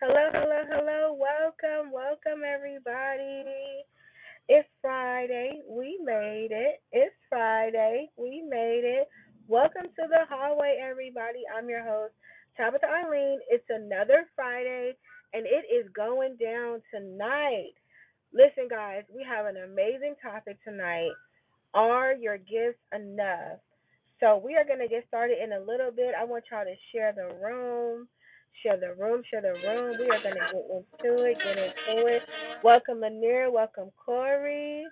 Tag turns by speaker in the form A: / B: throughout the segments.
A: Hello, hello, hello. Welcome, welcome, everybody. It's Friday. We made it. It's Friday. We made it. Welcome to the hallway, everybody. I'm your host, Tabitha Arlene. It's another Friday, and it is going down tonight. Listen, guys, we have an amazing topic tonight. Are your gifts enough? So we are going to get started in a little bit. I want y'all to share the room, share the room, share the room. We are going to get into it, get into it. Welcome, Lanier. Welcome, Corey.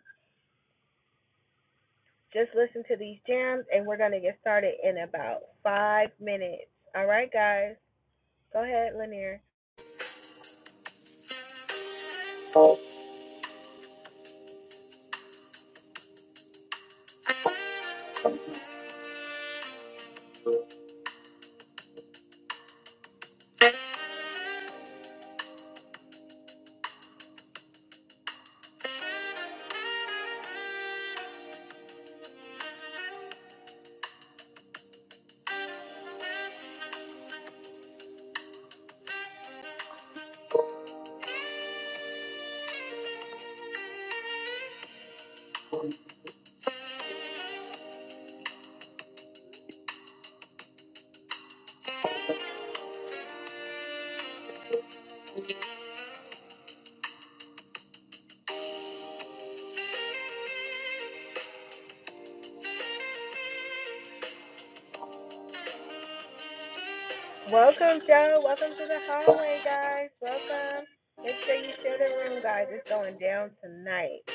A: Just listen to these jams, and we're going to get started in about five minutes. All right, guys. Go ahead, Lanier. Welcome, Joe. Welcome to the hallway, guys. Welcome. Make sure you share the room, guys. It's going down tonight.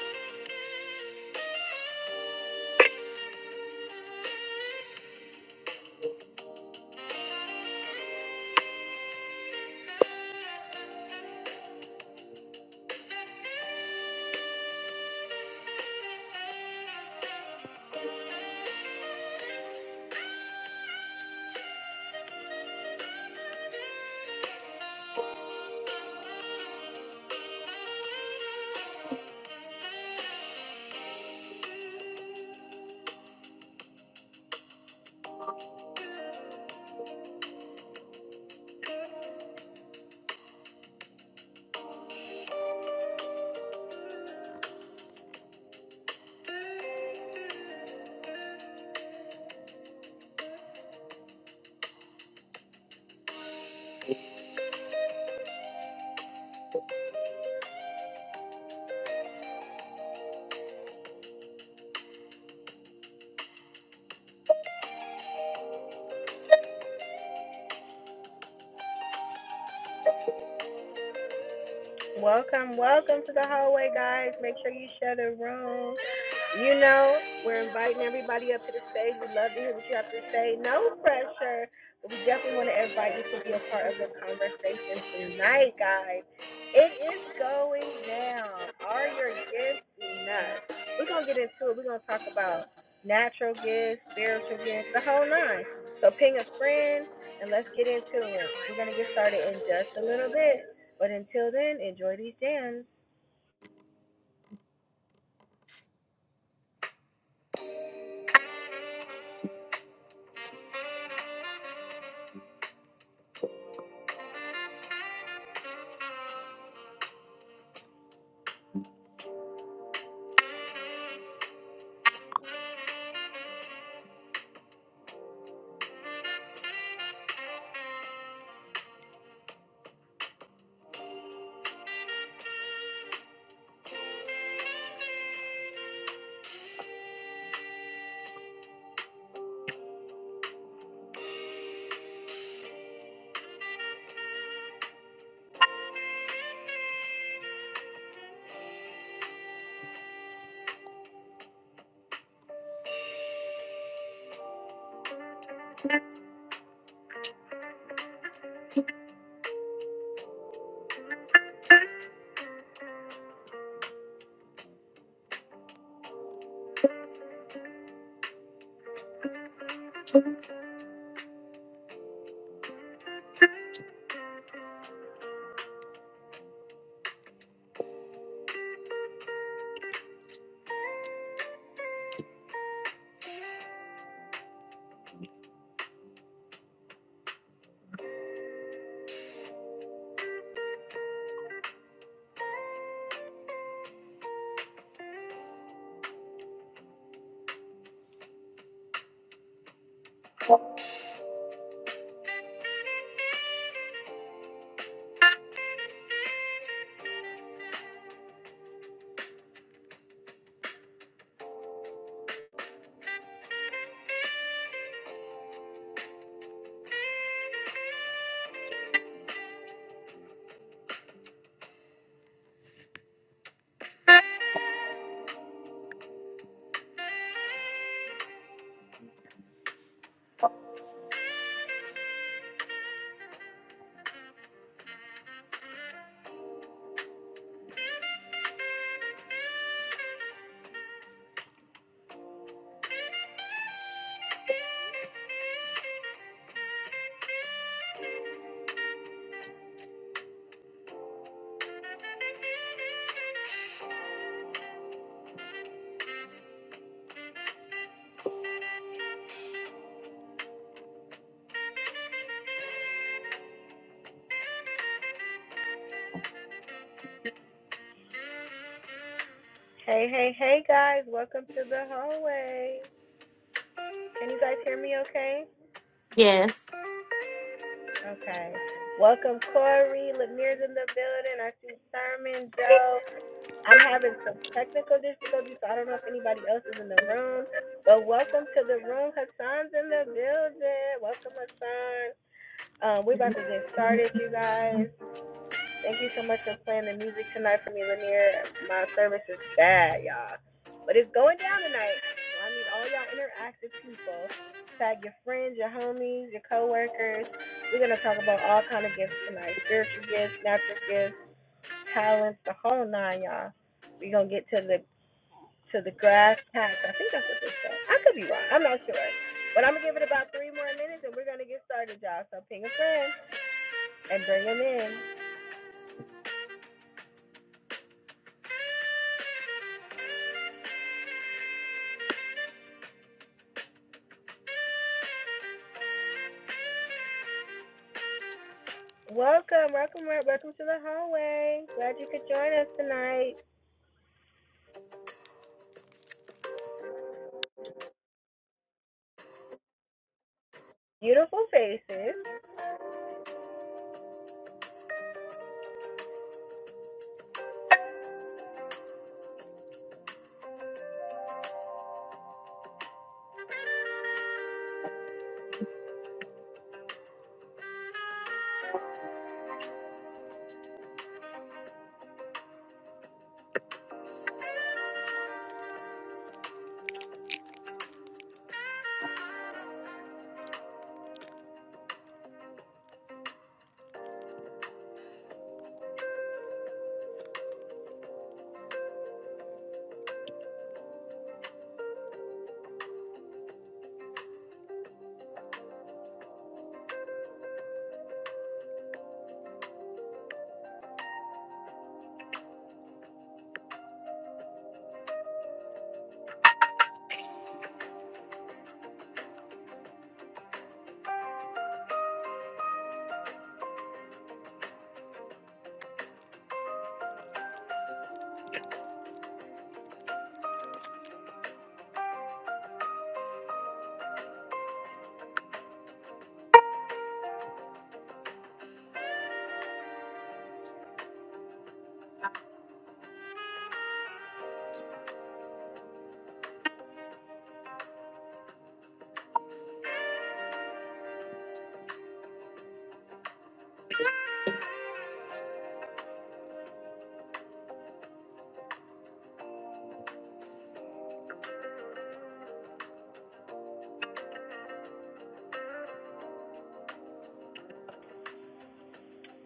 A: Welcome, welcome to the hallway, guys. Make sure you share the room. You know, we're inviting everybody up to the stage. We'd love to hear what you have to say. No pressure, but we definitely want to invite you to be a part of the conversation tonight, guys. It is going down. Are your gifts enough? We're going to get into it. We're going to talk about natural gifts, spiritual gifts, the whole nine. So ping a friend and let's get into it. We're going to get started in just a little bit. But until then, enjoy these jams. Hey, hey, hey, guys. Welcome to the hallway. Can you guys hear me okay?
B: Yes.
A: Okay. Welcome, Corey. Lanier's in the building. I see Sermon, Joe. I'm having some technical difficulties, so I don't know if anybody else is in the room. But welcome to the room. Hassan's in the building. Welcome, Hassan. Um, we're about to get started, you guys. Thank you so much for playing the music tonight for me, Lanier. My service is bad, y'all. But it's going down tonight. So I need all y'all interactive people. Tag your friends, your homies, your coworkers. We're gonna talk about all kind of gifts tonight. Spiritual gifts, natural gifts, talents, the whole nine, y'all. We're gonna get to the to the grass tax. I think that's what they say. I could be wrong. I'm not sure. But I'm gonna give it about three more minutes and we're gonna get started, y'all. So ping a friend and bring them in. Welcome, welcome, welcome to the hallway. Glad you could join us tonight. Beautiful faces.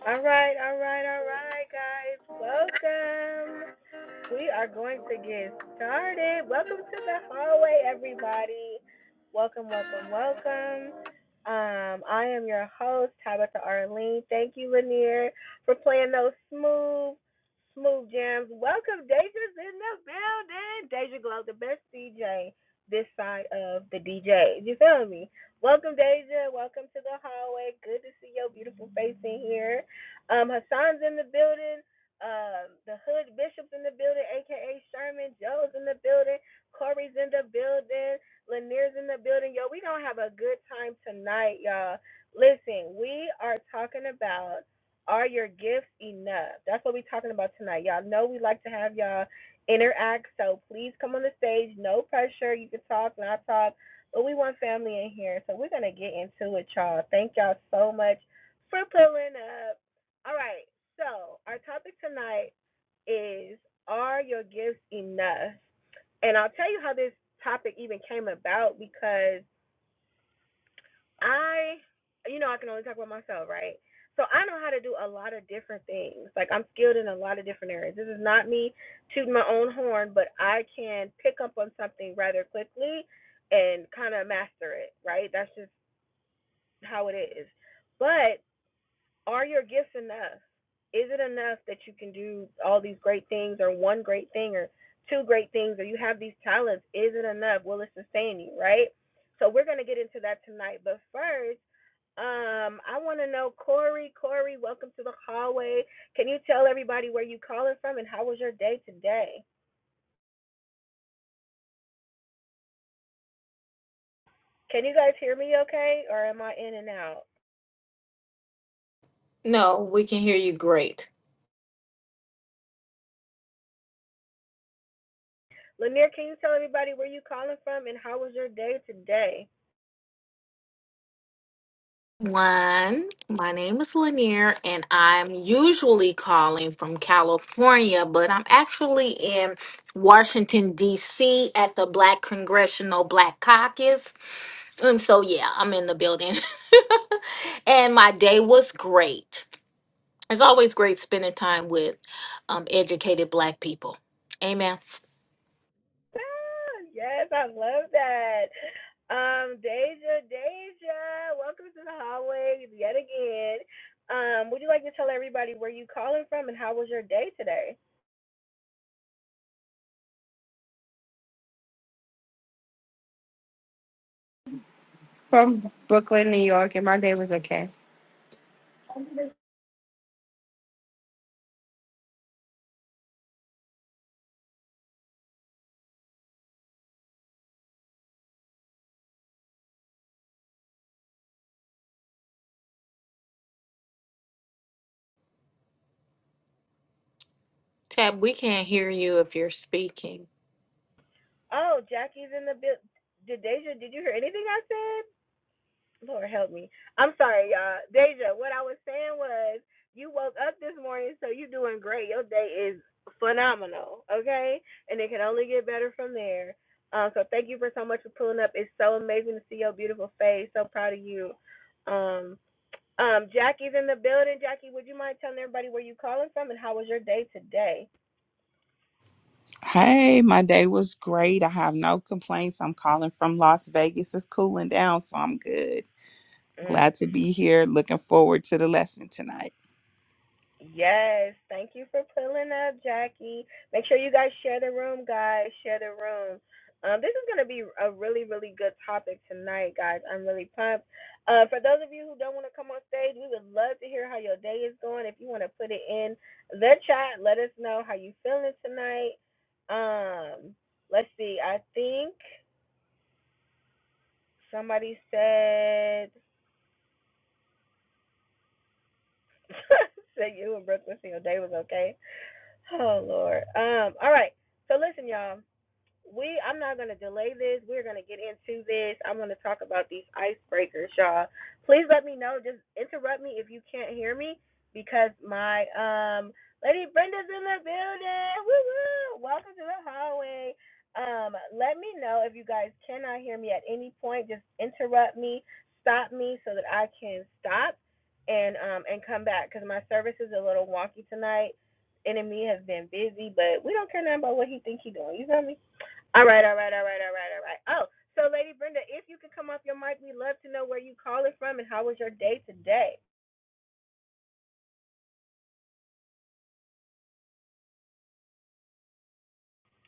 A: All right, all right, all right, guys. Welcome. We are going to get started. Welcome to the hallway, everybody. Welcome, welcome, welcome. Um, I am your host, Tabitha Arlene. Thank you, Lanier, for playing those smooth Smooth Jams. Welcome, Deja's in the building. Deja Glow, the best DJ this side of the DJ. You feel me? Welcome, Deja. Welcome to the hallway. Good to see your beautiful face in here. Um, Hassan's in the building. Um, the Hood Bishop's in the building, aka Sherman. Joe's in the building. Corey's in the building. Lanier's in the building. Yo, we gonna have a good time tonight, y'all. Listen, we are talking about are your gifts enough? That's what we're talking about tonight. Y'all know we like to have y'all interact, so please come on the stage. No pressure. You can talk, not talk, but we want family in here, so we're gonna get into it, y'all. Thank y'all so much for pulling up. All right, so our topic tonight is Are your gifts enough? And I'll tell you how this topic even came about because I, you know, I can only talk about myself, right? So I know how to do a lot of different things. Like I'm skilled in a lot of different areas. This is not me tooting my own horn, but I can pick up on something rather quickly and kind of master it, right? That's just how it is. But are your gifts enough? Is it enough that you can do all these great things or one great thing or two great things or you have these talents? Is it enough? Will it sustain you, right? So we're going to get into that tonight. But first, um, I want to know, Corey. Corey, welcome to the hallway. Can you tell everybody where you calling from and how was your day today? Can you guys hear me okay, or am I in and out?
B: No, we can hear you great.
A: Lanier, can you tell everybody where you calling from and how was your day today?
B: One, my name is Lanier, and I'm usually calling from California, but I'm actually in Washington, D.C. at the Black Congressional Black Caucus. And so, yeah, I'm in the building. and my day was great. It's always great spending time with um, educated Black people. Amen.
A: Ah, yes, I love that. Um, Deja, Deja, welcome to the hallway yet again. Um, would you like to tell everybody where you calling from and how was your day today?
C: from Brooklyn, New York, and my day was okay.
B: Tab, we can't hear you if you're speaking.
A: Oh, Jackie's in the build. Did Deja? Did you hear anything I said? Lord help me. I'm sorry, y'all. Deja, what I was saying was you woke up this morning, so you are doing great. Your day is phenomenal, okay? And it can only get better from there. Um, so thank you for so much for pulling up. It's so amazing to see your beautiful face. So proud of you. Um, um, Jackie's in the building. Jackie, would you mind telling everybody where you calling from and how was your day today?
D: Hey, my day was great. I have no complaints. I'm calling from Las Vegas. It's cooling down, so I'm good.
A: Mm.
D: Glad to be here. Looking forward to the lesson tonight.
A: Yes, thank you for pulling up, Jackie. Make sure you guys share the room, guys. Share the room. Um, this is gonna be a really, really good topic tonight, guys. I'm really pumped. Uh, for those of you who don't want to come on stage, we would love to hear how your day is going. If you want to put it in the chat, let us know how you feeling tonight. Um, let's see. I think somebody said said you and Brooklyn, your day was okay. Oh Lord. Um, all right. So listen, y'all. we I'm not gonna delay this. We're gonna get into this. I'm gonna talk about these icebreakers, y'all. Please let me know. Just interrupt me if you can't hear me because my um Lady Brenda's in the building. Woo woo! Welcome to the hallway. Um, let me know if you guys cannot hear me at any point. Just interrupt me, stop me so that I can stop and um and come back because my service is a little wonky tonight. Enemy has been busy, but we don't care nothing about what he think he doing. You feel me? All right, all right, all right, all right, all right. Oh, so Lady Brenda, if you could come off your mic, we'd love to know where you calling from and how was your day today.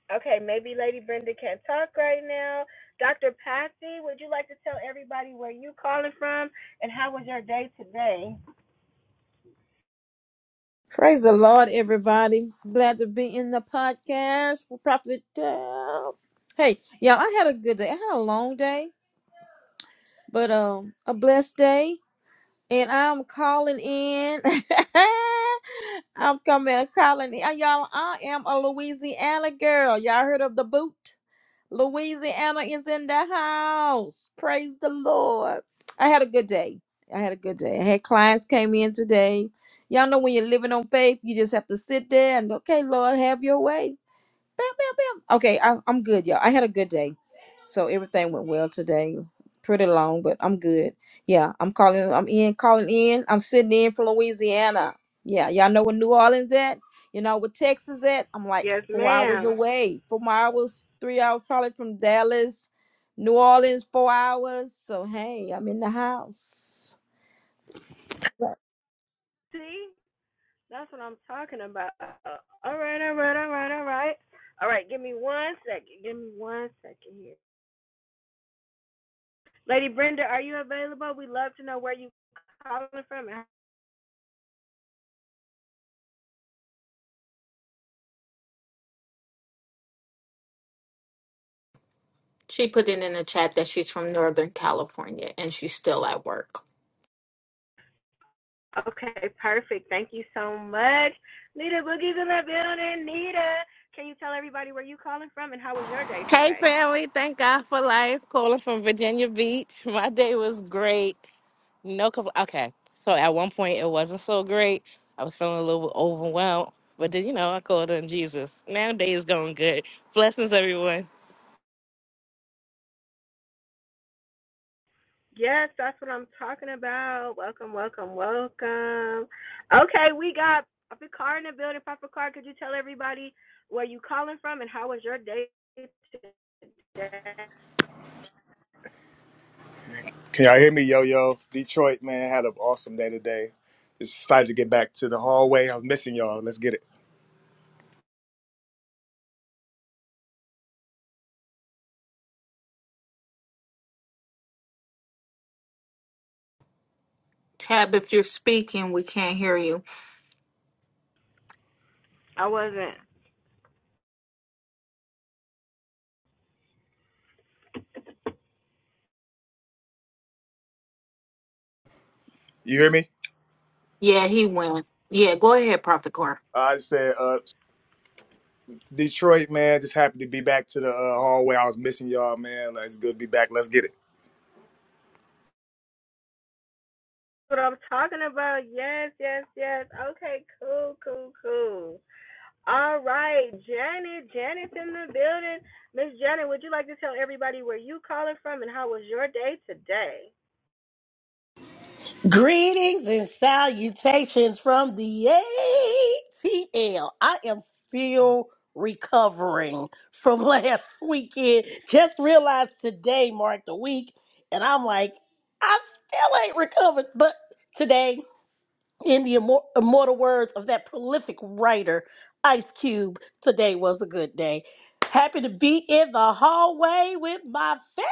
A: Okay, maybe Lady Brenda can't talk right now. Dr. Patsy, would you like to tell everybody where you calling from and how was your day today?
E: Praise the Lord, everybody. Glad to be in the podcast with Prophet Dale. Hey, y'all, I had a good day. I had a long day, but um a blessed day. And I'm calling in. I'm coming calling in. Y'all, I am a Louisiana girl. Y'all heard of the boot? Louisiana is in the house. Praise the Lord. I had a good day. I had a good day. I had clients came in today. Y'all know when you're living on faith, you just have to sit there and okay, Lord, have your way. Bam, bam, bam. Okay, I, I'm good, y'all. I had a good day, so everything went well today. Pretty long, but I'm good. Yeah, I'm calling. I'm in, calling in. I'm sitting in from Louisiana. Yeah, y'all know where New Orleans at. You know where Texas at. I'm like
A: Yes,
E: four hours
A: ma'am.
E: away. Four hours, three hours probably from Dallas, New Orleans, four hours. So hey, I'm in the house. Right.
A: See, that's what I'm talking about. All right, all right, all right, all right. All right, give me one second. Give me one second here. Lady Brenda, are you available? We'd love to know where you calling from and
B: She put it in the chat that she's from Northern California and she's still at work.
A: Okay, perfect. Thank you so much. Nita Boogie's in the building. Nita, can you tell everybody where you calling from and how was your day
F: Hey
A: today?
F: family, thank God for life. Calling from Virginia Beach. My day was great. No compl- okay. So at one point it wasn't so great. I was feeling a little overwhelmed. But then you know, I called on Jesus. Now day is going good. Blessings everyone.
A: Yes, that's what I'm talking about. Welcome, welcome, welcome. Okay, we got Papa Car in the building. Papa Car, could you tell everybody where you calling from and how was your day today?
G: Can y'all hear me, yo yo? Detroit, man, had an awesome day today. Just excited to get back to the hallway. I was missing y'all. Let's get it.
B: Tab, if you're speaking, we can't hear you.
A: I wasn't.
G: You hear me?
B: Yeah, he went. Yeah, go ahead, Prophet Core.
G: I just said, uh, Detroit, man, just happy to be back to the uh, hallway. I was missing y'all, man. Like, It's good to be back. Let's get it.
A: What I'm talking about. Yes, yes, yes. Okay, cool, cool, cool. All right, Janet. Janet's in the building. Miss Janet, would you like to tell everybody where you calling from and how was your day today?
H: Greetings and salutations from the ATL. I am still recovering from last weekend. Just realized today marked a week, and I'm like, I still ain't recovered. But today, in the immor- immortal words of that prolific writer, Ice Cube, today was a good day. Happy to be in the hallway with my family.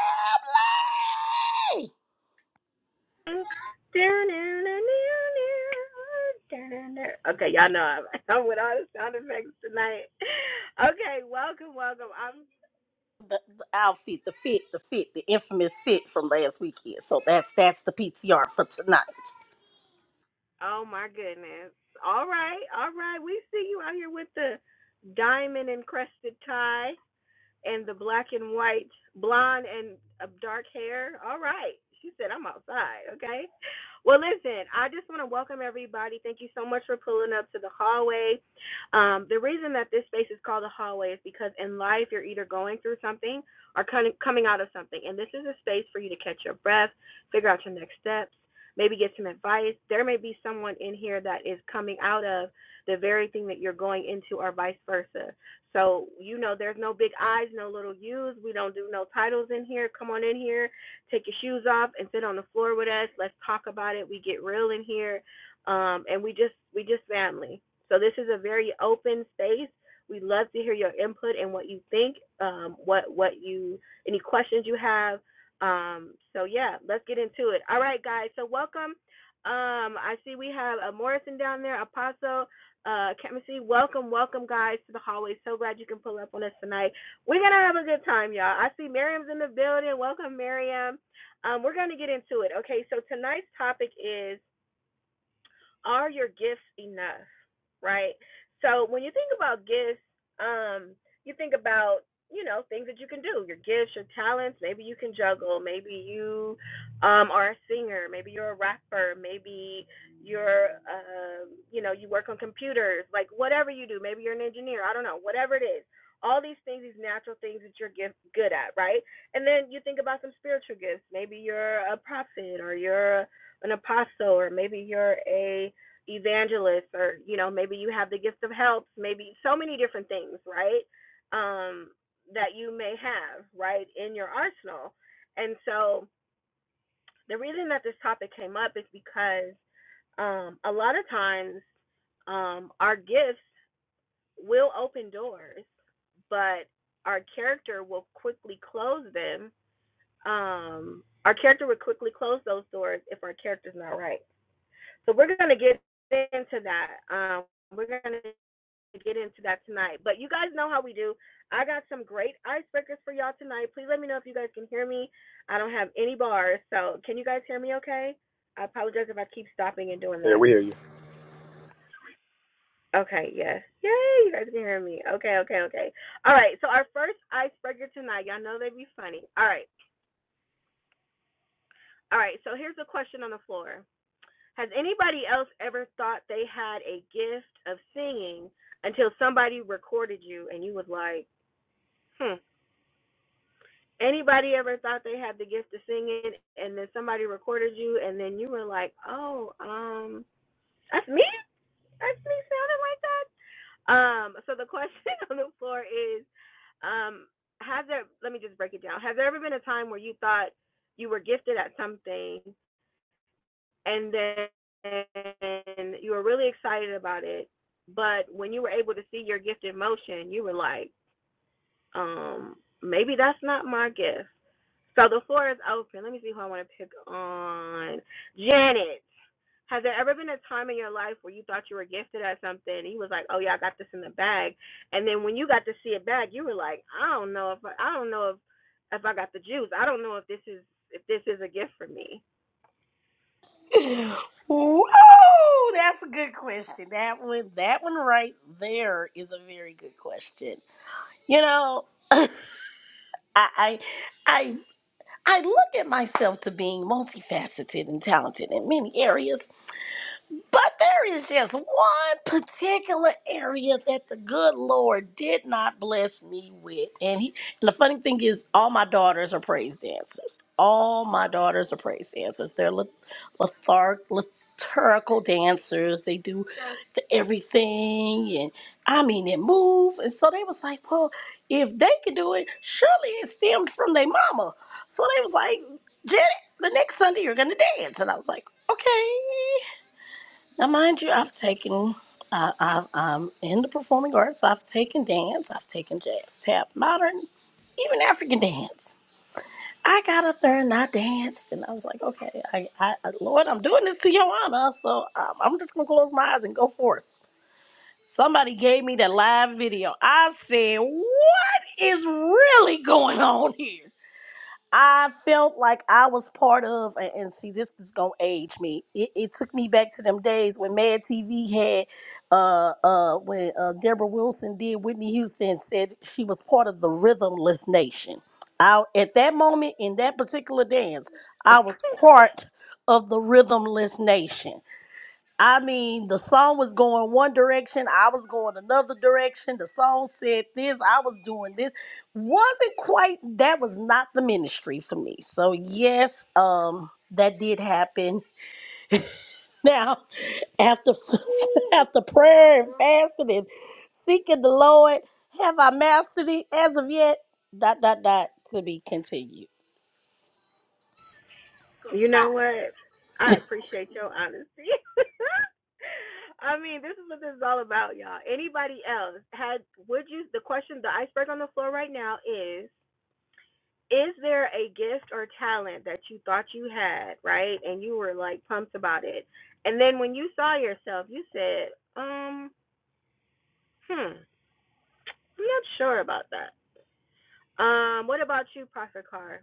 A: Okay, y'all know I'm, I'm with all the sound effects tonight. Okay, welcome, welcome. I'm.
H: the, the outfit, the fit, the fit, the infamous fit from last weekend. So that's that's the PTR for tonight.
A: Oh my goodness. All right, all right. We see you out here with the diamond encrusted tie. and the black and white blonde and uh, dark hair. All right. She said, I'm outside. Okay. Well, listen, I just want to welcome everybody. Thank you so much for pulling up to the hallway. Um, the reason that this space is called the hallway is because in life, you're either going through something or coming coming out of something. And this is a space for you to catch your breath, figure out your next steps, maybe get some advice. There may be someone in here that is coming out of the very thing that you're going into, or vice versa. So, you know, there's no big I's, no little U's. We don't do no titles in here. Come on in here, take your shoes off and sit on the floor with us. Let's talk about it. We get real in here. Um, and we just we just family. So this is a very open space. We love to hear your input and what you think, um, what what you any questions you have. Um, so yeah, let's get into it. All right, guys. So welcome. Um, I see we have a Morrison down there, Apostle uh, chemistry. Welcome, welcome, guys, to the hallway. So glad you can pull up on us tonight. We're gonna have a good time, y'all. I see Miriam's in the building. Welcome, Miriam. Um, we're gonna get into it. Okay, so tonight's topic is are your gifts enough right so when you think about gifts um you think about you know things that you can do your gifts your talents maybe you can juggle maybe you um are a singer maybe you're a rapper maybe you're um you know you work on computers like whatever you do maybe you're an engineer i don't know whatever it is all these things these natural things that you're gift, good at right and then you think about some spiritual gifts maybe you're a prophet or you're an apostle or maybe you're a evangelist or you know maybe you have the gift of helps maybe so many different things right um that you may have right in your arsenal and so the reason that this topic came up is because um a lot of times um our gifts will open doors but our character will quickly close them um our character will quickly close those doors if our character's not right So we're gonna get into that. Um, we're gonna get into that tonight. But you guys know how we do. I got some great icebreakers for y'all tonight. Please let me know if you guys can hear me. I don't have any bars, so can you guys hear me? Okay. I apologize if I keep stopping and doing
G: Yeah,
A: that.
G: we hear you.
A: Okay, yes. Yay, you guys can hear me. Okay, okay, okay. All right, so our first icebreaker tonight, y'all know they would be funny. All right, all right, so here's a question on the floor. Has anybody else ever thought they had a gift of singing until somebody recorded you and you was like, hmm. Anybody ever thought they had the gift of singing and then somebody recorded you and then you were like, oh, um, that's me? That's me sounding like that? Um, so the question on the floor is, um, has there, let me just break it down. Has there ever been a time where you thought you were gifted at something and then you were really excited about it. But when you were able to see your gift in motion, you were like, um, maybe that's not my gift. So the floor is open. Let me see who I want to pick on. Janet, has there ever been a time in your life where you thought you were gifted at something and you was like, oh yeah, I got this in the bag, and then when you got to see it back, you were like, I don't know if I, I don't know if if I got the juice. I don't know if this is if this is a gift for me.
H: Woo! That's a good question. That one, that one right there is a very good question. You know, I, I, I, I look at myself to being multifaceted and talented in many areas, But there is just one particular area that the good Lord did not bless me with. And he and the funny thing is all my daughters are praise dancers. All my daughters are praise dancers. They're le- letharg liturgical dancers. They do the everything and I mean they move. And so they was like, Well, if they can do it, surely it stemmed from their mama. So they was like, Janet, the next Sunday you're gonna dance. And I was like, Okay. Now, mind you, I've taken, uh, I've, I'm in the performing arts. I've taken dance, I've taken jazz, tap, modern, even African dance. I got up there and I danced, and I was like, okay, I, I, Lord, I'm doing this to your honor, so um, I'm just gonna close my eyes and go for it. Somebody gave me that live video. I said, what is really going on here? I felt like I was part of, and, and see, this is gonna age me. It, it took me back to them days when Mad TV had, uh, uh, when uh, Deborah Wilson did Whitney Houston said she was part of the Rhythmless Nation. I, at that moment in that particular dance, I was part of the Rhythmless Nation. I mean, the song was going one direction, I was going another direction. The song said this, I was doing this. Wasn't quite that was not the ministry for me. So yes, um that did happen. Now, after after prayer and fasting and seeking the Lord, have I mastered it as of yet? Dot dot dot to be continued.
A: You know what? I appreciate your honesty. I mean, this is what this is all about, y'all. Anybody else had would you the question the iceberg on the floor right now is is there a gift or talent that you thought you had, right? And you were like pumped about it. And then when you saw yourself, you said, um, hmm, I'm not sure about that. Um, what about you, Prophet Carr?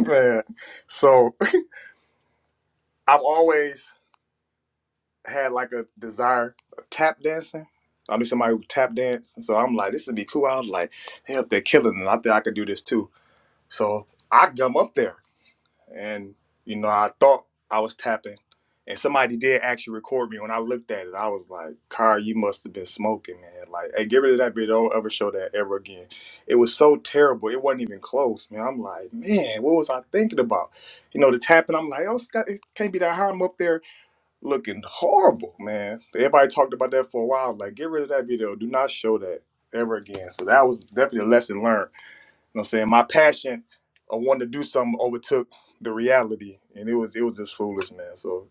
G: man. So I've always had like a desire of tap dancing. I knew somebody who tap danced. and So I'm like, this would be cool. I was like, hell, they're killing it. I think I could do this too. So I come up there. and you know I thought I was tapping, and somebody did actually record me. When I looked at it, I was like, "Car, you must have been smoking, man! Like, hey, get rid of that video. Don't ever show that ever again." It was so terrible. It wasn't even close, man. I'm like, man, what was I thinking about? You know, the tapping. I'm like, oh, Scott, it can't be that hard." I'm up there looking horrible, man. Everybody talked about that for a while. Like, get rid of that video. Do not show that ever again. So that was definitely a lesson learned you know what I'm saying? My passion of wanting to do something overtook the reality. And it was it was just foolish, man. So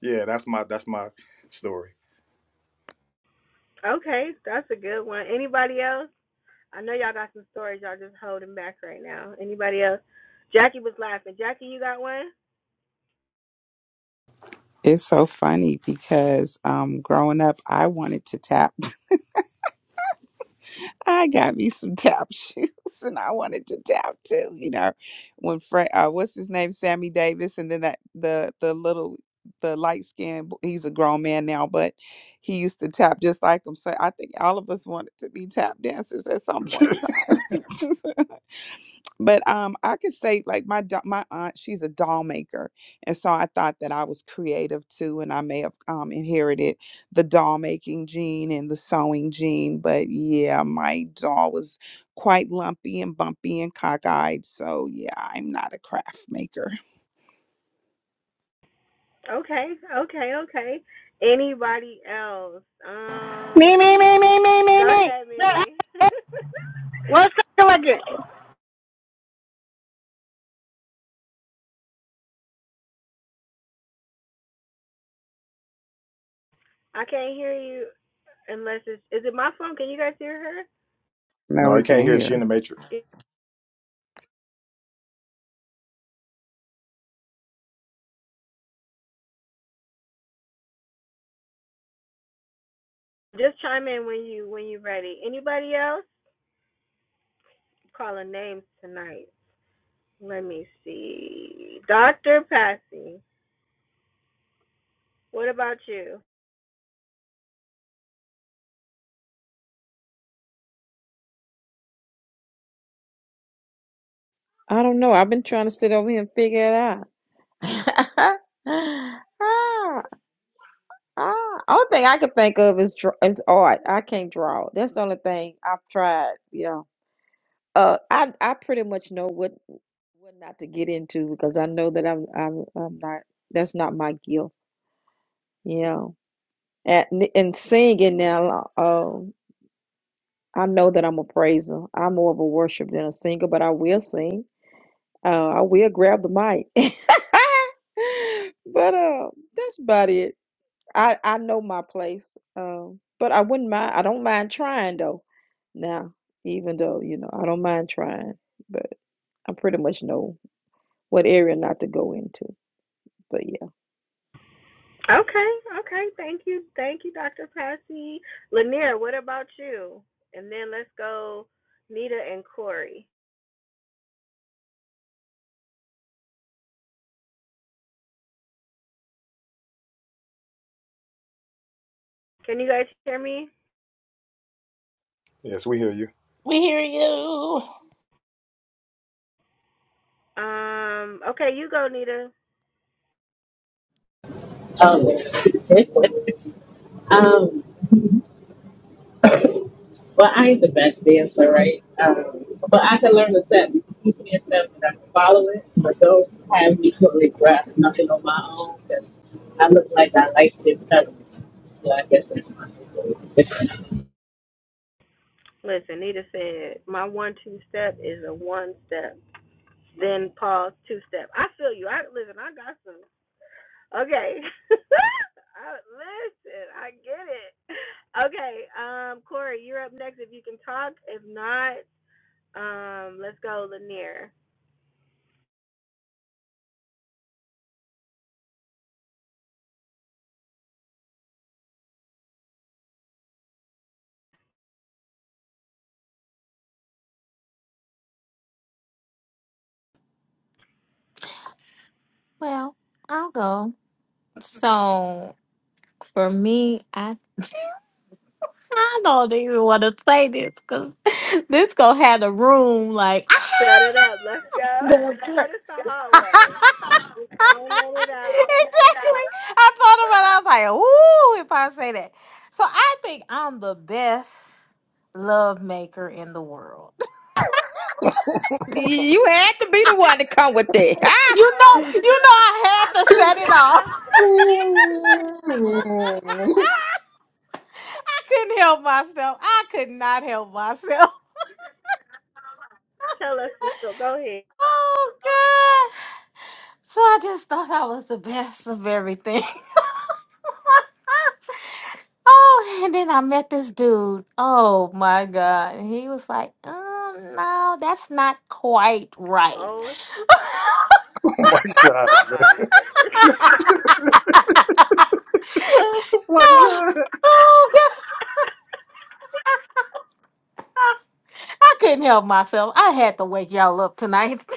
G: yeah, that's my that's my story.
A: Okay, that's a good one. Anybody else? I know y'all got some stories y'all just holding back right now. Anybody else? Jackie was laughing. Jackie, you got one?
D: It's so funny because um, growing up, I wanted to tap. I got me some tap shoes and I wanted to tap too, you know. When Fred uh what's his name? Sammy Davis and then that the the little the light skinned he's a grown man now, but he used to tap just like him. So I think all of us wanted to be tap dancers at some point in time. But um, I could say like my do- my aunt, she's a doll maker, and so I thought that I was creative too, and I may have um, inherited the doll making gene and the sewing gene. But yeah, my doll was quite lumpy and bumpy and cockeyed. So yeah, I'm not a craft maker.
A: Okay, okay, okay. Anybody else?
I: Me,
A: Um,
I: me, me, me, me, me,
A: go
I: me.
A: ahead, Mimi.
I: What's up again?
A: I can't hear you unless it's is it my phone? Can you guys hear her?
G: no,
D: No,
G: I
D: we
G: can't
D: can't
G: hear she in
D: hear.
G: the matrix.
A: Just chime in when you when you're ready. Anybody else? Calling names tonight. Let me see. Doctor Patsy, what about you?
E: I don't know. I've been trying to sit over here and figure it out. Ah, only thing I can think of is dr- is art. I can't draw. That's the only thing I've tried. Yeah. Uh, I I pretty much know what what not to get into because I know that I'm I'm I'm not. That's not my gift. Yeah. And and singing now. Um, I know that I'm a praiser. I'm more of a worshiper than a singer, but I will sing. Uh, I will grab the mic. But uh, that's about it. I I know my place. Um, but I wouldn't mind. I don't mind trying though. Now, even though, you know, I don't mind trying, but I pretty much know what area not to go into. But yeah.
A: Okay, okay. Thank you. Thank you, Dr. Passy. Lanier, what about you? And then let's go Nita and Corey. Can you guys hear me?
G: Yes, we hear you.
H: We hear you.
A: Um, okay, you go, Nita.
F: Oh. um, Well, I ain't the best dancer, right? Um, but I can learn the step. You can teach me a step and I can follow it. But those who have me totally grasp nothing on my own because I look like I like stiff cousins. So I guess that's my difference.
A: Listen, Nita said, My one two step is a one step. Then pause two step. I feel you. I listen, I got some. Okay. I, listen, I get it. Okay, um, Corey, you're up next if you can talk. If not, um, let's go, Lanier.
B: Well, I'll go. So for me, I I don't even want to say this because this gonna have the room like
A: Set it up. Let's go. You know, this the
B: exactly.
A: hallway. Just don't let it out.
B: I thought about. it. I was like, ooh, if I say that. So I think I'm the best love maker in the world.
E: You had to be the one to come with that. Ah!
B: You know,
A: Oh, you
B: you
A: know
B: know,
A: she.
B: I had
A: I
B: to
A: felt
B: set
A: it
B: it
A: in my.
B: off.
A: I
G: oh
B: I couldn't help myself. I could not help myself.
A: tell us the story. Go ahead.
B: Oh God! So I just thought I was the best of everything. oh, and then I met this dude. Oh my God! And he was like, um, "No, that's not quite right."
A: Oh
G: my god, man.
A: my goodness.
G: Oh my
B: oh,
G: god.
B: God. I couldn't help myself. I had to wake y'all up tonight.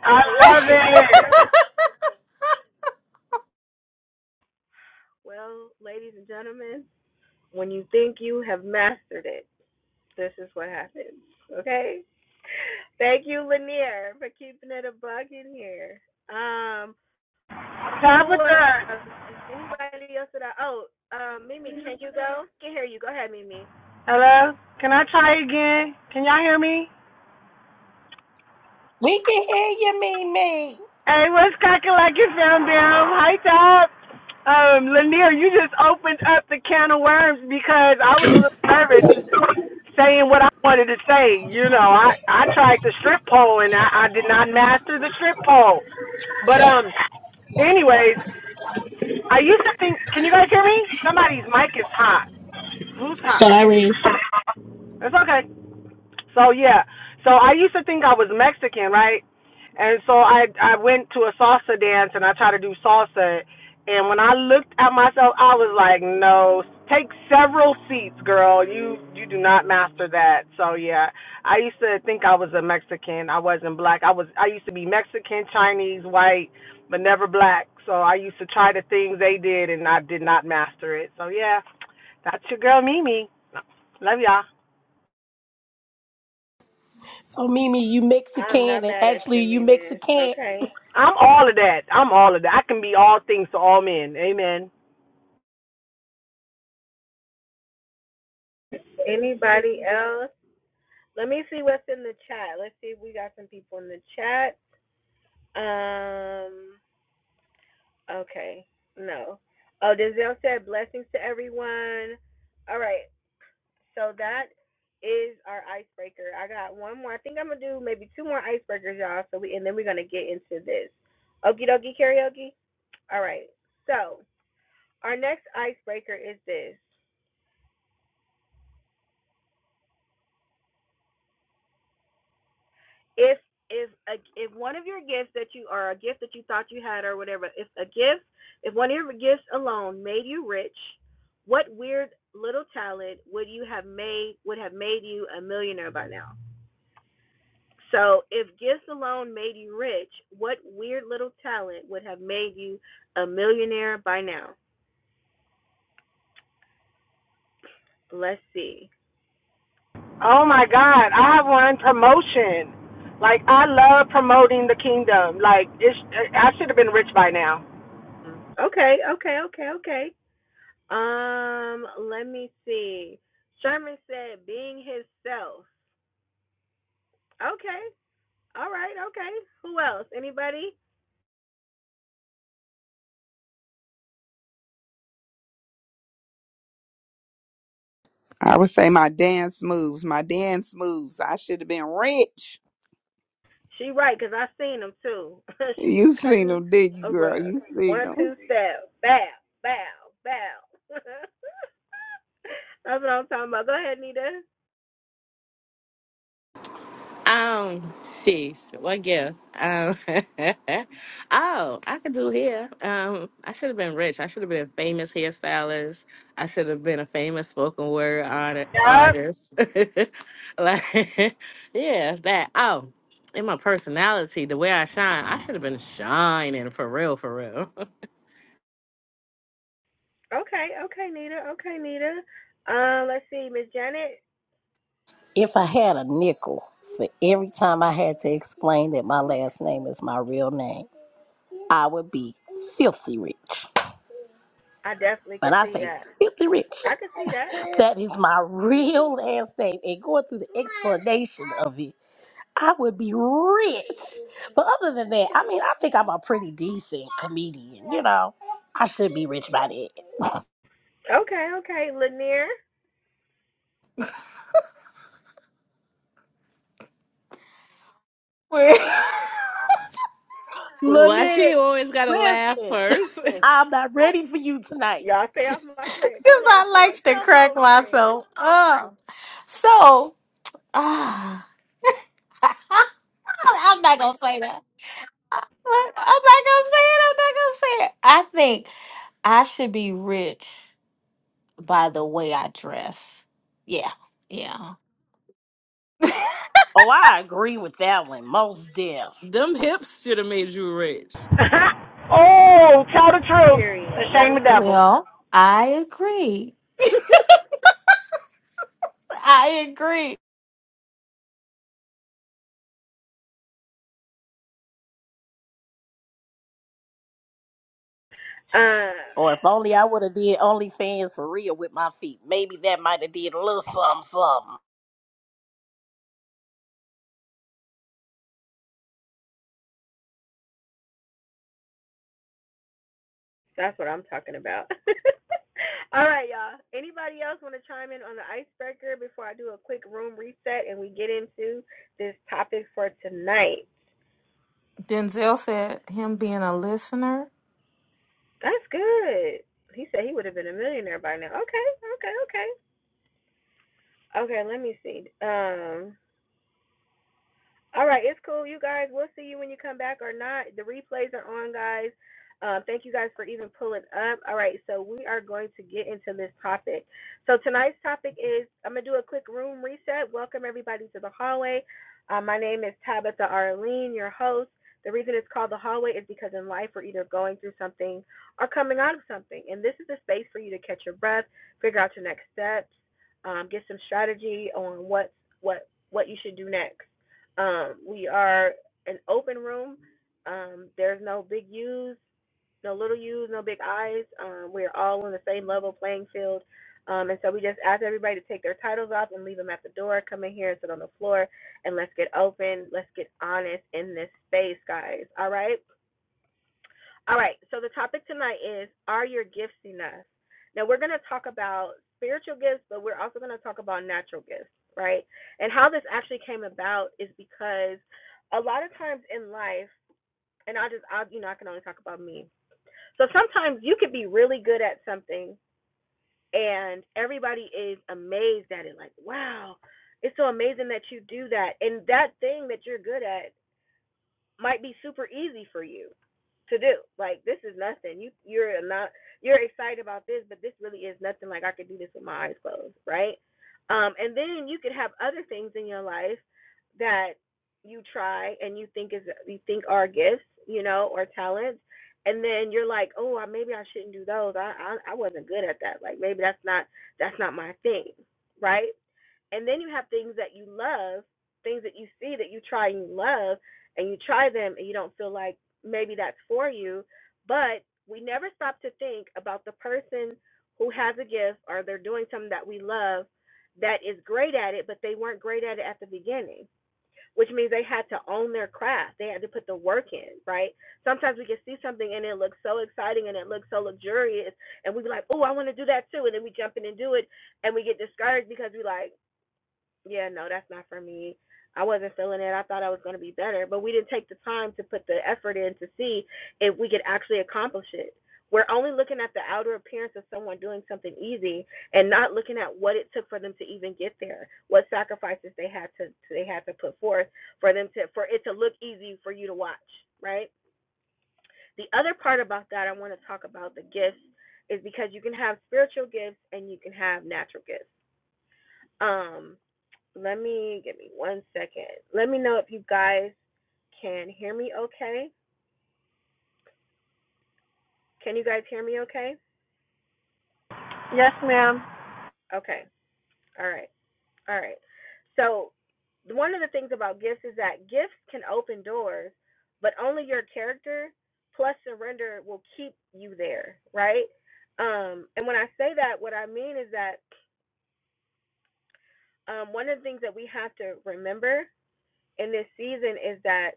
I: I love it.
A: Well, ladies and gentlemen, when you think you have mastered it, this is what happens. Okay. Thank you, Lanier, for keeping it a bug in here. Um, who
I: Top of third.
A: else? Anybody else that I? Oh, um, Mimi, can you go? I Can hear you. Go ahead, Mimi.
I: Hello? Can I try again? Can y'all hear me?
H: We can hear you, Mimi.
I: Hey, what's cracking like it, fam bam? Hi, Top. Um, Lanier, you just opened up the can of worms because I was a little nervous saying what I wanted to say. You know, I, I tried the strip pole and I, I did not master the strip pole. But, um, anyways, I used to think, can you guys hear me? Somebody's mic is hot. Blue top.
F: Sorry.
I: It's okay. So yeah. So I used to think I was Mexican, right? And so I I went to a salsa dance and I tried to do salsa. And when I looked at myself, I was like, no, take several seats, girl. You you do not master that. So yeah, I used to think I was a Mexican. I wasn't black. I was I used to be Mexican, Chinese, white, but never black. So I used to try the things they did and I did not master it. So yeah, that's your girl Mimi. Love y'all.
H: So Mimi, you
A: I'm
H: Mexican
A: not
H: and
A: mad at
H: actually
A: you,
H: you
A: Mimi.
H: Mexican.
A: Okay.
I: I'm all of that. I'm all of that. I can be all things to all men. Amen.
A: Anybody else? Let me see what's in the chat. Let's see if we got some people in the chat. Um. Okay. No. Oh, Denzel said blessings to everyone. All right. So that is our icebreaker. I got one more. I think I'm gonna do maybe two more icebreakers, y'all. So we and then we're gonna get into this. Okie dokie karaoke. All right. So our next icebreaker is this. if if a, if one of your gifts that you or a gift that you thought you had or whatever, if a gift, if one of your gifts alone made you rich, what weird little talent would you have made would have made you a millionaire by now? So, if gifts alone made you rich, what weird little talent would have made you a millionaire by now? Let's see.
I: Oh my God, I run promotion. Like I love promoting the kingdom. Like it's, I should have been rich by now.
A: Hmm. Okay, okay, okay, okay. Um, let me see. Sherman said being himself. Okay, All right, okay. Who else? Anybody?
D: I would say my dance moves, my dance moves. I should have been rich.
A: She right, cause I seen them too. she was
D: You seen
A: cutting
D: them, did you,
A: a
D: girl?
A: rug.
D: You
A: One,
D: seen them.
A: two, step, bow, bow, bow. That's what I'm talking about. Go ahead, Nita.
F: Um, sheesh. What gift? Um, oh, I could do hair. Um, I should have been rich. I should have been a famous hairstylist. I should have been a famous spoken word art-
I: Yep.
F: artist. like, yeah, that. Oh, in my personality, the way I shine, I should have been shining for real, for real.
A: Okay, okay, Nita. Okay, Nita. Uh, let's see, Miss Janet.
H: If I had a nickel for every time I had to explain that my last name is my real name, I would be filthy rich.
A: I definitely
H: When
A: could
H: I
A: see
H: say
A: that.
H: filthy rich,
A: I could see that.
H: that is my real last name. And going through the explanation of it, I would be rich. But other than that, I mean, I think I'm a pretty decent comedian. You know, I should be rich by then.
A: Okay, okay, Lanier.
F: Why she
H: Lynette,
F: always gotta laugh
H: listen,
F: first?
B: Because
H: I'm not ready for you tonight.
A: Y'all stay off my friend. Come on,
B: I
A: friend.
B: likes to
A: Come
B: crack
A: on, friend.
B: myself up. So, ah, I'm not going to say that. I'm not gonna say it. I'm not gonna say it. I think I should be rich by the way I dress. Yeah, yeah.
H: Oh, I agree with that one. Most deaf.
F: Them hips should have made you rich.
I: oh, tell the truth and
A: Period. Let
I: shame
A: them
I: the devil.
A: know.
B: Well, I agree. I agree.
A: uh,
H: Or if only I would have did OnlyFans for real with my feet. Maybe that might have did a little something, something.
A: That's what I'm talking about. All right, y'all. Anybody else want to chime in on the icebreaker before I do a quick room reset and we get into this topic for tonight?
B: Denzel said him being a listener.
A: That's good. He said he would have been a millionaire by now. Okay, okay, okay. Okay, let me see. Um, All right, it's cool, you guys. We'll see you when you come back or not. The replays are on, guys. Um, thank you guys for even pulling up. All right, so we are going to get into this topic. So tonight's topic is I'm gonna do a quick room reset. Welcome everybody to the hallway. Uh, my name is Tabitha Arlene, your host. The reason it's called the hallway is because in life we're either going through something or coming out of something, and this is a space for you to catch your breath, figure out your next steps, um, get some strategy on what what what you should do next. Um, we are an open room. Um, there's no big U's, no little U's, no big I's. Um, we're all on the same level playing field. Um, and so we just ask everybody to take their titles off and leave them at the door. Come in here and sit on the floor and let's get open. Let's get honest in this space, guys. All right? All right, so the topic tonight is Are your gifts enough? Now, we're going to talk about spiritual gifts, but we're also going to talk about natural gifts, right? And how this actually came about is because a lot of times in life, and I just, I, you know, I can only talk about me. So sometimes you could be really good at something, and everybody is amazed at it, like, wow, it's so amazing that you do that. And that thing that you're good at might be super easy for you to do. Like this is nothing. You you're not you're excited about this, but this really is nothing. Like I could do this with my eyes closed, right? Um, and then you could have other things in your life that you try and you think is you think are gifts, you know, or talents, and then you're like, oh, I- maybe I shouldn't do those. I, I I wasn't good at that. Like maybe that's not that's not my thing, right? And then you have things that you love, things that you see that you try and you love and you try them and you don't feel like maybe that's for you, but we never stop to think about the person who has a gift or they're doing something that we love that is great at it, but they weren't great at it at the beginning, which means they had to own their craft. They had to put the work in, right? Sometimes we can see something and it looks so exciting and it looks so luxurious, and we be like, oh, I want to do that too. And then we jump in and do it, and we get discouraged because we like, yeah, no, that's not for me. I wasn't feeling it. I thought I was going to be better, but we didn't take the time to put the effort in to see if we could actually accomplish it. We're only looking at the outer appearance of someone doing something easy and not looking at what it took for them to even get there, what sacrifices they had to they had to put forth for them to for it to look easy for you to watch, right? The other part about that I want to talk about the gifts is because you can have spiritual gifts and you can have natural gifts. Um let me give me one second. Let me know if you guys can hear me okay. Can you guys hear me okay?
I: Yes, ma'am.
A: Okay. All right. All right. So, one of the things about gifts is that gifts can open doors, but only your character plus surrender will keep you there, right? Um, and when I say that, what I mean is that um, one of the things that we have to remember in this season is that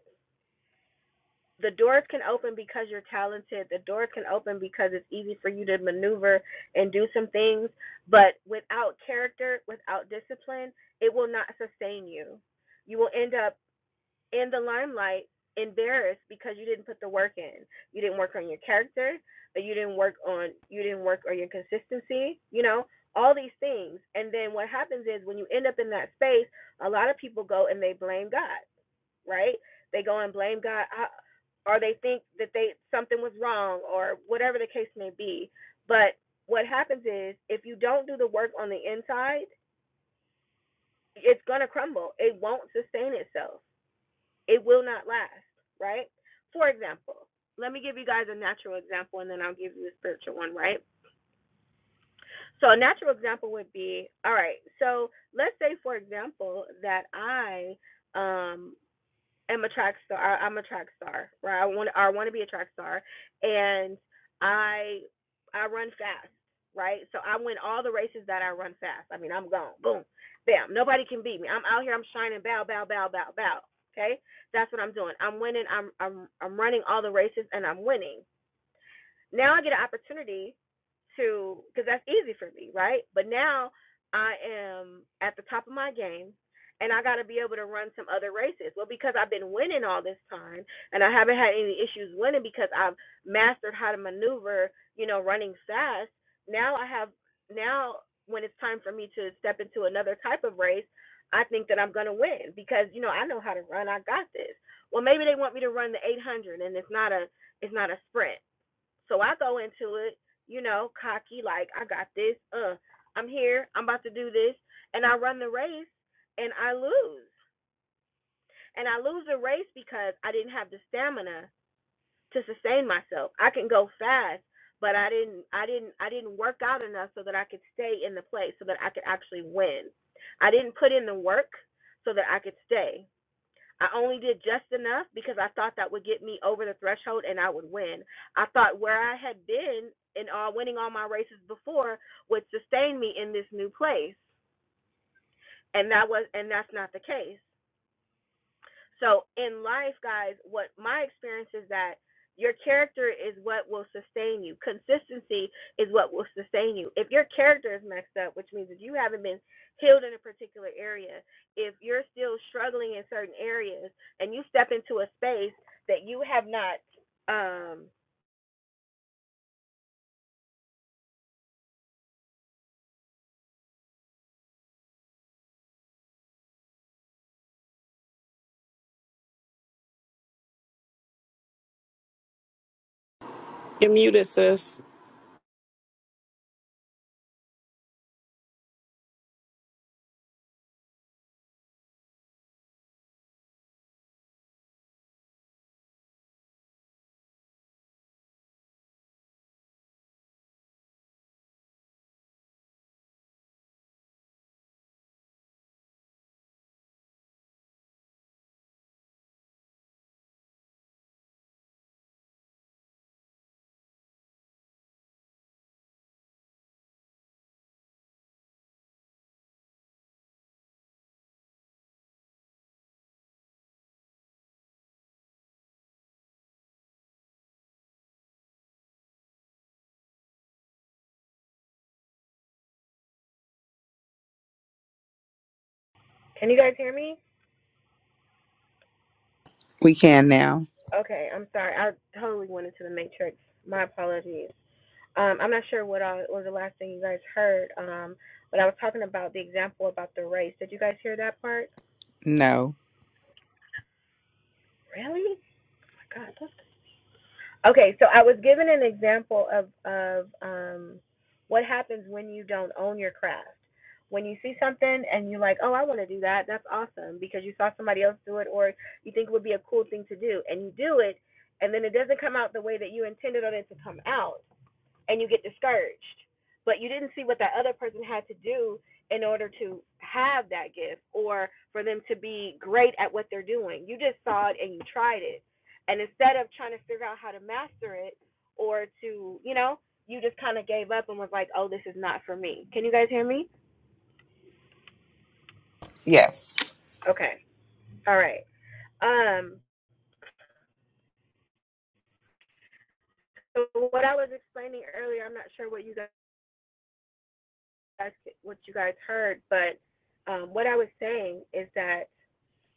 A: the doors can open because you're talented. The doors can open because it's easy for you to maneuver and do some things. But without character, without discipline, it will not sustain you. You will end up in the limelight embarrassed because you didn't put the work in. You didn't work on your character, or you didn't work on you didn't work on your consistency, you know, all these things. And then what happens is when you end up in that space, a lot of people go and they blame God right? They go and blame God, or they think that they something was wrong, or whatever the case may be. But what happens is, if you don't do the work on the inside, it's gonna crumble. It won't sustain itself. It will not last, right? For example, let me give you guys a natural example, and then I'll give you a spiritual one, right? So a natural example would be, all right. So let's say, for example, that I um am a track star. I, I'm a track star, right? I want I want to be a track star, and I I run fast, right? So I win all the races that I run fast. I mean, I'm gone, boom, bam. Nobody can beat me. I'm out here. I'm shining, bow, bow, bow, bow, bow. Okay, that's what I'm doing. I'm winning. I'm I'm I'm running all the races, and I'm winning. Now I get an opportunity to, because that's easy for me, right? But now I am at the top of my game and I got to be able to run some other races. Well, because I've been winning all this time and I haven't had any issues winning because I've mastered how to maneuver, you know, running fast. Now I have, now when it's time for me to step into another type of race, I think that I'm going to win because, you know, I know how to run. I got this. Well, maybe they want me to run the 800 and it's not a, it's not a sprint. So I go into it, you know, cocky, like I got this. Uh, I'm here. I'm about to do this, and I run the race, and I lose. And I lose the race because I didn't have the stamina to sustain myself. I can go fast, but I didn't. I didn't. I didn't work out enough so that I could stay in the place, so that I could actually win. I didn't put in the work so that I could stay. I only did just enough because I thought that would get me over the threshold and I would win. I thought where I had been and uh, winning all my races before would sustain me in this new place, and that was and that's not the case. So in life, guys, what my experience is that your character is what will sustain you. Consistency is what will sustain you. If your character is messed up, which means if you haven't been healed in a particular area, if you're still struggling in certain areas and you step into a space that you have not um
F: You're muted, sis.
A: can you guys hear me?
D: We can now.
A: Okay, I'm sorry. I totally went into the matrix. My apologies. um, I'm not sure what all was the last thing you guys heard, um, but I was talking about the example about the race. Did you guys hear that part?
D: No.
A: Really? Oh my God. that's- Okay, so I was given an example of of um, what happens when you don't own your craft. When you see something and you're like, "Oh, I want to do that," that's awesome because you saw somebody else do it, or you think it would be a cool thing to do, and you do it, and then it doesn't come out the way that you intended it to come out and you get discouraged. But you didn't see what that other person had to do in order to have that gift or for them to be great at what they're doing. You just saw it and you tried it. And instead of trying to figure out how to master it or to, you know, you just kind of gave up and was like, "Oh, this is not for me." Can you guys hear me?
D: Yes,
A: Okay. All right. Um so what I was explaining earlier, I'm not sure what you guys what you guys heard, but um, what I was saying is that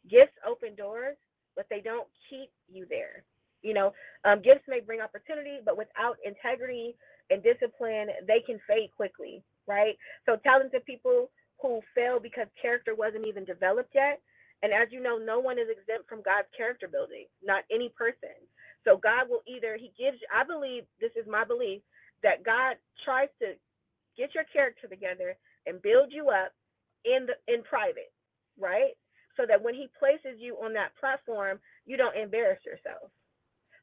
A: Gifts open doors, but they don't keep you there. You know, um, gifts may bring opportunity, but without integrity and discipline, they can fade quickly, right? So, talented people who fail because character wasn't even developed yet. And as you know, no one is exempt from God's character building, not any person. So, God will either, He gives, I believe, this is my belief, that God tries to get your character together and build you up in the in private, right? So that when he places you on that platform, you don't embarrass yourself.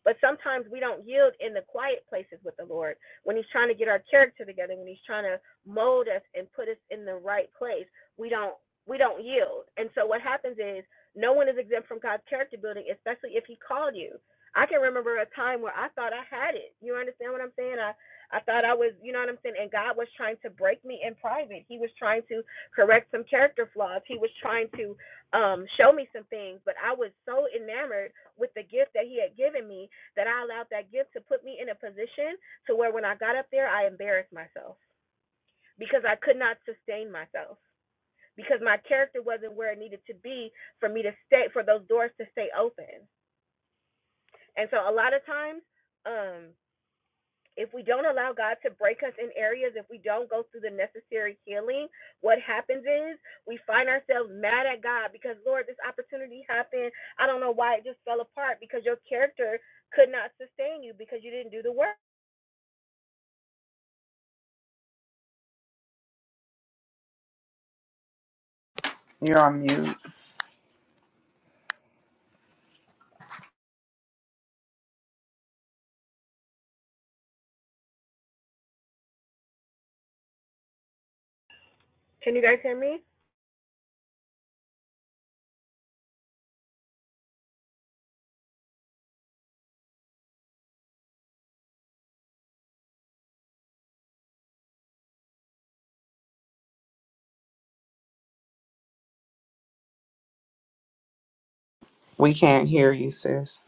A: But sometimes we don't yield in the quiet places with the Lord when He's trying to get our character together, when He's trying to mold us and put us in the right place. We don't we don't yield. And so what happens is no one is exempt from God's character building, especially if He called you. I can remember a time where I thought I had it. You understand what I'm saying? I I thought I was, you know what I'm saying? And God was trying to break me in private. He was trying to correct some character flaws. He was trying to um, show me some things, but I was so enamored with the gift that He had given me that I allowed that gift to put me in a position to where when I got up there, I embarrassed myself because I could not sustain myself because my character wasn't where it needed to be for me to stay for those doors to stay open. And so a lot of times, um, if we don't allow God to break us in areas, if we don't go through the necessary healing, what happens is we find ourselves mad at God because Lord, this opportunity happened. I don't know why it just fell apart because your character could not sustain you because you didn't do the work.
D: you're on mute.
A: Can you guys hear me?
D: We can't hear you, sis.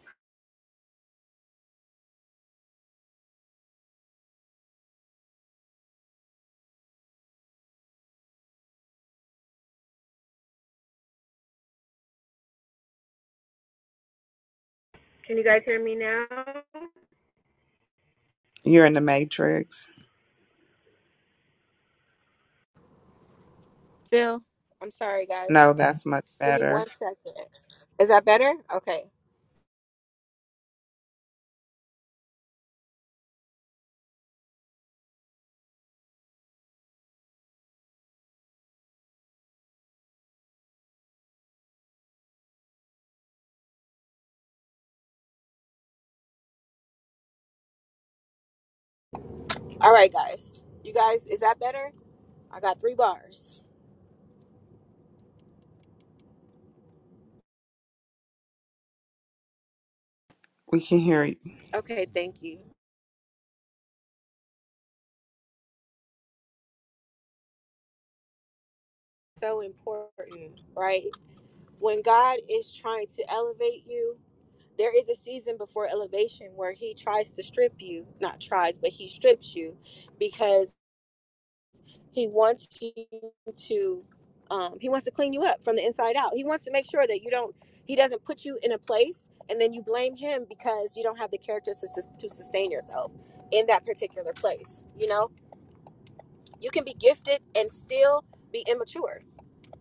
A: Can you guys hear me now?
D: You're in the matrix.
A: Still. I'm sorry, guys.
D: No, that's much
A: Give me
D: better.
A: one second. Is that better? Okay. All right, guys. You guys, is that better? I got three bars.
D: We can hear you.
A: Okay, thank you. So important, right? When God is trying to elevate you, there is a season before elevation where He tries to strip you, not tries, but He strips you because He wants you to um, he wants to clean you up from the inside out. He wants to make sure that you don't he doesn't put you in a place and then you blame him because you don't have the character to, to sustain yourself in that particular place. You know, you can be gifted and still be immature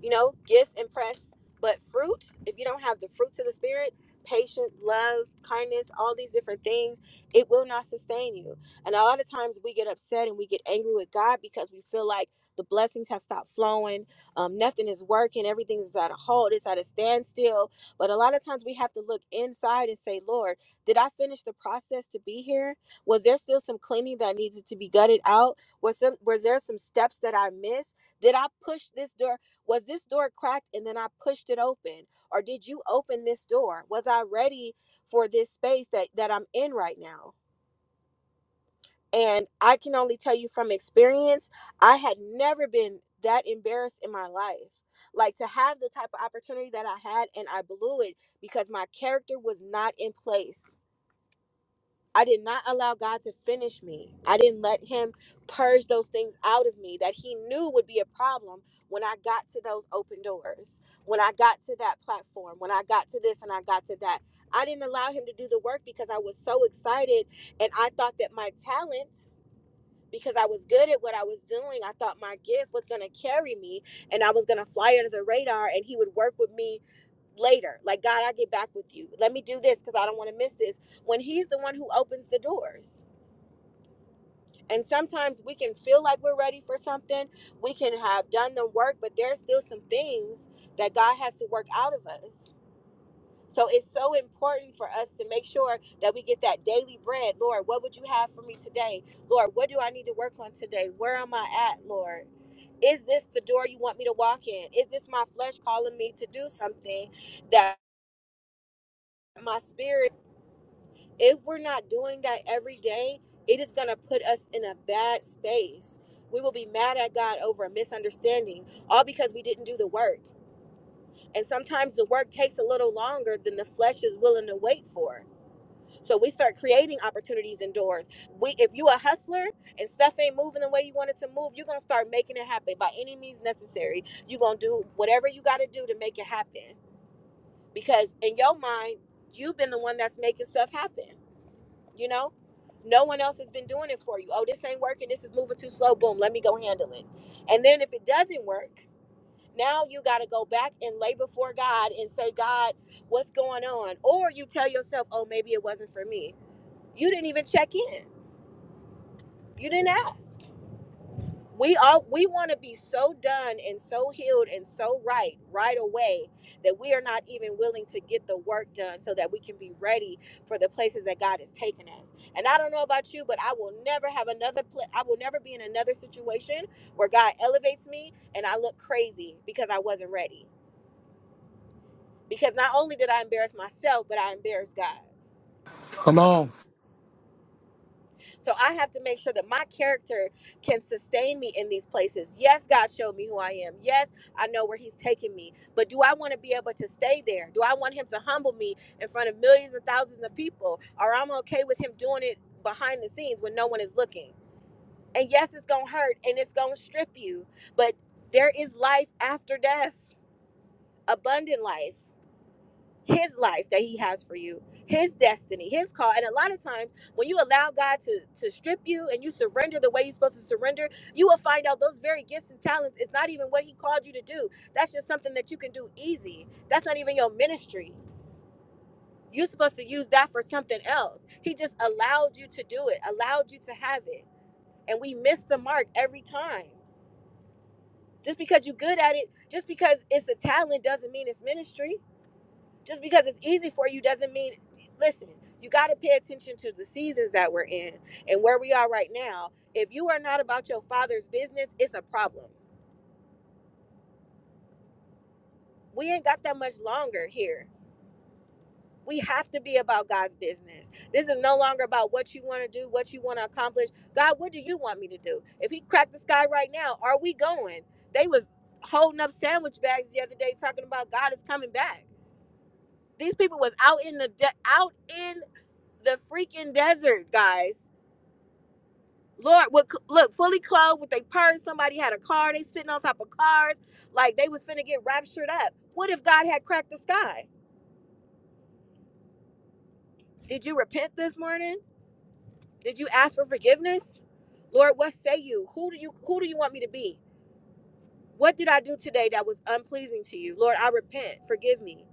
A: you know, gifts impress, but fruit, if you don't have the fruits of the spirit, patience, love, kindness, all these different things, it will not sustain you. And a lot of times we get upset and we get angry with God because we feel like the blessings have stopped flowing, um, nothing is working, everything is at a halt, it's at a standstill. But a lot of times we have to look inside and say, Lord, did I finish the process to be here? Was there still some cleaning that needed to be gutted out? Was some was there some steps that I missed? Did I push this door? Was this door cracked and then I pushed it open? Or did you open this door? Was I ready for this space that, that I'm in right now? And I can only tell you from experience, I had never been that embarrassed in my life. Like to have the type of opportunity that I had and I blew it because my character was not in place I did not allow God to finish me. I didn't let Him purge those things out of me that He knew would be a problem when I got to those open doors, when I got to that platform, when I got to this and I got to that. I didn't allow Him to do the work because I was so excited and I thought that my talent because I was good at what I was doing. I thought my gift was going to carry me and I was going to fly under the radar and he would work with me later. Like, God, I'll get back with you. Let me do this because I don't want to miss this. When he's the one who opens the doors. And sometimes we can feel like we're ready for something, we can have done the work, but there's still some things that God has to work out of us. So it's so important for us to make sure that we get that daily bread. Lord, what would you have for me today? Lord, what do I need to work on today? Where am I at, Lord? Is this the door you want me to walk in? Is this my flesh calling me to do something that my spirit, if we're not doing that every day, it is going to put us in a bad space. We will be mad at God over a misunderstanding, all because we didn't do the work. And sometimes the work takes a little longer than the flesh is willing to wait for So we start creating opportunities and doors. We, if you a hustler and stuff ain't moving the way you want it to move, you're gonna start making it happen by any means necessary. You're gonna do whatever you gotta do to make it happen. Because in your mind, you've been the one that's making stuff happen, you know? No one else has been doing it for you. Oh, this ain't working, this is moving too slow, boom, let me go handle it. And then if it doesn't work, now you gotta go back and lay before God and say, God, what's going on? Or you tell yourself, oh, maybe it wasn't for me you didn't even check in. You didn't ask. We are we want to be so done and so healed and so right right away that we are not even willing to get the work done so that we can be ready for the places that God has taken us. And I don't know about you, but I will never have another pla- I will never be in another situation where God elevates me and I look crazy because I wasn't ready. Because not only did I embarrass myself, but I embarrassed God.
J: Come on.
A: So I have to make sure that my character can sustain me in these places. Yes, God showed me who I am. Yes, I know where He's taking me. But do I want to be able to stay there? Do I want Him to humble me in front of millions and thousands of people? Or I'm okay with Him doing it behind the scenes when no one is looking? And yes, it's going to hurt and it's going to strip you. But there is life after death, abundant life his life that he has for you his destiny his call and a lot of times when you allow god to to strip you and you surrender the way you're supposed to surrender you will find out those very gifts and talents is not even what he called you to do that's just something that you can do easy that's not even your ministry you're supposed to use that for something else he just allowed you to do it allowed you to have it and we miss the mark every time just because you're good at it just because it's a talent doesn't mean it's ministry just because it's easy for you doesn't mean listen you got to pay attention to the seasons that we're in and where we are right now if you are not about your father's business it's a problem we ain't got that much longer here we have to be about god's business this is no longer about what you want to do what you want to accomplish god what do you want me to do if he cracked the sky right now are we going they was holding up sandwich bags the other day talking about god is coming back these people was out in the de- out in the freaking desert guys Lord, what look fully clothed with a purse. Somebody had a car. They sitting on top of cars, like they was finna get raptured up. What if God had cracked the sky? Did you repent this morning? Did you ask for forgiveness? Lord, what say you? Who do you who do you want me to be? What did I do today that was unpleasing to you? Lord, I repent. Forgive me.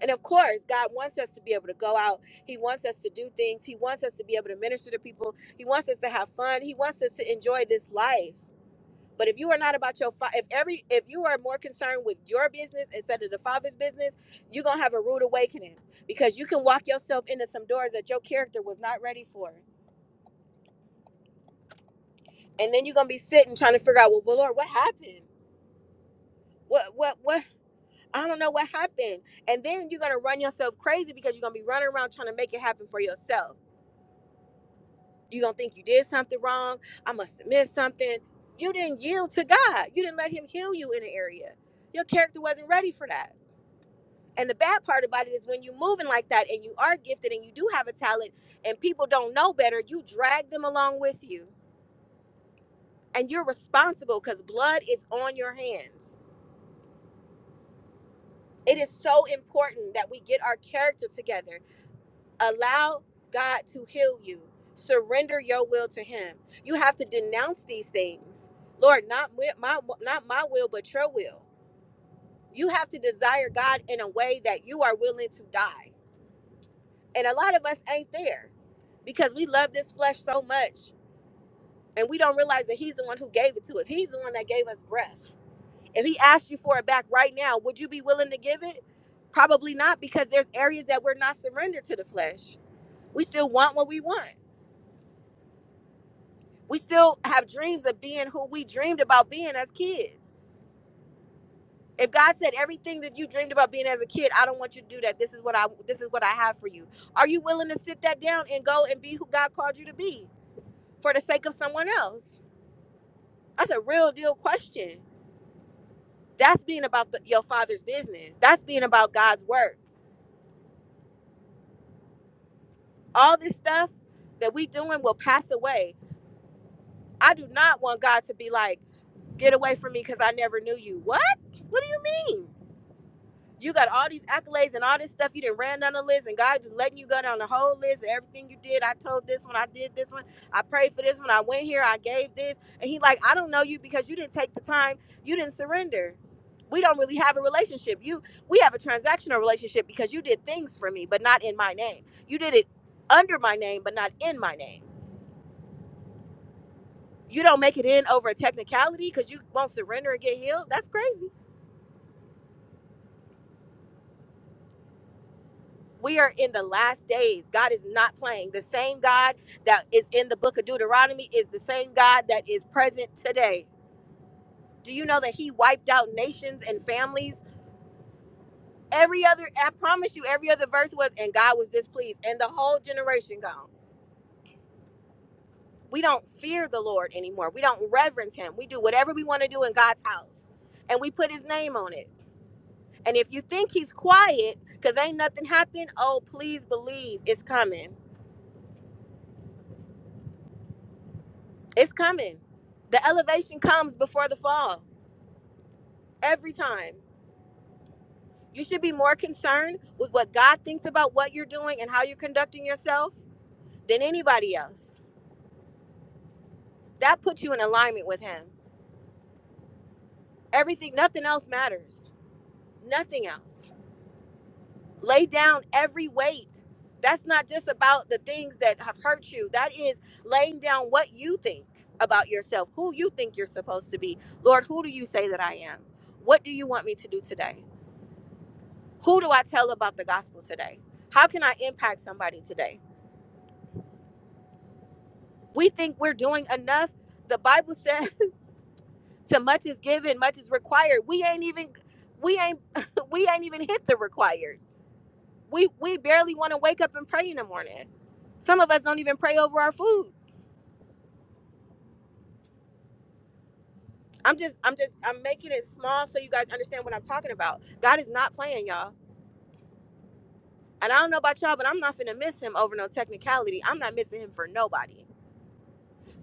A: And of course, God wants us to be able to go out. He wants us to do things. He wants us to be able to minister to people. He wants us to have fun. He wants us to enjoy this life. But if you are not about your fa- if every if you are more concerned with your business instead of the father's business, you're gonna have a rude awakening because you can walk yourself into some doors that your character was not ready for, and then you're gonna be sitting trying to figure out, well, well Lord, what happened? What what what? I don't know what happened, and then you're gonna run yourself crazy because you're gonna be running around trying to make it happen for yourself. You're gonna think you did something wrong. I must have missed something. You didn't yield to God. You didn't let Him heal you in an area. Your character wasn't ready for that And the bad part about it is when you're moving like that and you are gifted and you do have a talent and people don't know better, you drag them along with you. And you're responsible because blood is on your hands. It is so important that we get our character together. Allow God to heal you, surrender your will to Him. You have to denounce these things. Lord, not wi- my, not my will, but your will. You have to desire God in a way that you are willing to die. And a lot of us ain't there because we love this flesh so much and we don't realize that he's the one who gave it to us. He's the one that gave us breath. If he asked you for it back right now, would you be willing to give it? Probably not because there's areas that we're not surrendered to the flesh. We still want what we want. We still have dreams of being who we dreamed about being as kids. If God said everything that you dreamed about being as a kid, I don't want you to do that. This is what I this is what I have for you. Are you willing to sit that down and go and be who God called you to be? for the sake of someone else? That's a real deal question. That's being about the, your father's business. That's being about God's work. All this stuff that we doing will pass away. I do not want God to be like, get away from me because I never knew you. What? What do you mean? You got all these accolades and all this stuff. You didn't ran down the list, and God just letting you go down the whole list of everything you did. I told this one, I did this one, I prayed for this one, I went here, I gave this, and He like, I don't know you because you didn't take the time, you didn't surrender. We don't really have a relationship. You, we have a transactional relationship because you did things for me, but not in my name. You did it under my name, but not in my name. You don't make it in over a technicality because you won't surrender and get healed. That's crazy. We are in the last days. God is not playing. The same God that is in the book of Deuteronomy is the same God that is present today. Do you know that he wiped out nations and families? Every other, I promise you, every other verse was, and God was displeased, and the whole generation gone. We don't fear the Lord anymore. We don't reverence him. We do whatever we want to do in God's house, and we put his name on it. And if you think he's quiet because ain't nothing happened, oh, please believe it's coming It's coming. The elevation comes before the fall every time. You should be more concerned with what God thinks about what you're doing and how you're conducting yourself than anybody else. That puts you in alignment with Him. Everything, nothing else matters. Nothing else. Lay down every weight. That's not just about the things that have hurt you. That is laying down what you think about yourself, who you think you're supposed to be. Lord, who do you say that I am? What do you want me to do today? Who do I tell about the gospel today? How can I impact somebody today? We think we're doing enough. The Bible says to much is given, much is required. We ain't even we ain't we ain't even hit the required. We we barely want to wake up and pray in the morning. Some of us don't even pray over our food. I'm just I'm just I'm making it small so you guys understand what I'm talking about. God is not playing y'all. And I don't know about y'all, but I'm not finna miss him over no technicality. I'm not missing him for nobody.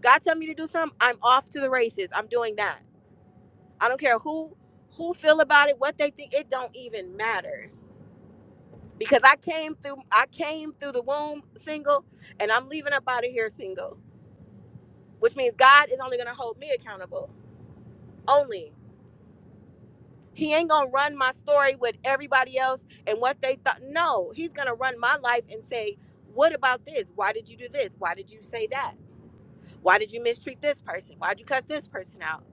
A: God tell me to do something, I'm off to the races. I'm doing that. I don't care who who feel about it, what they think, it don't even matter. Because I came through I came through the womb single and I'm leaving up out of here single. Which means God is only gonna hold me accountable. Only. He ain't gonna run my story with everybody else and what they thought. No, he's gonna run my life and say, What about this? Why did you do this? Why did you say that? Why did you mistreat this person? Why'd you cuss this person out?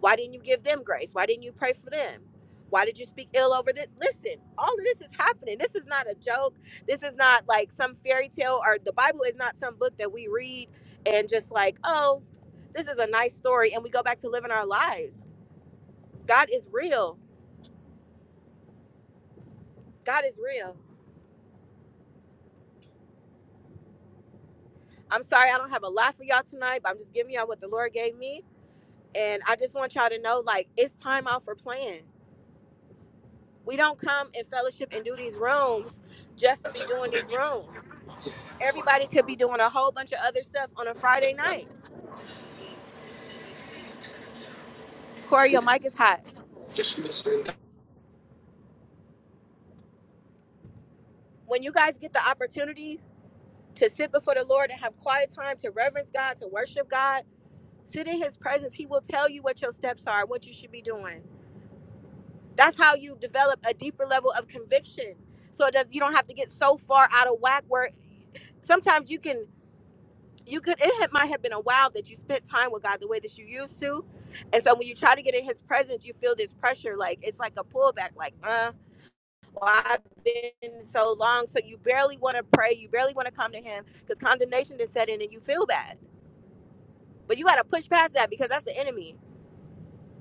A: Why didn't you give them grace? Why didn't you pray for them? Why did you speak ill over this? Listen, all of this is happening. This is not a joke. This is not like some fairy tale or the Bible is not some book that we read and just like, oh, this is a nice story. And we go back to living our lives. God is real. God is real. I'm sorry I don't have a lot for y'all tonight, but I'm just giving y'all what the Lord gave me. And I just want y'all to know like, it's time out for playing. We don't come and fellowship and do these rooms just to be doing these rooms Everybody could be doing a whole bunch of other stuff on a Friday night. Corey, your mic is hot. When you guys get the opportunity to sit before the Lord and have quiet time to reverence God, to worship God, sit in His presence, He will tell you what your steps are, what you should be doing. That's how you develop a deeper level of conviction. So it does, you don't have to get so far out of whack where sometimes you can you could it had, might have been a while that you spent time with God the way that you used to, and so when you try to get in His presence, you feel this pressure like it's like a pullback, like uh why I've been so long. So you barely want to pray. You barely want to come to him because condemnation is set in and you feel bad. But you got to push past that because that's the enemy.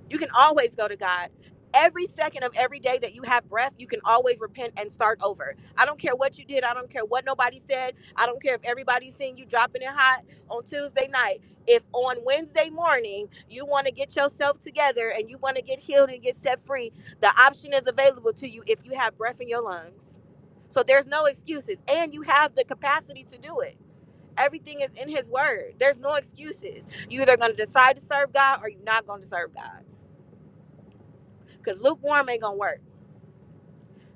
A: You can always go to God. Every second of every day that you have breath, you can always repent and start over. I don't care what you did. I don't care what nobody said. I don't care if everybody's seeing you dropping it hot on Tuesday night. If on Wednesday morning you want to get yourself together and you want to get healed and get set free, the option is available to you if you have breath in your lungs. So there's no excuses. And you have the capacity to do it. Everything is in His Word. There's no excuses. You're either going to decide to serve God or you're not going to serve God because lukewarm ain't gonna work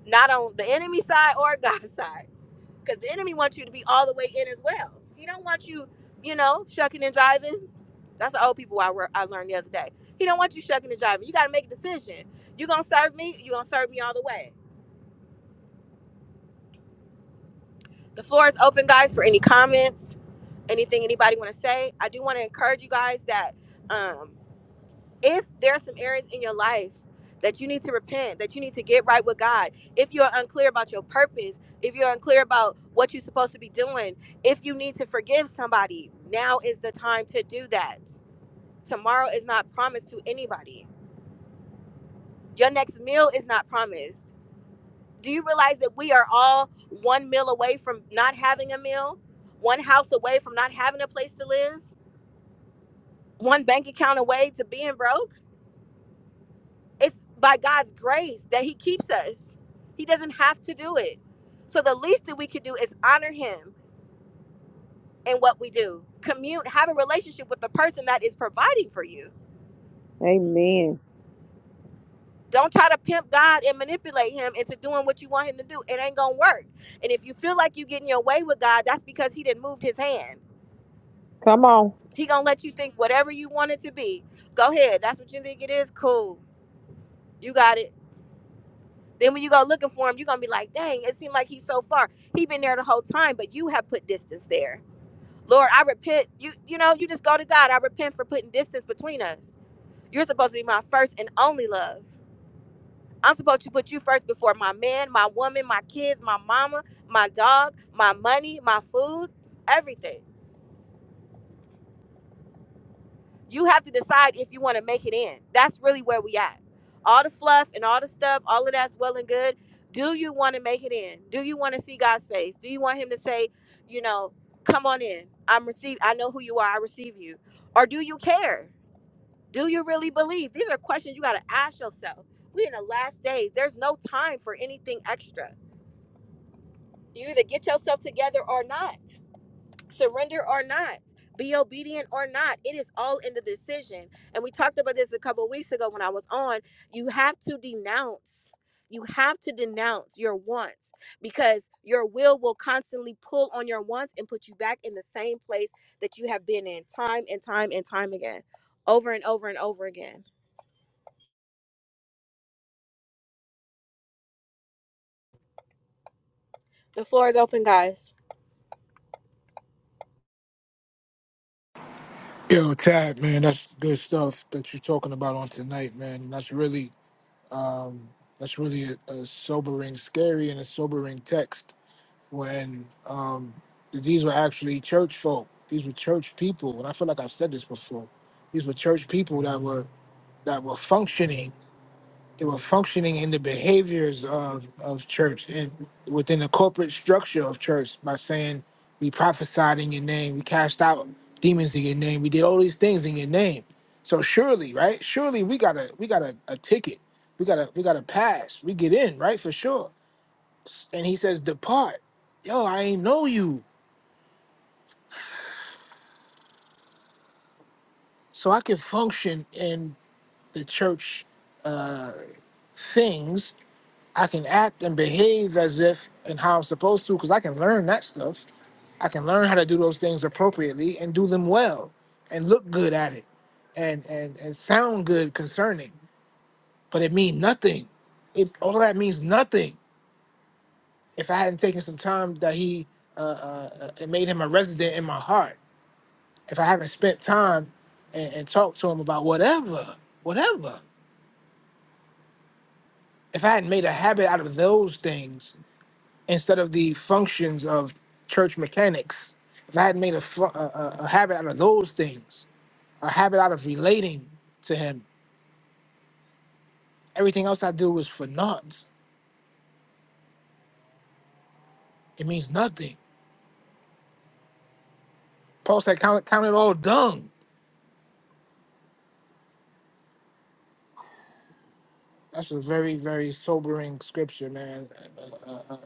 A: not on the enemy side or god's side because the enemy wants you to be all the way in as well he don't want you you know shucking and jiving that's the old people I, re- I learned the other day he don't want you shucking and jiving you gotta make a decision you gonna serve me you gonna serve me all the way the floor is open guys for any comments anything anybody want to say i do want to encourage you guys that um, if there are some areas in your life that you need to repent, that you need to get right with God, if you're unclear about your purpose, if you're unclear about what you're supposed to be doing, if you need to forgive somebody, now is the time to do that. Tomorrow is not promised to anybody. Your next meal is not promised. Do you realize that we are all one meal away from not having a meal, one house away from not having a place to live, one bank account away to being broke? It's by God's grace that He keeps us. He doesn't have to do it. So the least that we could do is honor Him in what we do. Commute, have a relationship with the person that is providing for you.
E: Amen.
A: Don't try to pimp God and manipulate Him into doing what you want Him to do. It ain't gonna work. And if you feel like you getting your way with God, that's because He didn't move His hand.
E: Come on.
A: He gonna let you think whatever you want it to be. Go ahead. That's what you think it is. Cool. You got it. Then when you go looking for him, you're gonna be like, dang, it seemed like he's so far. He been there the whole time, but you have put distance there. Lord, I repent. You you know, you just go to God. I repent for putting distance between us. You're supposed to be my first and only love. I'm supposed to put you first before my man, my woman, my kids, my mama, my dog, my money, my food, everything. you have to decide if you want to make it in. That's really where we at. All the fluff and all the stuff, all of that's well and good. Do you want to make it in? Do you want to see God's face? Do you want him to say, you know, come on in. I'm receive I know who you are. I receive you. Or do you care? Do you really believe? These are questions you got to ask yourself. We in the last days. There's no time for anything extra. You either get yourself together or not surrender or not be obedient or not it is all in the decision and we talked about this a couple of weeks ago when i was on you have to denounce you have to denounce your wants because your will will constantly pull on your wants and put you back in the same place that you have been in time and time and time again over and over and over again the floor is open guys
J: Yo, Tad, man, that's good stuff that you're talking about on tonight, man. And That's really, um, that's really a, a sobering, scary, and a sobering text when um, these were actually church folk. These were church people, and I feel like I've said this before. These were church people that were that were functioning They were functioning in the behaviors of, of church and within the corporate structure of church by saying, We prophesied in your name, we cast out demons in your name, we did all these things in your name. So surely, right? Surely we got a we got a, a ticket. We got a we got a pass. We get in, right? For sure. And he says, Depart. Yo, I ain't know you. So I can function in the church uh things I can act and behave as if and how I'm supposed to because I can learn that stuff. I can learn how to do those things appropriately and do them well and look good at it and and, and sound good concerning. But it means nothing. It all of that means nothing if I hadn't taken some time that he uh, uh, uh, it made him a resident in my heart. If I haven't spent time and, and talked to him about whatever, whatever. If I hadn't made a habit out of those things instead of the functions of church mechanics. If I had made a, fu- a, a a habit out of those things, a habit out of relating to Him, everything else I do was for naught. It means nothing. Paul said, "Count, count it all dung." That's a very, very sobering scripture, man. Uh, uh, uh,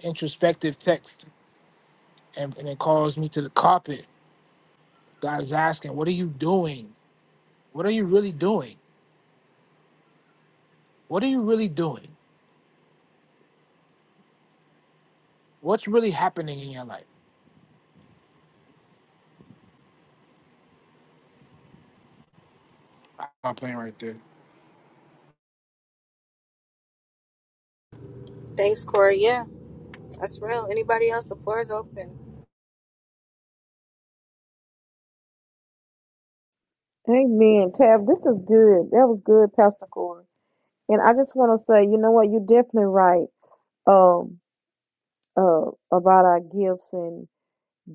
J: introspective text, and, and it calls me to the carpet. God's asking, "What are you doing? What are you really doing? What are you really doing? What's really happening in your life?" Wow, I'm playing right there.
A: thanks corey yeah that's real anybody else the floor is open
E: Amen. Tab, this is good. That was good, Pastor Corey. And I just want to say, you know what? You're definitely right um, uh, about our gifts and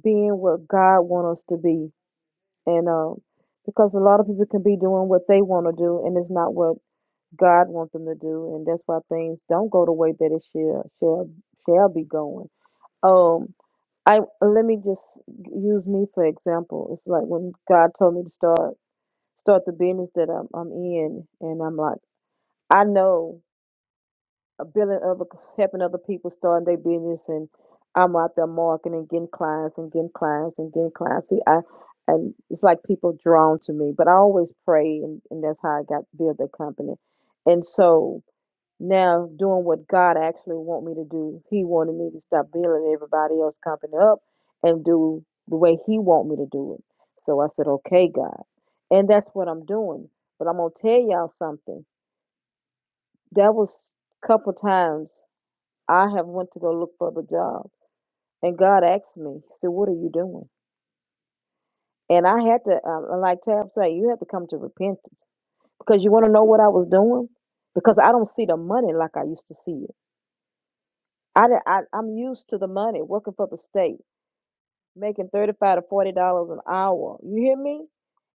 E: being what God wants us to be. And um, because a lot of people can be doing what they want to do, and it's not what God wants them to do, and that's why things don't go the way that it shall shall shall be going. Um, I let me just use me for example. It's like when God told me to start start the business that I'm I'm in, and I'm like, I know a billion other helping other people starting their business, and I'm out there marketing and getting clients and getting clients and getting clients. See, I and it's like people drawn to me, but I always pray, and, and that's how I got build the company, and so now doing what God actually want me to do. He wanted me to stop building everybody else company up and do the way he want me to do it. So I said, okay, God. And that's what I'm doing. But I'm gonna tell y'all something. That was a couple times I have went to go look for the job. And God asked me, He said, What are you doing? And I had to, um, like Tab said, you have to come to repentance because you want to know what I was doing? Because I don't see the money like I used to see it. I, di- I I'm used to the money working for the state, making thirty five to forty dollars an hour. You hear me?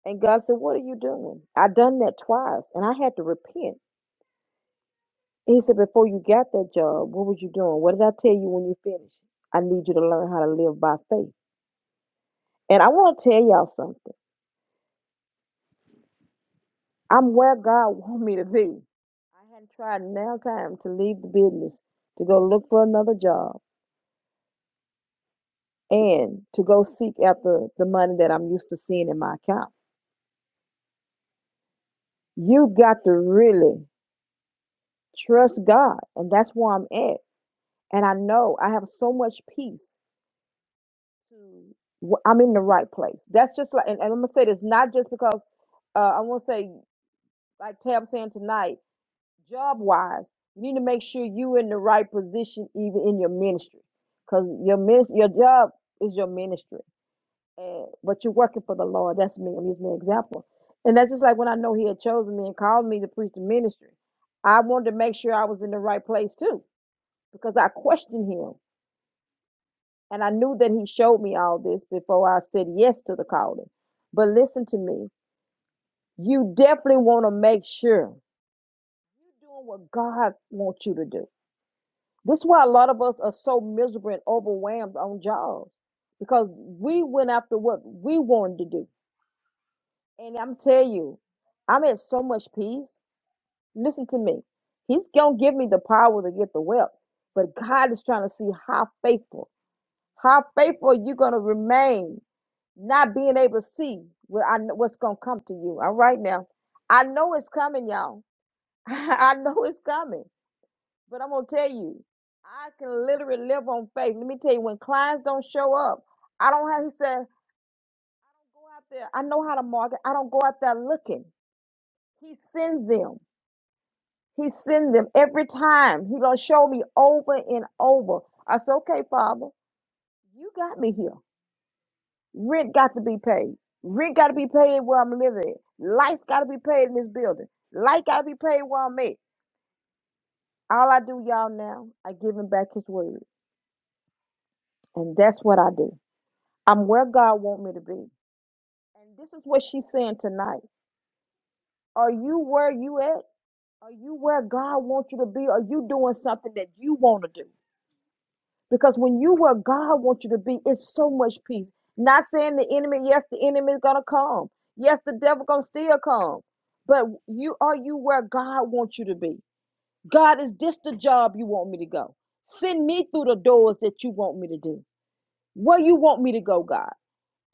E: And God said, "What are you doing?" I done that twice, and I had to repent. And he said, "Before you got that job, what was you doing? What did I tell you when you finished? I need you to learn how to live by faith." And I want to tell y'all something. I'm where God want me to be. I hadn't tried now time to leave the business, to go look for another job, and to go seek after the money that I'm used to seeing in my account. You got to really trust God. And that's where I'm at. And I know I have so much peace to wh- I'm in the right place. That's just like and, and I'm gonna say this not just because uh I wanna say like Tab saying tonight, job wise, you need to make sure you in the right position even in your ministry. Cause your minis- your job is your ministry. and but you're working for the Lord. That's me. I'm using an example. And that's just like when I know he had chosen me and called me to preach the ministry. I wanted to make sure I was in the right place too, because I questioned him. And I knew that he showed me all this before I said yes to the calling. But listen to me. You definitely want to make sure you're doing what God wants you to do. This is why a lot of us are so miserable and overwhelmed on jobs because we went after what we wanted to do. And I'm tell you, I'm at so much peace. Listen to me. He's gonna give me the power to get the wealth. But God is trying to see how faithful, how faithful you're gonna remain, not being able to see what I kn- what's gonna come to you. All right now. I know it's coming, y'all. I know it's coming. But I'm gonna tell you, I can literally live on faith. Let me tell you, when clients don't show up, I don't have he said, go out there. I know how to market. I don't go out there looking. He sends them. He send them every time. He gonna show me over and over. I said, okay, Father, you got me here. Rent got to be paid. Rent got to be paid where I'm living. at. Lights got to be paid in this building. Light got to be paid where I'm at. All I do, y'all, now I give him back his word, and that's what I do. I'm where God want me to be, and this is what she's saying tonight. Are you where you at? Are you where God wants you to be? Are you doing something that you want to do? Because when you where God wants you to be, it's so much peace. Not saying the enemy, yes, the enemy is gonna come. Yes, the devil gonna still come. But you are you where God wants you to be. God, is this the job you want me to go? Send me through the doors that you want me to do. Where you want me to go, God.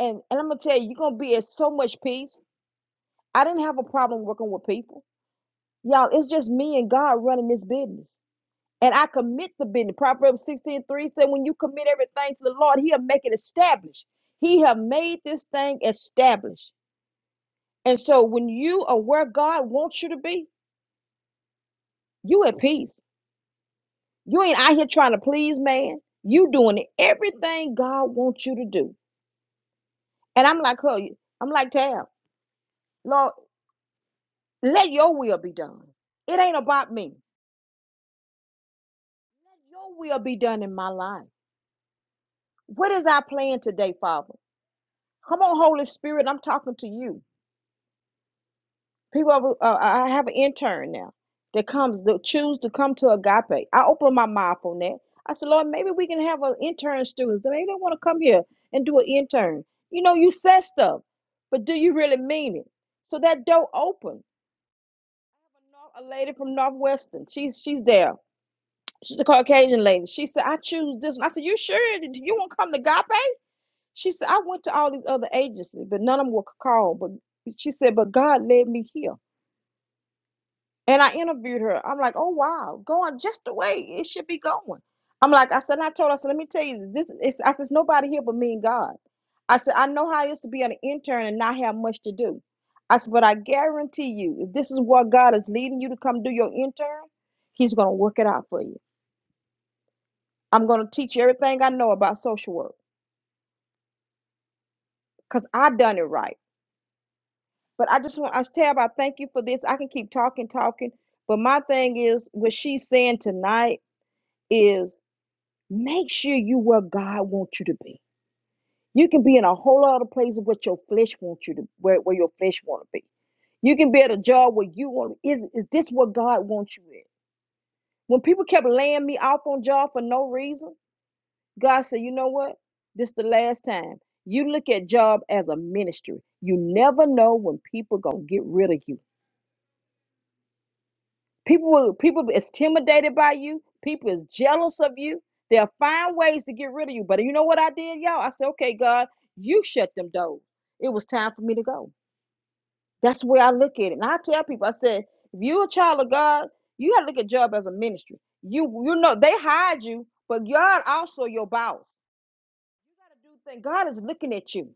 E: And and I'm gonna tell you, you're gonna be at so much peace. I didn't have a problem working with people. Y'all, it's just me and God running this business. And I commit the business. Proverbs 16 3 said, When you commit everything to the Lord, He'll make it established. He have made this thing established. And so when you are where God wants you to be, you at peace. You ain't out here trying to please man. You doing everything God wants you to do. And I'm like her, I'm like Tab, Lord, let your will be done. It ain't about me. Let your will be done in my life. What is our plan today, Father? Come on, Holy Spirit, I'm talking to you. People, have, uh, I have an intern now that comes that choose to come to Agape. I open my mouth on that. I said, Lord, maybe we can have an intern students. Maybe they want to come here and do an intern. You know, you said stuff, but do you really mean it? So that door open. A lady from Northwestern. She's she's there. She's a Caucasian lady. She said, I choose this one. I said, You sure you won't come to Agape? She said, I went to all these other agencies, but none of them were called. But she said, But God led me here. And I interviewed her. I'm like, oh wow, going just the way it should be going. I'm like, I said, and I told her, I said, let me tell you, this is I said, "It's nobody here but me and God. I said, I know how it is to be an intern and not have much to do. I said, but I guarantee you, if this is what God is leading you to come do your intern, He's gonna work it out for you. I'm gonna teach you everything I know about social work because I done it right. But I just want I Tab, I thank you for this. I can keep talking, talking. But my thing is what she's saying tonight is Make sure you where God wants you to be. You can be in a whole other place of what your flesh wants you to where, where your flesh want to be. You can be at a job where you want to. is is this what God wants you at? When people kept laying me off on job for no reason, God said, you know what? This the last time. You look at job as a ministry. You never know when people gonna get rid of you. People will people is intimidated by you. People is jealous of you. They'll find ways to get rid of you. But you know what I did, y'all? I said, okay, God, you shut them doors. It was time for me to go. That's where I look at it. And I tell people, I said, if you're a child of God, you gotta look at Job as a ministry. You you know they hide you, but God also your boss. You gotta do things. God is looking at you.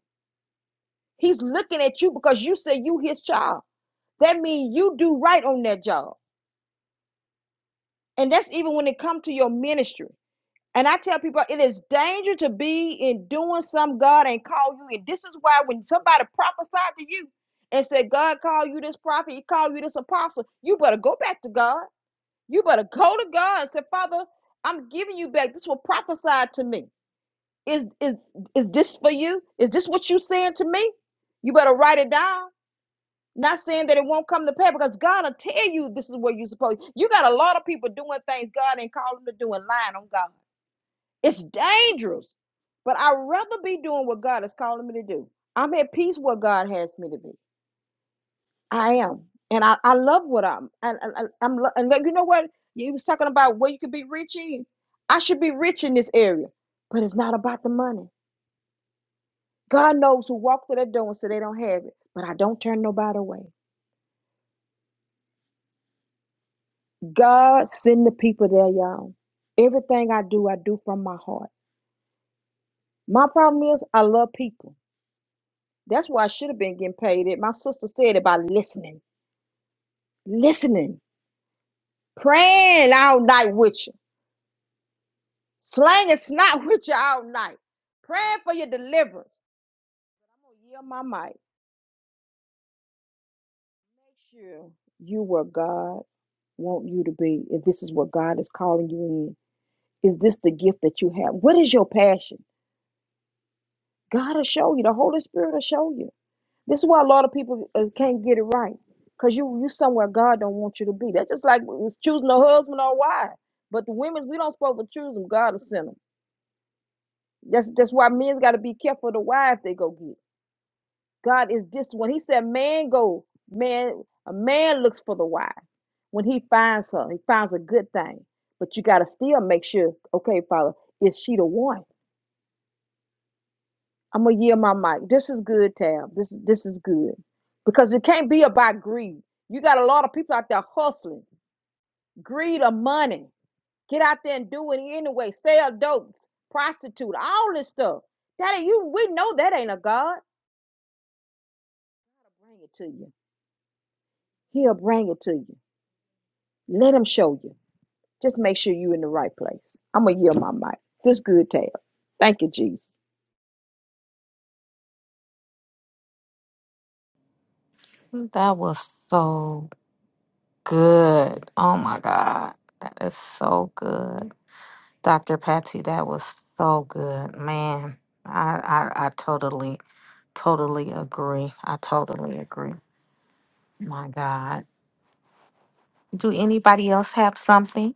E: He's looking at you because you say you his child. That means you do right on that job. And that's even when it comes to your ministry. And I tell people it is danger to be in doing something God ain't called you. And this is why when somebody prophesied to you and said, God called you this prophet, he called you this apostle, you better go back to God. You better go to God and say, Father, I'm giving you back. This was prophesied to me. Is is is this for you? Is this what you saying to me? You better write it down. Not saying that it won't come to pass because God will tell you this is where you supposed. You got a lot of people doing things God ain't calling them to do and lying on God. It's dangerous. But I'd rather be doing what God is calling me to do. I'm at peace where God has me to be. I am. And I, I love what I'm. And I, I, am And like, you know what? You was talking about where you could be rich in. I should be rich in this area. But it's not about the money. God knows who walked to that door and said they don't have it. But I don't turn nobody away. God send the people there, y'all. Everything I do, I do from my heart. My problem is I love people. That's why I should have been getting paid it. My sister said it by listening, listening, praying all night with you, slanging snot with you all night, praying for your deliverance. I'm gonna yield my mic. Make sure you where God want you to be. If this is what God is calling you in, is this the gift that you have? What is your passion? God will show you. The Holy Spirit will show you. This is why a lot of people is, can't get it right, cause you you somewhere God don't want you to be. That's just like it's choosing a husband or a wife. But the women's we don't supposed to choose them. God will send them. That's that's why men's got to be careful of the wife they go get. God is this when He said man go man a man looks for the wife when he finds her he finds a good thing. But you got to still make sure okay Father is she the one I'm gonna yield my mic. This is good, Tab. This this is good because it can't be about greed. You got a lot of people out there hustling, greed of money. Get out there and do it anyway. Sell dope, prostitute, all this stuff. Daddy, you we know that ain't a god. Bring it to you. He'll bring it to you. Let him show you. Just make sure you in the right place. I'm gonna yield my mic. This good, Tab. Thank you, Jesus.
B: That was so good. Oh my God. That is so good. Dr. Patsy, that was so good. Man, I, I, I totally, totally agree. I totally agree. My God. Do anybody else have something?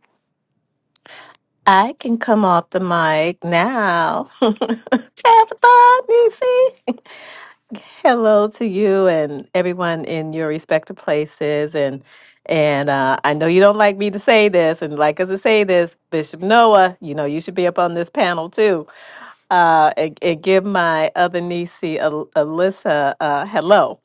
K: I can come off the mic now. Tabitha, Nisi. Hello to you and everyone in your respective places. And and uh, I know you don't like me to say this, and like us to say this, Bishop Noah, you know you should be up on this panel too uh, and, and give my other niece, Al- Alyssa, uh, hello.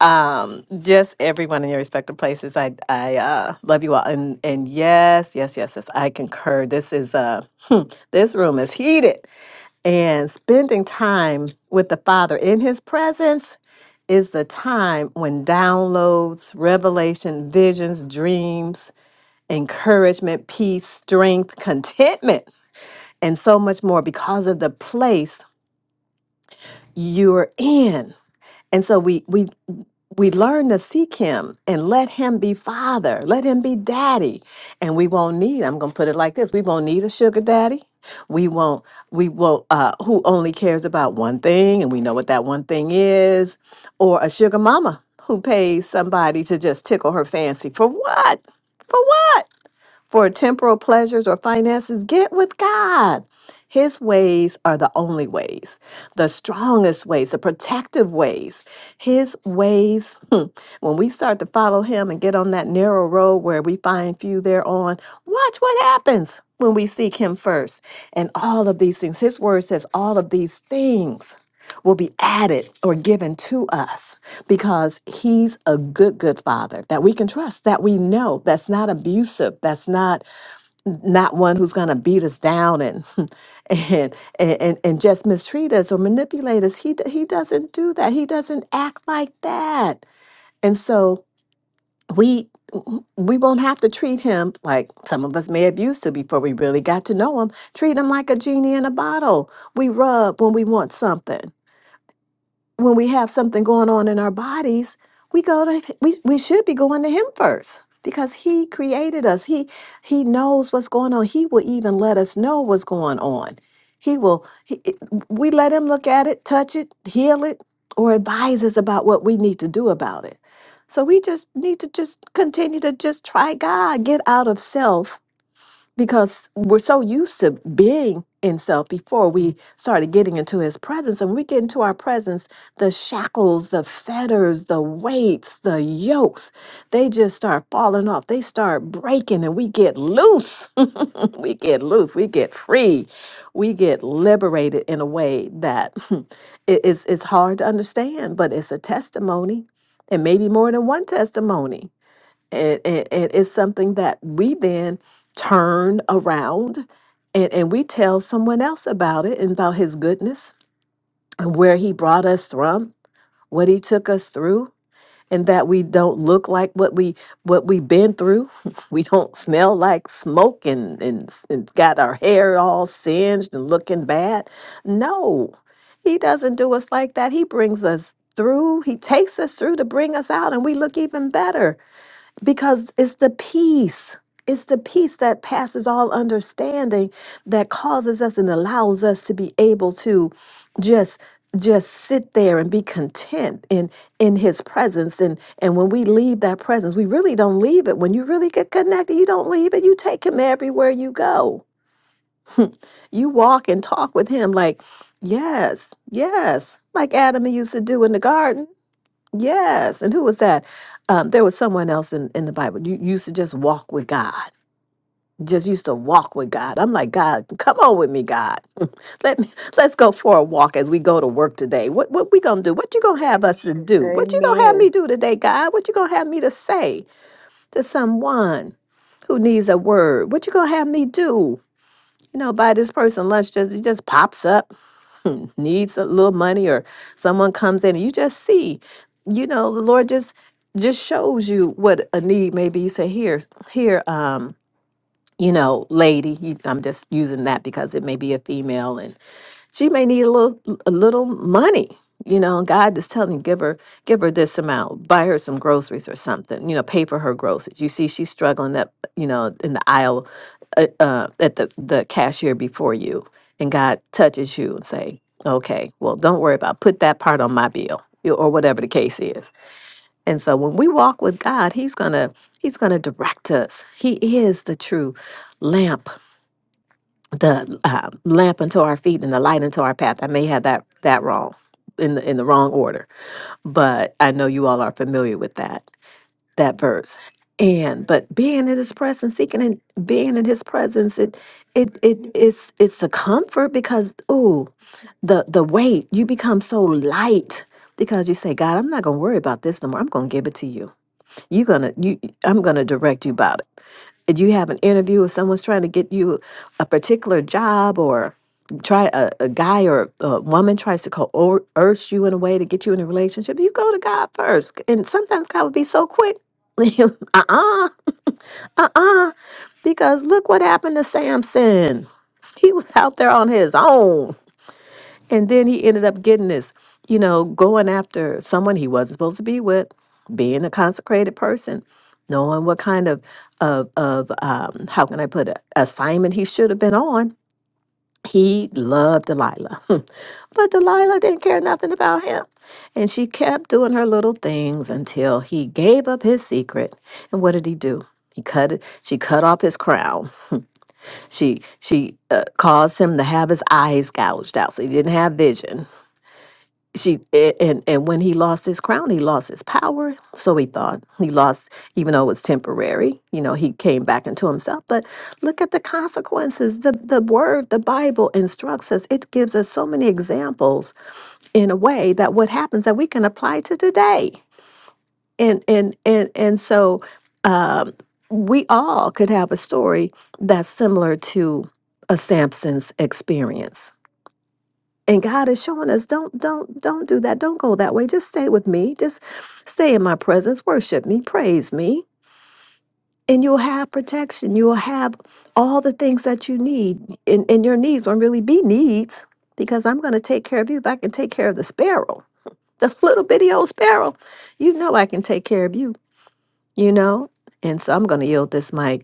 K: Um, just everyone in your respective places. I, I uh, love you all. And and yes, yes, yes, yes. I concur. This is uh, hmm, this room is heated, and spending time with the Father in His presence is the time when downloads, revelation, visions, dreams, encouragement, peace, strength, contentment, and so much more because of the place you're in. And so we we we learn to seek him and let him be father, let him be daddy. And we won't need, I'm gonna put it like this, we won't need a sugar daddy. We won't, we won't uh who only cares about one thing and we know what that one thing is, or a sugar mama who pays somebody to just tickle her fancy for what? For what? for temporal pleasures or finances, get with God. His ways are the only ways, the strongest ways, the protective ways. His ways, hmm, when we start to follow him and get on that narrow road where we find few thereon, watch what happens when we seek him first. And all of these things, his word says, all of these things will be added or given to us because he's a good good father that we can trust that we know that's not abusive that's not not one who's going to beat us down and and and and just mistreat us or manipulate us he d- he doesn't do that he doesn't act like that and so we we won't have to treat him like some of us may have used to before we really got to know him treat him like a genie in a bottle we rub when we want something when we have something going on in our bodies, we go to we we should be going to him first because he created us. He he knows what's going on. He will even let us know what's going on. He will he, it- we let him look at it, touch it, heal it or advise us about what we need to do about it. So we just need to just continue to just try God, get out of self because we're so used to being in self before we started getting into his presence and when we get into our presence the shackles the fetters the weights the yokes they just start falling off they start breaking and we get loose we get loose we get free we get liberated in a way that it is it's hard to understand but it's a testimony and maybe more than one testimony and, and, and it's something that we then turn around and, and we tell someone else about it and about his goodness and where he brought us from what he took us through and that we don't look like what we what we've been through we don't smell like smoke and, and and got our hair all singed and looking bad no he doesn't do us like that he brings us through he takes us through to bring us out and we look even better because it's the peace it's the peace that passes all understanding that causes us and allows us to be able to just just sit there and be content in in his presence and and when we leave that presence we really don't leave it when you really get connected you don't leave it you take him everywhere you go you walk and talk with him like yes yes like adam used to do in the garden Yes. And who was that? Um, there was someone else in, in the Bible. You, you used to just walk with God. Just used to walk with God. I'm like, God, come on with me, God. Let me let's go for a walk as we go to work today. What what we gonna do? What you gonna have us to do? What you gonna have me
E: Amen.
K: do today, God? What you gonna have me to say to someone who needs a word? What you gonna have me do? You know, buy this person lunch just it just pops up hmm, needs a little money or someone comes in and you just see you know the lord just just shows you what a need may be you say here here um you know lady you, i'm just using that because it may be a female she may need a little a little money you know god is telling you give her give her this amount buy her some groceries or something you know pay for her groceries you see she's struggling up you know in the aisle uh, uh, at the the cashier before you and god touches you and say okay well don't worry about it. put that part on my bill you- or whatever the case is and so when we walk with god he's gonna he's gonna direct us he is the true lamp the uh, lamp unto our feet and the light unto our path. I may have that that wrong in the, in the wrong order, but I know you all are familiar with that that verse. And but being in His presence, seeking and being in His presence, it it it is it's a comfort because ooh, the the weight you become so light because you say, God, I'm not gonna worry about this no more. I'm gonna give it to you. You're gonna you I'm gonna direct you about it. If you have an interview if someone's trying to get you a particular job or try a, a guy or a woman tries to co- or urge you in a way to get you in a relationship, you go to God first. And sometimes God would be so quick. uh-uh, uh-uh. Because look what happened to Samson. He was out there on his own. And then he ended up getting this, you know, going after someone he wasn't supposed to be with, being a consecrated person, knowing what kind of of of um, how can I put it, assignment he should have been on. He loved Delilah, but Delilah didn't care nothing about him. And she kept doing her little things until he gave up his secret. And what did he do? He cut it. She cut off his crown. She she uh, caused him to have his eyes gouged out, so he didn't have vision she a- and and when he lost his crown he lost his power so he thought he lost even though it was temporary you know he came back into himself but look at the consequences the the word the bible instructs us it gives us so many examples in a way that what happens that we can apply to today and and and and so um we all could have a story that's similar to a Samson's experience and God is showing us don't don't don't do that. Don't go that way. Just stay with me. Just stay in my presence. Worship me. Praise me. And you'll have protection. You'll have all the things that you need. And, and your needs won't really be needs because I'm going to take care of you. If I can take care of the sparrow, the little bitty old sparrow, you know I can take care of you, you know? And so I'm going to yield this mic.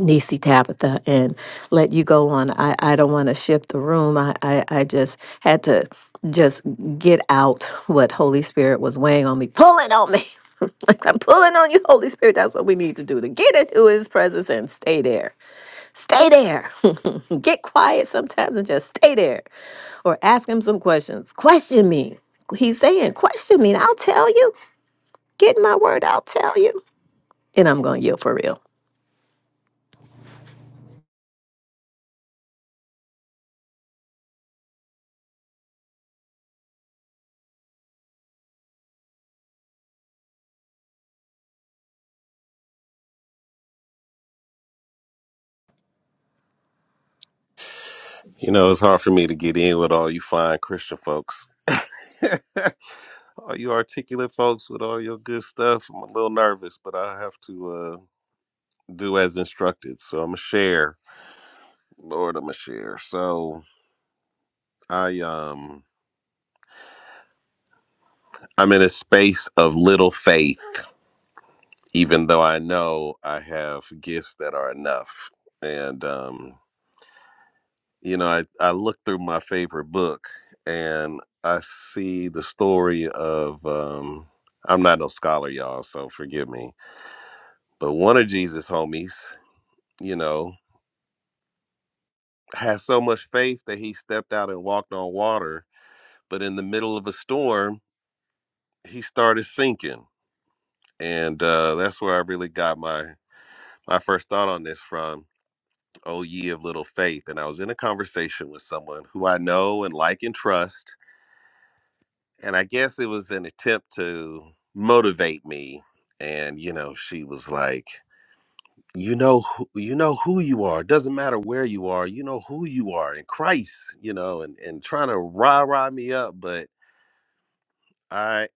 K: Nisi Tabitha and let you go on. I, I don't want to shift the room. I, I, I just had to just get out what Holy Spirit was weighing on me, pulling on me. like I'm pulling on you, Holy Spirit. That's what we need to do to get into his presence and stay there. Stay there. get quiet sometimes and just stay there. Or ask him some questions. Question me. He's saying, question me. and I'll tell you. Get my word, I'll tell you. And I'm gonna yield for
L: You know, it's hard for me to get in with all you fine Christian folks. all you articulate folks with all your good stuff. I'm a little nervous, but I have to uh, do as instructed. So I'm gonna share. Lord, I'm gonna share. So I um I'm in a space of little faith, even though I know I have gifts that are enough. And um you know, I, I looked through my favorite book and I see the story of, um, I'm not no scholar, y'all, so forgive me, but one of Jesus' homies, you know, has so much faith that he stepped out and walked on water, but in the middle of a storm, he started sinking. And uh, that's where I really got my, my first thought on this from, Oh, ye of little faith. And I was in a conversation with someone who I know and like and trust and I guess it was an attempt to motivate me. And you know, she was like, "You know, who, you know who you are. It doesn't matter where you are. You know who you are in Christ. You know, and and trying to rah rah me up, but I."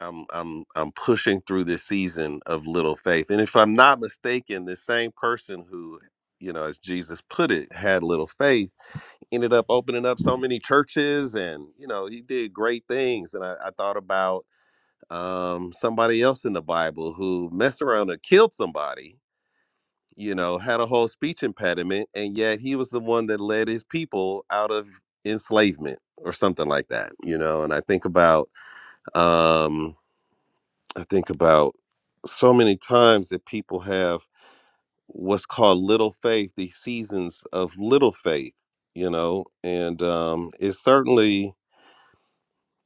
L: I'm I'm I'm pushing through this season of little faith, and if I'm not mistaken, the same person who, you know, as Jesus put it, had little faith, ended up opening up so many churches, and you know, he did great things. And I, I thought about um, somebody else in the Bible who messed around and killed somebody, you know, had a whole speech impediment, and yet he was the one that led his people out of enslavement or something like that, you know. And I think about, um, I think about so many times that people have what's called little faith, these seasons of little faith, you know, and um, it's certainly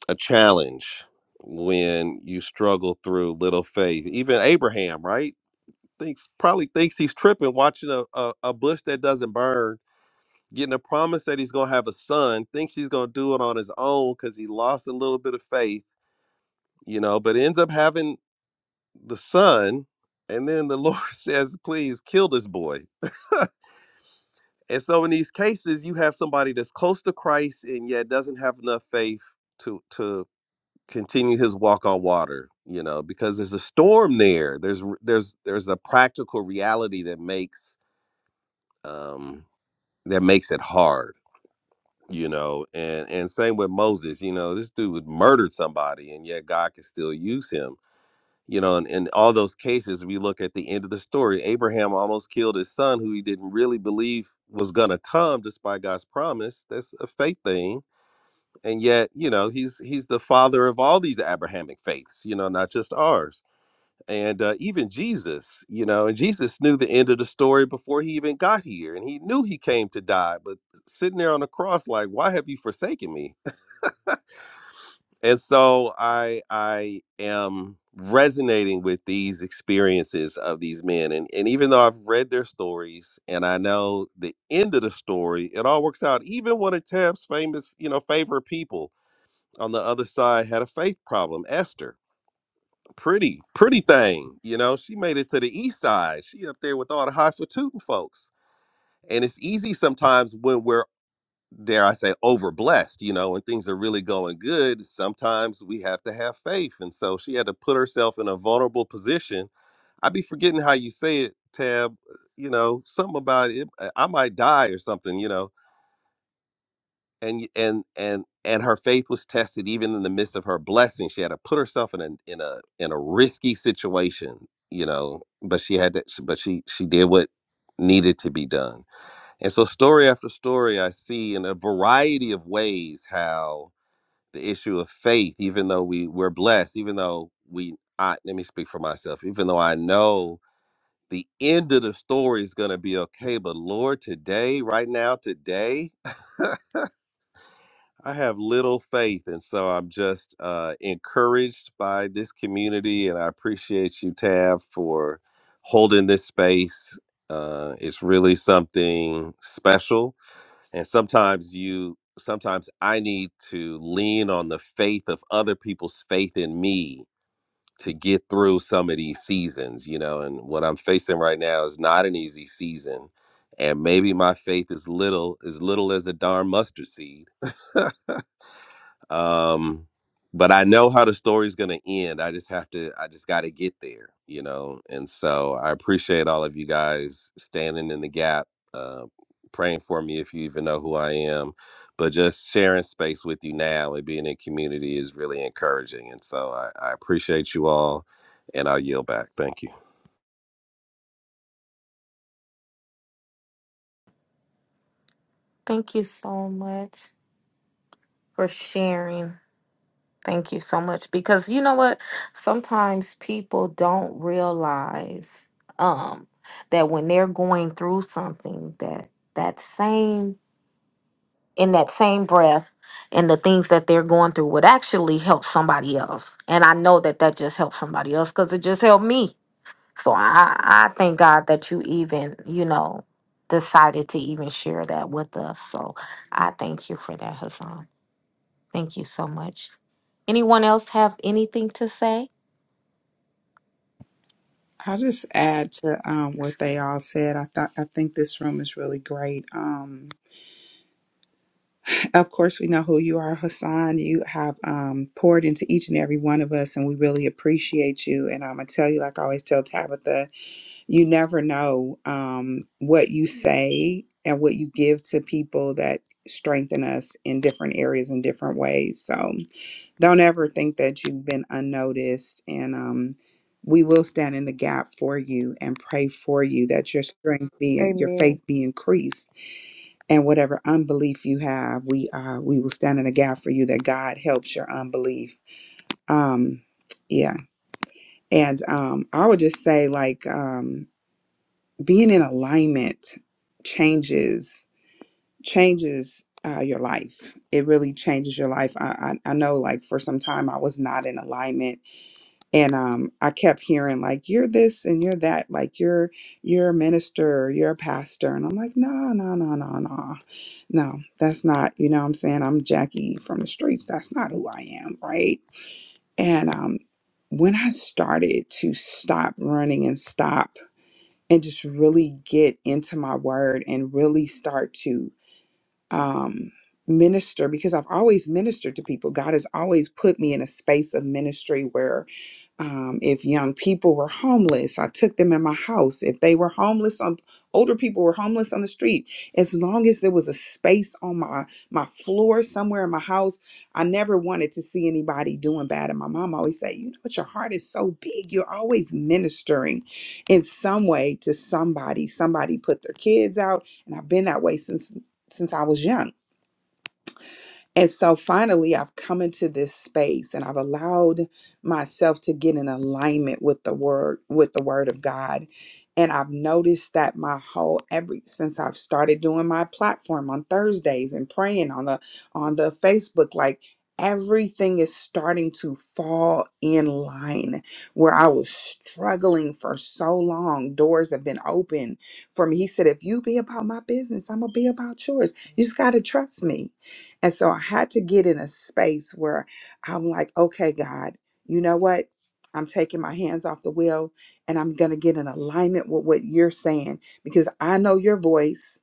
L: a challenge when you struggle through little faith. Even Abraham, right? thinks probably thinks he's tripping watching a, a, a bush that doesn't burn getting a promise that he's going to have a son thinks he's going to do it on his own because he lost a little bit of faith you know but ends up having the son and then the lord says please kill this boy and so in these cases you have somebody that's close to christ and yet doesn't have enough faith to to continue his walk on water you know because there's a storm there there's r- there's there's a practical reality that makes um that makes it hard you know and and same with moses you know this dude murdered somebody and yet god can still use him you know and in all those cases we look at the end of the story abraham almost killed his son who he didn't really believe was going to come despite god's promise that's a faith thing and yet you know he's he's the father of all these abrahamic faiths you know not just ours and uh, even Jesus, you know, and Jesus knew the end of the story before he even got here, and he knew he came to die, but sitting there on the cross, like, why have you forsaken me? And so I I am resonating with these experiences of these men, and and even though I've read their stories and I know the end of the story, it all works out. Even one of Tab's famous, you know, favorite people on the other side had a faith problem, Esther pretty, pretty thing. You know, she made it to the east side. She up there with all the high fatootin' folks. And it's easy sometimes when we're, dare I say, overblessed, you know, when things are really going good. Sometimes we have to have faith. And so she had to put herself in a vulnerable position. i be forgetting how you say it, Tab. uh, You know, something about it. I might die or something, you know and and and and her faith was tested even in the midst of her blessing she had to put herself in a in a in a risky situation you know but she had to but she she did what needed to be done and so story after story i see in a variety of ways how the issue of faith even though we we're blessed even though we i let me speak for myself even though i know the end of the story is going to be okay but lord today right now today I have little faith, and so I'm just uh, encouraged by this community, and I appreciate you, Tab, for holding this space. Uh, it's really something special, and sometimes you, sometimes I need to lean on the faith of other people's faith in me to get through some of these seasons, you know. And what I'm facing right now is not an easy season, and maybe my faith is little, as little as a darn mustard seed. um but i know how the story's going to end i just have to i just got to get there you know and so i appreciate all of you guys standing in the gap uh praying for me if you even know who i am but just sharing space with you now and being in community is really encouraging and so i, I appreciate you all and i'll yield back thank you
B: Thank you so much for sharing. Thank you so much because you know what? Sometimes people don't realize um that when they're going through something that that same in that same breath and the things that they're going through would actually help somebody else. And I know that that just helped somebody else cuz it just helped me. So I I thank God that you even, you know, decided to even share that with us. So I thank you for that, Hassan. Thank you so much. Anyone else have anything to say?
D: I'll just add to um, what they all said. I thought I think this room is really great. Um, of course, we know who you are, Hassan. You have um, poured into each and every one of us, and we really appreciate you. And I'm gonna tell you, like I always tell Tabitha, you never know um, what you say and what you give to people that strengthen us in different areas in different ways. So. don't ever think that you've been unnoticed and um we will stand in the gap for you and pray for you that your strength be your
E: Amen.
D: faith be increased and whatever unbelief you have we uh we will stand in the gap for you that god helps your unbelief um yeah and um i would just say like um being in alignment changes changes uh, your life it really changes your life I, I i know like for some time i was not in alignment and um, I kept hearing like you're this and you're that, like you're you're a minister, or you're a pastor, and I'm like, no, no, no, no, no, no, that's not. You know, what I'm saying I'm Jackie from the streets. That's not who I am, right? And um, when I started to stop running and stop and just really get into my word and really start to um, minister, because I've always ministered to people. God has always put me in a space of ministry where um, if young people were homeless i took them in my house if they were homeless on older people were homeless on the street as long as there was a space on my my floor somewhere in my house i never wanted to see anybody doing bad and my mom always say you know what your heart is so big you're always ministering in some way to somebody somebody put their kids out and i've been that way since since i was young and so finally, I've come into this space and I've allowed myself to get in alignment with the word, with the word of God. And I've noticed that my whole every since I've started doing my platform on Thursdays and praying on the on the Facebook, like everything is starting to fall in line where I was struggling for so long. Doors have been open for me. He said, if you be about my business, I'm gonna be about yours. You just gotta trust me. And so I had to get in a space where I'm like, okay, God, you know what? I'm taking my hands off the wheel and I'm going to get in alignment with what you're saying because I know your voice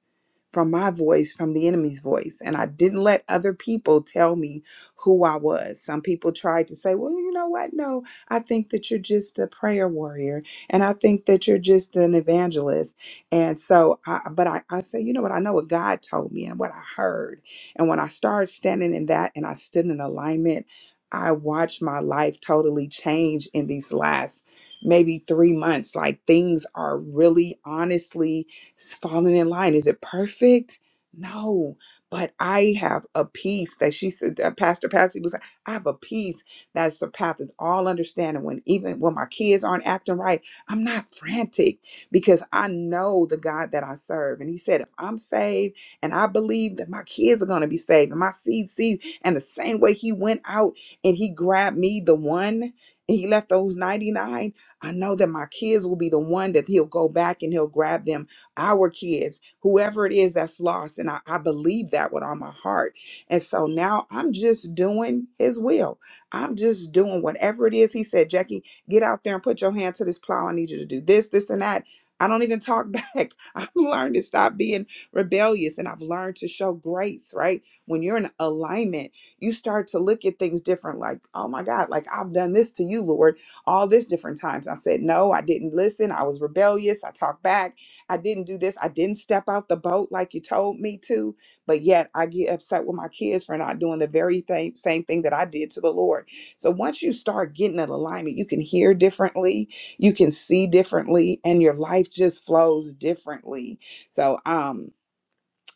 D: from my voice, from the enemy's voice. And I didn't let other people tell me who I was. Some people tried to say, well, you know what? No, I think that you're just a prayer warrior. And I think that you're just an evangelist. And so, I, but I, I say, you know what? I know what God told me and what I heard and when I started standing in that and I stood in alignment, I watched my life totally change in these last maybe three months. Like things are really honestly falling in line. Is it perfect? No, but I have a peace that she said, that Pastor Patsy was, like, I have a peace that surpasses all understanding. When even when my kids aren't acting right, I'm not frantic because I know the God that I serve. And he said, if I'm saved, and I believe that my kids are going to be saved and my seed, seed. And the same way he went out and he grabbed me, the one, and he left those 99, I know that my kids will be the one that he'll go back and he'll grab them, our kids, whoever it is that's lost. And I, I believe that with all my heart. And so now I'm just doing his will. I'm just doing whatever it is. He said, Jackie, get out there and put your hand to this plow. I need you to do this, this, and that. I don't even talk back. I've learned to stop being rebellious and I've learned to show grace, right? When you're in alignment, you start to look at things different like, oh my God, like I've done this to you, Lord, all this different times. I said, no, I didn't listen. I was rebellious. I talked back. I didn't do this. I didn't step out the boat like you told me to. But yet I get upset with my kids for not doing the very thing, same thing that I did to the Lord. So once you start getting in alignment, you can hear differently, you can see differently, and your life just flows differently. So, um,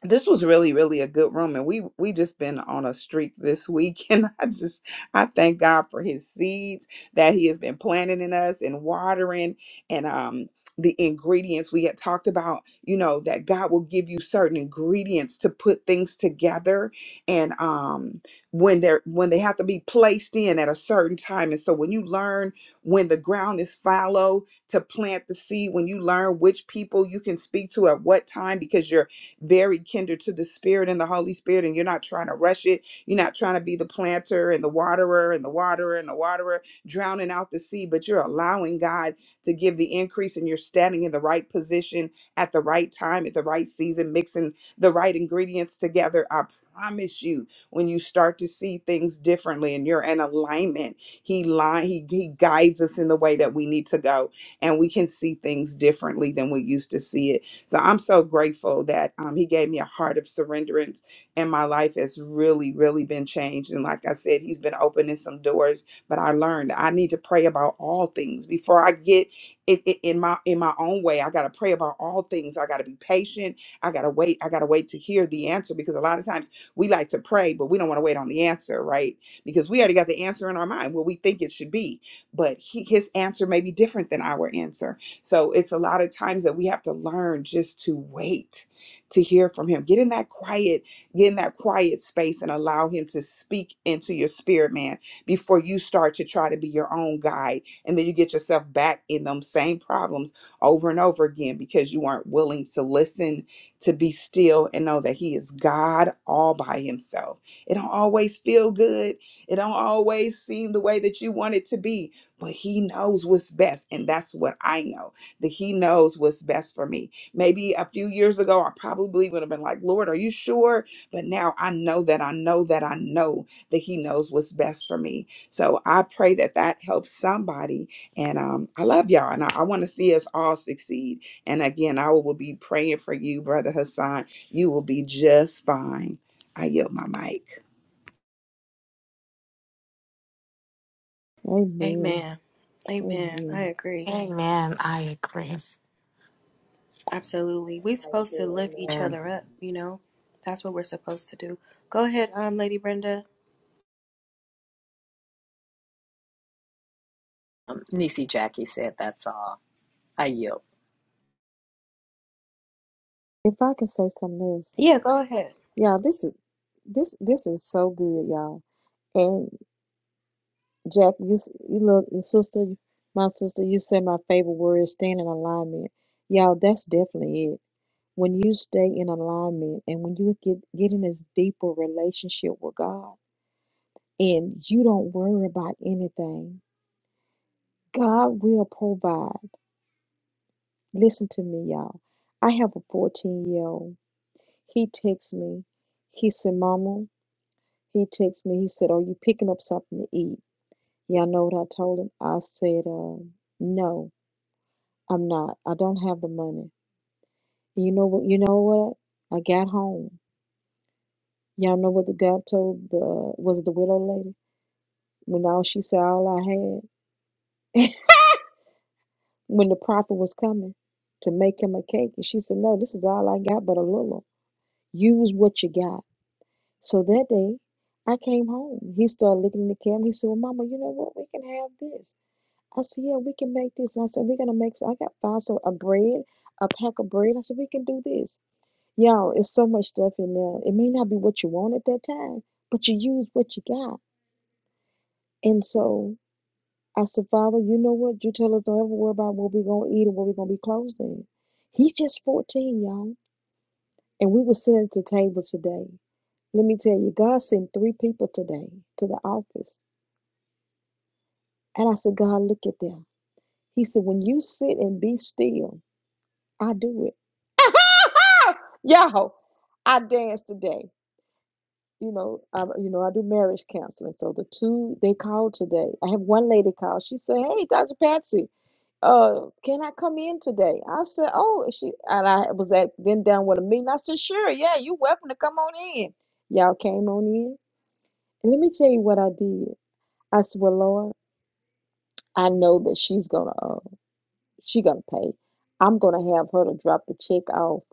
D: this was really really a good room and we we just been on a streak this week and i just i thank god for his seeds that he has been planting in us and watering and um the ingredients we had talked about you know that god will give you certain ingredients to put things together and um when they're when they have to be placed in at a certain time and so when you learn when the ground is fallow to plant the seed when you learn which people you can speak to at what time because you're very kinder to the Spirit and the Holy Spirit, and you're not trying to rush it. You're not trying to be the planter and the waterer and the waterer and the waterer drowning out the sea, but you're allowing God to give the increase, and you're standing in the right position at the right time, at the right season, mixing the right ingredients together. I promise you, when you start to see things differently and you're in alignment, He line He He guides us in the way that we need to go, and we can see things differently than we used to see it. So I'm so grateful that um, he gave me a heart of surrenderance, and my life has really, really been changed. And like I said, he's been opening some doors. But I learned I need to pray about all things before I get it, it in my in my own way. I got to pray about all things. I got to be patient. I got to wait. I got to wait to hear the answer because a lot of times we like to pray, but we don't want to wait on the answer, right? Because we already got the answer in our mind, what we think it should be. But he, his answer may be different than our answer. So it's a lot of times that we have to learn just to wait to hear from him. Get in that quiet, get in that quiet space and allow him to speak into your spirit, man, before you start to try to be your own guide. And then you get yourself back in them same problems over and over again because you aren't willing to listen, to be still and know that he is God all by himself. It don't always feel good. It don't always seem the way that you want it to be, but he knows what's best. And that's what I know that he knows what's best for me. Maybe a few years ago, I probably would have been like, Lord, are you sure? But now I know that I know that I know that he knows what's best for me. So I pray that that helps somebody. And um, I love y'all. And I, I want to see us all succeed. And again, I will be praying for you, Brother Hassan. You will be just fine. I yield my mic.
E: Amen.
A: Amen. Amen. I
E: Amen.
A: agree.
B: Amen. I agree.
A: Absolutely. We're supposed to lift each
K: real.
A: other up, you know? That's what we're supposed to do. Go ahead, um, Lady Brenda.
K: Um, Niecy Jackie said that's all. I yield.
E: If I can say something else,
A: Yeah, go ahead.
E: Yeah, this is this this is so good, y'all. And Jack, you s- you look, your sister, my sister, you said my favorite word is staying in alignment. Y'all, that's definitely it. When you stay in alignment and when you get get in this deeper relationship with God and you don't worry about anything, God will provide. Listen to me, y'all. I have a 14 year old he texts me. He said, Mama, he texts me. He said, Are you picking up something to eat? Y'all know what I told him? I said, um, no, I'm not. I don't have the money. you know what? You know what? I got home. Y'all know what the God told the was it the widow lady when all she said all I had when the prophet was coming to make him a cake and she said no this is all I got but a little use what you got so that day I came home he started looking in the camera he said well mama you know what we can have this I said, yeah, we can make this. I said, we're gonna make. I got five so a bread, a pack of bread. I said, we can do this. Y'all, it's so much stuff in there. It may not be what you want at that time, but you use what you got. And so I said, Father, you know what? You tell us don't ever worry about what we're gonna eat or what we're gonna be clothed in. He's just 14, y'all. And we were sitting at the table today. Let me tell you, God sent three people today to the office. And I said, God, look at them. He said, when you sit and be still. I do it. Y'all, I danced today. You know, I, you know, I do marriage counseling. So the two they called today. I have one lady call. She said, "Hey, Dr. Patsy, uh, can I come in today?" I said, "Oh," and she and I was at then down with a meeting. I said, "Sure, yeah, you're welcome to come on in." Y'all came on in, and let me tell you what I did. I said, "Well, Lord, I know that she's gonna, uh, she gonna pay. I'm gonna have her to drop the check off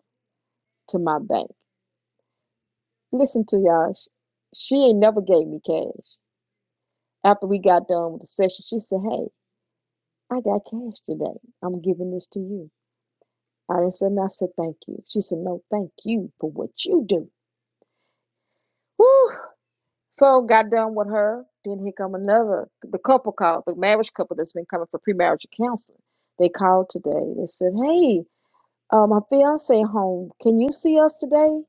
E: to my bank." Listen to y'all. Sh- She ain't never gave me cash. After we got done with the session, she said, Hey, I got cash today. I'm giving this to you. I didn't say, no, I said, Thank you. She said, No, thank you for what you do. Whew. So got done with her. Then here come another, the couple called, the marriage couple that's been coming for premarital counseling. They called today. They said, Hey, uh, my fiance home. Can you see us today?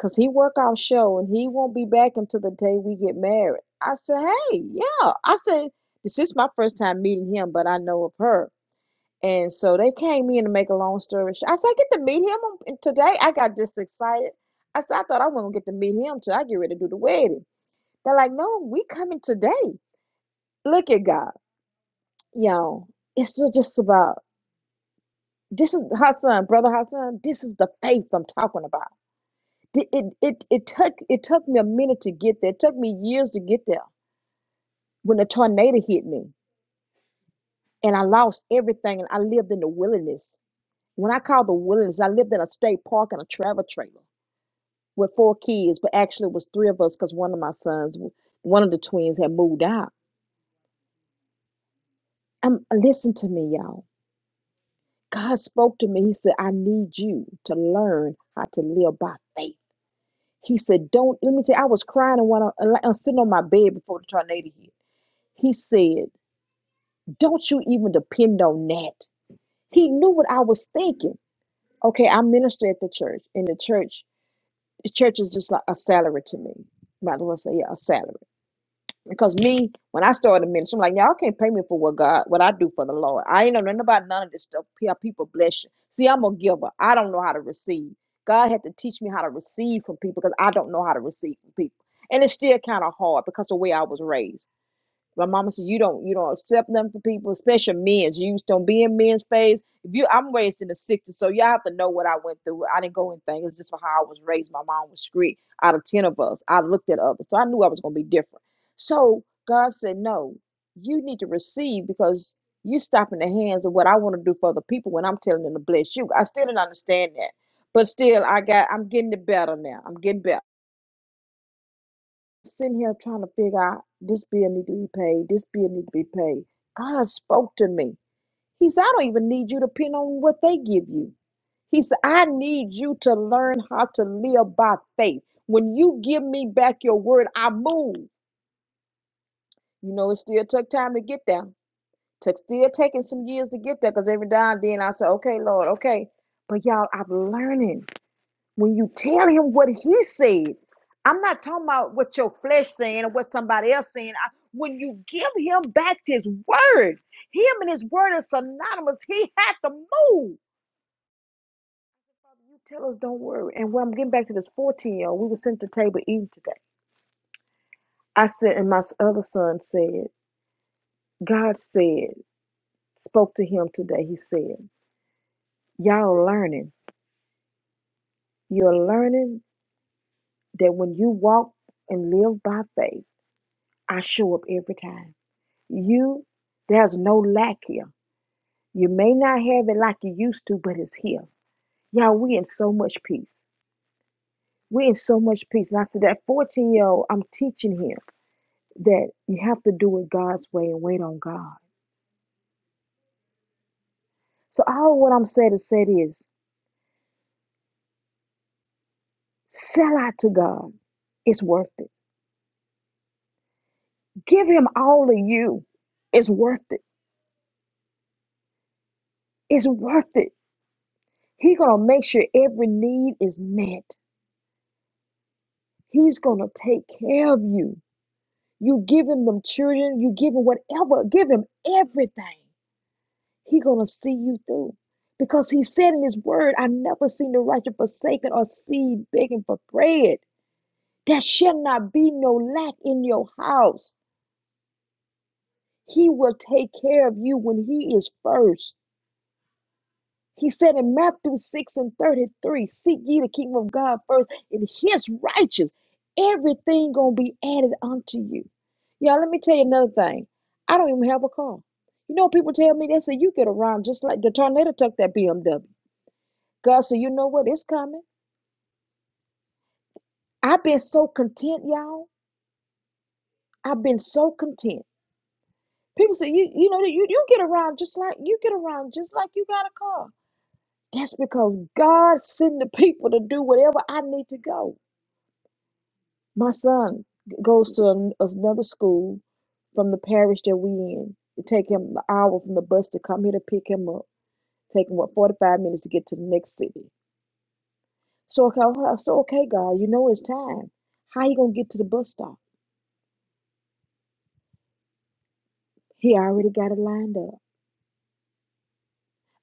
E: Cause he work our show and he won't be back until the day we get married. I said, Hey, yeah. I said, This is my first time meeting him, but I know of her. And so they came in to make a long story short. I said, I get to meet him on- today. I got just excited. I said, I thought I wasn't gonna get to meet him till I get ready to do the wedding. They're like, No, we coming today. Look at God. Y'all, it's ju- just about this is Hassan, brother Hassan. This is the faith I'm talking about Th- It, it, it, took, it took me a minute to get there. It took me years to get there when the tornado hit me and I lost everything and I lived in the wilderness. When I call the wilderness, I lived in a state park in a travel trailer with four kids, but actually it was three of us because one of my sons, one of the twins had moved out. Um, listen to me, y'all. God spoke to me. He said, I need you to learn how to live by faith. He said, Don't let me tell you, I was crying and when I, I was sitting on my bed before the tornado hit. He said, Don't you even depend on that. He knew what I was thinking. Okay, I minister at the church, and the church, the church is just like a salary to me. Might as well say, yeah, a salary. Because me, when I started ministry, I'm like, y'all can't pay me for what God, what I do for the Lord. I ain't know nothing about none of this stuff. Pe- People bless you. See, I'm a giver. I don't know how to receive. God had to teach me how to receive from people because I don't know how to receive from people. And it's still kind of hard because of the way I was raised. My mama said you don't you don't accept nothing for people, especially men's. You don't be in men's phase. If you I'm raised in the sixties, so y'all have to know what I went through. I didn't go anything. It's just for how I was raised. My mom was strict. Out of ten of us, I looked at others. So I knew I was gonna be different. So God said, No, you need to receive because you stop in the hands of what I want to do for other people when I'm telling them to bless you. I still didn't understand that. But still I got I'm getting it better now. I'm getting better sitting here trying to figure out this bill need to be paid, this bill need to be paid. God spoke to me. He said, I don't even need you to pin on what they give you. He said, I need you to learn how to live by faith. When you give me back your word, I move. You know, it still took time to get there. Took still taking some years to get there because every now and then I said, okay, Lord, okay. But y'all, I'm learning. When you tell him what he said, I'm not talking about what your flesh saying or what somebody else saying. I, when you give him back his word, him and his word is synonymous. He had to move. You tell us, don't worry. And when I'm getting back to this 14 year old, we were sitting at the table eating today. I said, and my other son said, God said, spoke to him today. He said, Y'all learning. You're learning that when you walk and live by faith, I show up every time. You, there's no lack here. You may not have it like you used to, but it's here. Y'all, we in so much peace. We in so much peace. And I said that 14 year old, I'm teaching him that you have to do it God's way and wait on God. So all what I'm saying to say is sell out to God. It's worth it. Give him all of you. It's worth it. It's worth it. He gonna make sure every need is met. He's gonna take care of you. You give him them children, you give him whatever, give him everything. He gonna see you through. Because he said in his word, I never seen the righteous forsaken or seed begging for bread. There shall not be no lack in your house. He will take care of you when he is first. He said in Matthew 6 and 33, seek ye the kingdom of God first and his righteous. Everything gonna be added unto you. Y'all, let me tell you another thing. I don't even have a car. You know, people tell me, they say, you get around just like the tornado took that BMW. God said, you know what? It's coming. I've been so content, y'all. I've been so content. People say, you, you know, you, you get around just like you get around just like you got a car. That's because God sent the people to do whatever I need to go. My son g- goes to an, another school from the parish that we in. It take him an hour from the bus to come here to pick him up. Take what forty five minutes to get to the next city. So okay, uh, so okay, God, you know it's time. How you gonna get to the bus stop? He already got it lined up.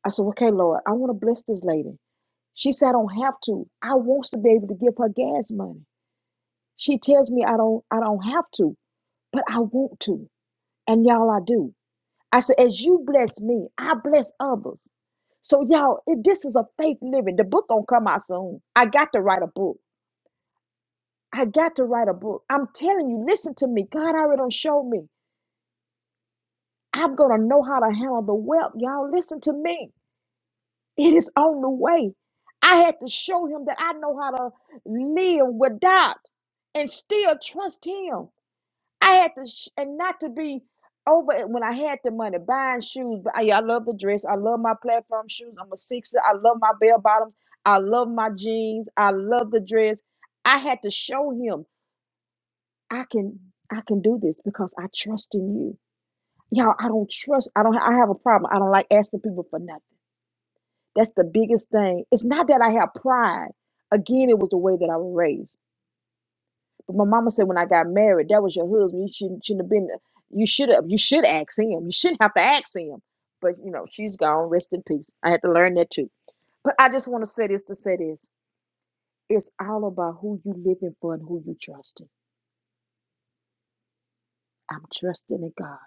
E: I said, okay, Lord, I want to bless this lady. She said I don't have to. I wants to be able to give her gas money. She tells me I don't, I don't have to, but I want to, and y'all, I do. I said, as you bless me, I bless others. So y'all, it, this is a faith living. The book gonna come out soon. I got to write a book. I got to write a book. I'm telling you, listen to me. God already done showed me. I'm gonna know how to handle the wealth. Y'all, listen to me. It is on the way. I had to show him that I know how to live without and still trust him. I had to, sh- and not to be over it when I had the money buying shoes. But I, I love the dress. I love my platform shoes. I'm a sixer. I love my bell bottoms. I love my jeans. I love the dress. I had to show him I can I can do this because I trust in you. Y'all, I don't trust. I don't. I have a problem. I don't like asking people for nothing. That's the biggest thing. It's not that I have pride. Again, it was the way that I was raised. But my mama said when I got married, that was your husband. You shouldn't shouldn't have been. You should have. You should ask him. You shouldn't have to ask him. But you know, she's gone. Rest in peace. I had to learn that too. But I just want to say this to say this. It's all about who you living for and who you trusting. I'm trusting in God.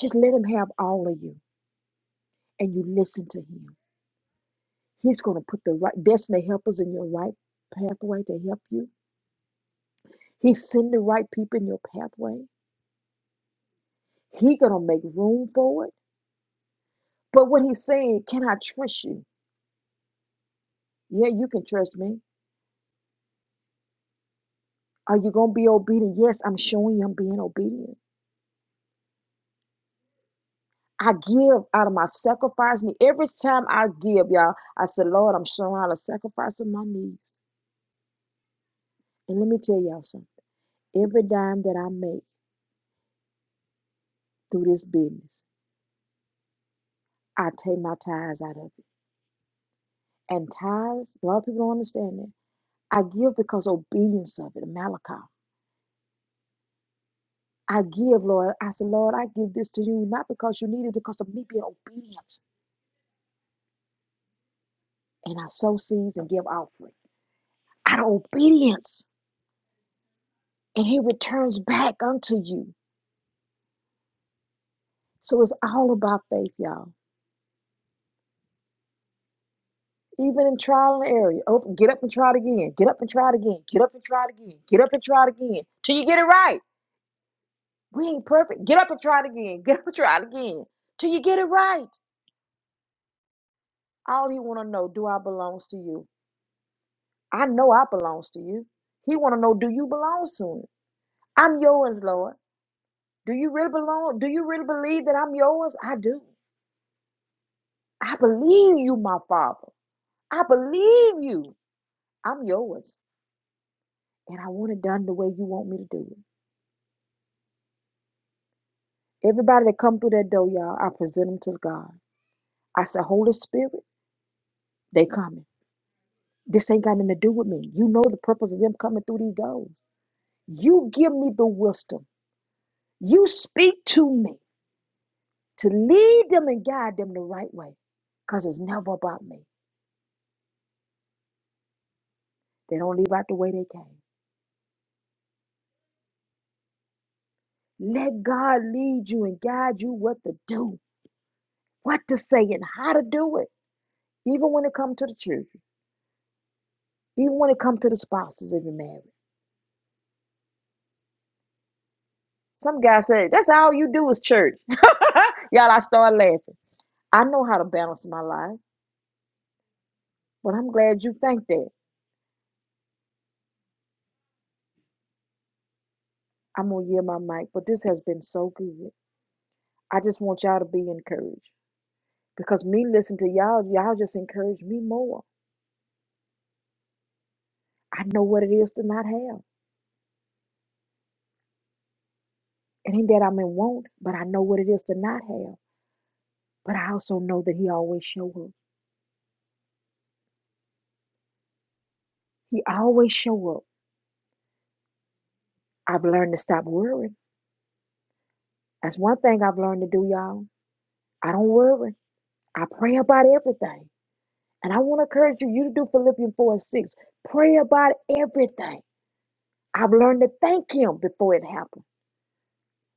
E: Just let Him have all of you, and you listen to Him. He's going to put the right destiny helpers in your right pathway to help you. He's sending the right people in your pathway. He gonna make room for it. But what He's saying, can I trust you? Yeah, you can trust me. Are you going to be obedient? Yes, I'm showing you I'm being obedient. I give out of my sacrifice. And every time I give, y'all, I said, Lord, I'm showing out a sacrifice of my needs. And let me tell y'all something. Every dime that I make through this business, I take my tithes out of it. And tithes, a lot of people don't understand that. I give because obedience of it, Malachi. I give, Lord. I said, Lord, I give this to you, not because you need it, because of me being obedient. And I sow seeds and give offerings. out of obedience, and He returns back unto you. So it's all about faith, y'all. Even in trial and error, open, get up and try it again. Get up and try it again. Get up and try it again. Get up and try it again till you get it right. We ain't perfect. Get up and try it again. Get up and try it again till you get it right. All He want to know, do I belongs to you? I know I belongs to you. He want to know, do you belong to me? I'm yours, Lord. Do you really belong? Do you really believe that I'm yours? I do. I believe you, my Father. I believe you. I'm yours. And I want it done the way you want me to do it. Everybody that come through that door, y'all, I present them to God. I say, Holy Spirit, they coming. This ain't got nothing to do with me. You know the purpose of them coming through these doors. You give me the wisdom. You speak to me to lead them and guide them the right way. Because it's never about me. They don't leave out the way they came. Let God lead you and guide you what to do, what to say, and how to do it, even when it comes to the church. Even when it comes to the spouses if you're married. Some guy said, that's all you do is church. Y'all, I start laughing. I know how to balance my life, but I'm glad you think that. I'm gonna yield my mic, but this has been so good. I just want y'all to be encouraged. Because me listening to y'all, y'all just encourage me more. I know what it is to not have. It ain't that I'm in want, but I know what it is to not have. But I also know that he always show up. He always show up. I've learned to stop worrying. That's one thing I've learned to do, y'all. I don't worry. I pray about everything. And I want to encourage you, you to do Philippians 4 and 6. Pray about everything. I've learned to thank Him before it happened.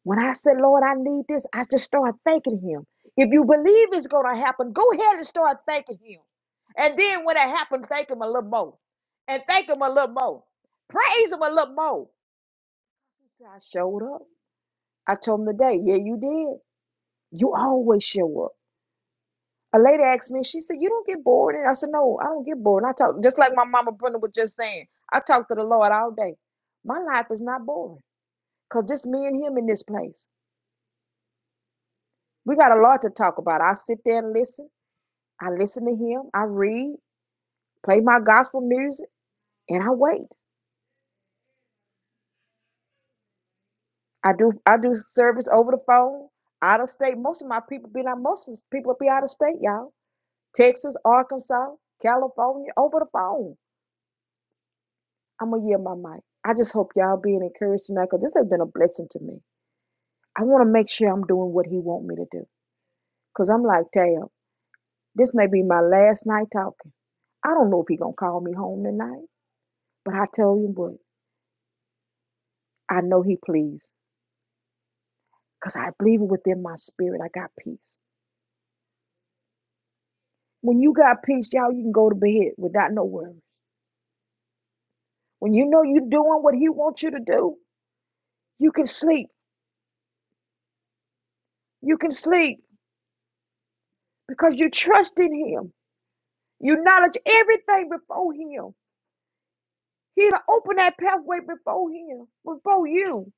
E: When I said, Lord, I need this, I just start thanking Him. If you believe it's going to happen, go ahead and start thanking Him. And then when it happens, thank Him a little more. And thank Him a little more. Praise Him a little more. He said, I showed up. I told Him today, yeah, you did. You always show up. a lady asked me, she said, You don't get bored. And I said, No, I don't get bored. And I talk just like my mama Brenda was just saying, I talk to the Lord all day. My life is not boring because just me and him in this place. We got a lot to talk about. I sit there and listen. I listen to him. I read, play my gospel music, and I wait. I do I do service over the phone, out of state. Most of my people be not most of people be out of state, y'all. Texas, Arkansas, California, over the phone. I'm gonna yield my mic. I just hope y'all being encouraged tonight, cause this has been a blessing to me. I want to make sure I'm doing what He want me to do, cause I'm like, damn, this may be my last night talking. I don't know if He gonna call me home tonight, but I tell you what, I know He pleased, cause I believe within my spirit. I got peace. When you got peace, y'all, you can go to bed without no worry. When you know you're doing what He wants you to do, you can sleep. You can sleep because you trust in Him. You knowledge everything before Him. He'll open that pathway before him, before you.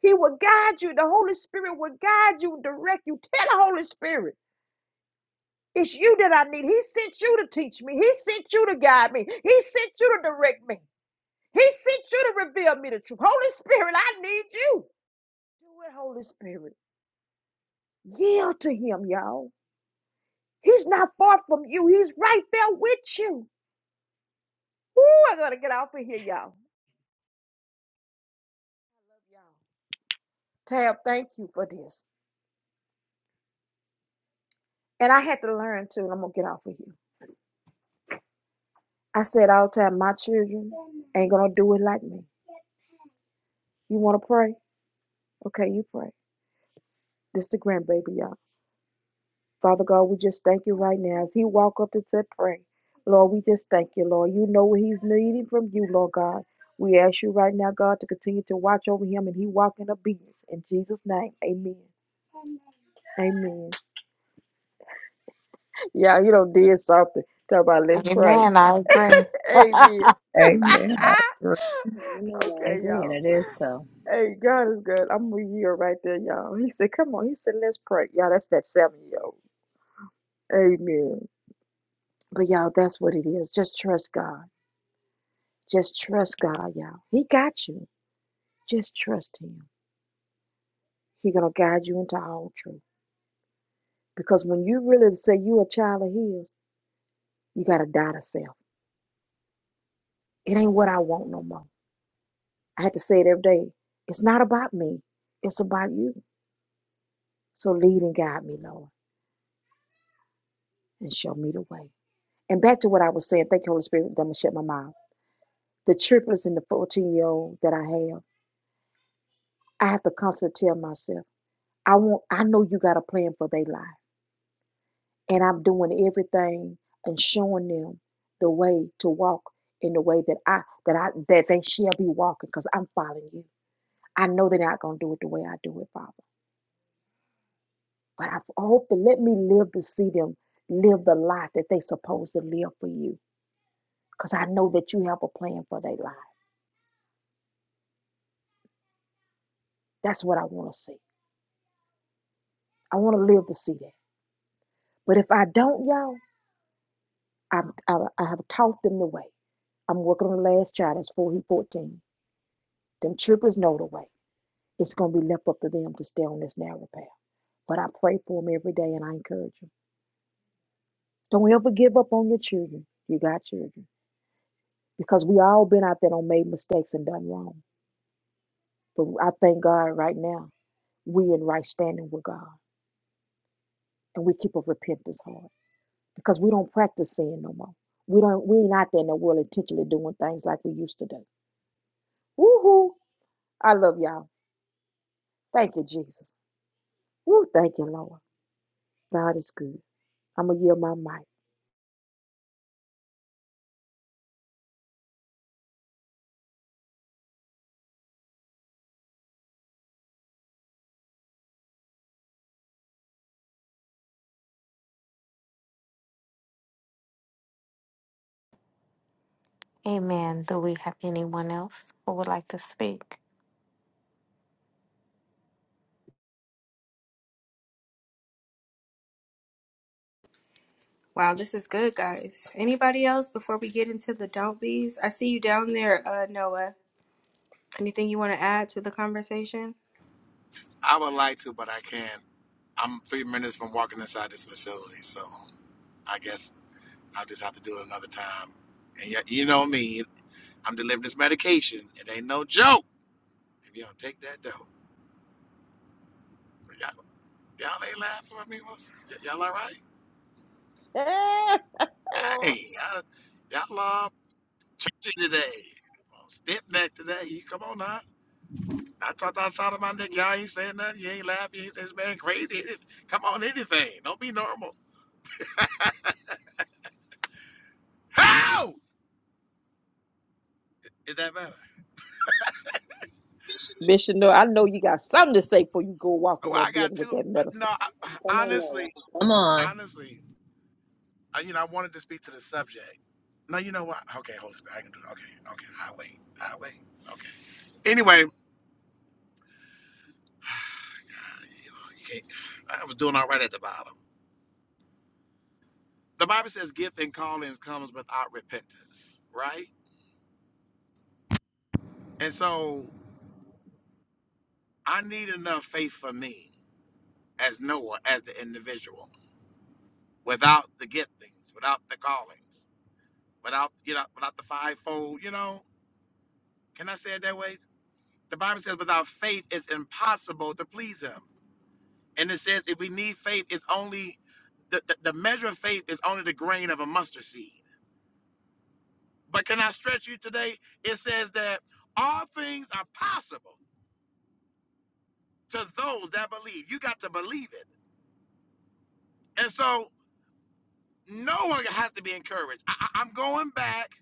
E: He will guide you. The Holy Spirit will guide you, direct you. Tell the Holy Spirit, it's you that I need. He sent you to teach me. He sent you to guide me. He sent you to direct me. He sent you to reveal me the truth. Holy Spirit, I need you. Do it, Holy Spirit. Yield to him, y'all. He's not far from you. He's right there with you. Ooh, I gotta get off of here, y'all. Tab, thank you for this. And I had to learn too, and I'm gonna get off of here. I said all the time, my children ain't gonna do it like me. You wanna pray? Okay, you pray. This the grandbaby, y'all. Father God, we just thank you right now. As he walk up and said, pray. Lord, we just thank you, Lord. You know what he's needing from you, Lord God. We ask you right now, God, to continue to watch over him and he walk in obedience. In Jesus' name, amen. Amen. Yeah, you done did something. Talk about let's pray.
B: Amen. I agree.
E: Amen.
D: Amen.
K: And
E: okay, y'all.
K: So
E: Hey, God is good. I'm with you right there, y'all. He said, Come on. He said, Let's pray. Y'all, that's that seven year old. Amen. But, y'all, that's what it is. Just trust God. Just trust God, y'all. He got you. Just trust Him. He going to guide you into all truth. Because when you really say you a child of His, you got to die to self. It ain't what I want no more. I had to say it every day. It's not about me, it's about you. So, lead and guide me, Lord, and show me the way. And back to what I was saying. Thank you, Holy Spirit. I'm going to shut my mouth the triplets and the 14 year old that I have, I have to constantly tell myself, I want I know you got a plan for their life. And I'm doing everything and showing them the way to walk in the way that I that I that they shall be walking because I'm following you. I know they're not gonna do it the way I do it, Father. But I hope to let me live to see them live the life that they supposed to live for you. Because I know that you have a plan for their life. That's what I want to see. I want to live to see that. But if I don't, y'all, I've, I, I have taught them the way. I'm working on the last child. That's 4, he 14. Them troopers know the way. It's going to be left up to them to stay on this narrow path. But I pray for them every day and I encourage them. Don't ever give up on your children. You got children. Because we all been out there and made mistakes and done wrong. But I thank God right now, we in right standing with God. And we keep a repentance heart. Because we don't practice sin no more. We don't we ain't out there in the world intentionally doing things like we used to do. Woohoo! I love y'all. Thank you, Jesus. Woo, thank you, Lord. God is good. I'm going to yield my mic.
B: Amen. Do we have anyone else who would like to speak?
A: Wow, this is good, guys. Anybody else before we get into the don't be's? I see you down there, uh, Noah. Anything you want to add to the conversation?
M: I would like to, but I can't. I'm three minutes from walking inside this facility, so I guess I'll just have to do it another time. And yet, you know me, I'm delivering this medication. It ain't no joke. If you don't take that dope, y'all, y'all ain't laughing at me. What's, y- y'all all right? Hey, I, y'all are churchy today. Step back today. You come on now. I talked outside of my neck. Y'all ain't saying nothing. You ain't laughing. You ain't saying this man crazy. It is- Come on, anything. Don't be normal. How is that better?
E: Bishop, Noel, I know you got something to say before you go walk
M: Oh,
E: in
M: I
E: that
M: got
E: building with
M: two.
E: that
M: I- No,
E: medicine.
M: I, honestly,
K: come on.
M: honestly, I, you know, I wanted to speak to the subject. No, you know what? Okay, Holy Spirit, I can do it. Okay, okay, I'll wait. I'll wait. Okay. Anyway, uh, you know, you can't, I was doing all right at the bottom. The Bible says gift and callings comes without repentance, right? And so I need enough faith for me as Noah, as the individual, without the giftings, without the callings, without, you know, without the fivefold, you know, can I say it that way? The Bible says, without faith, it's impossible to please him. And it says, if we need faith, it's only the, the, the measure of faith is only the grain of a mustard seed. But can I stretch you today? It says that all things are possible to those that believe. You got to believe it. And so no one has to be encouraged. I, I- I'm going back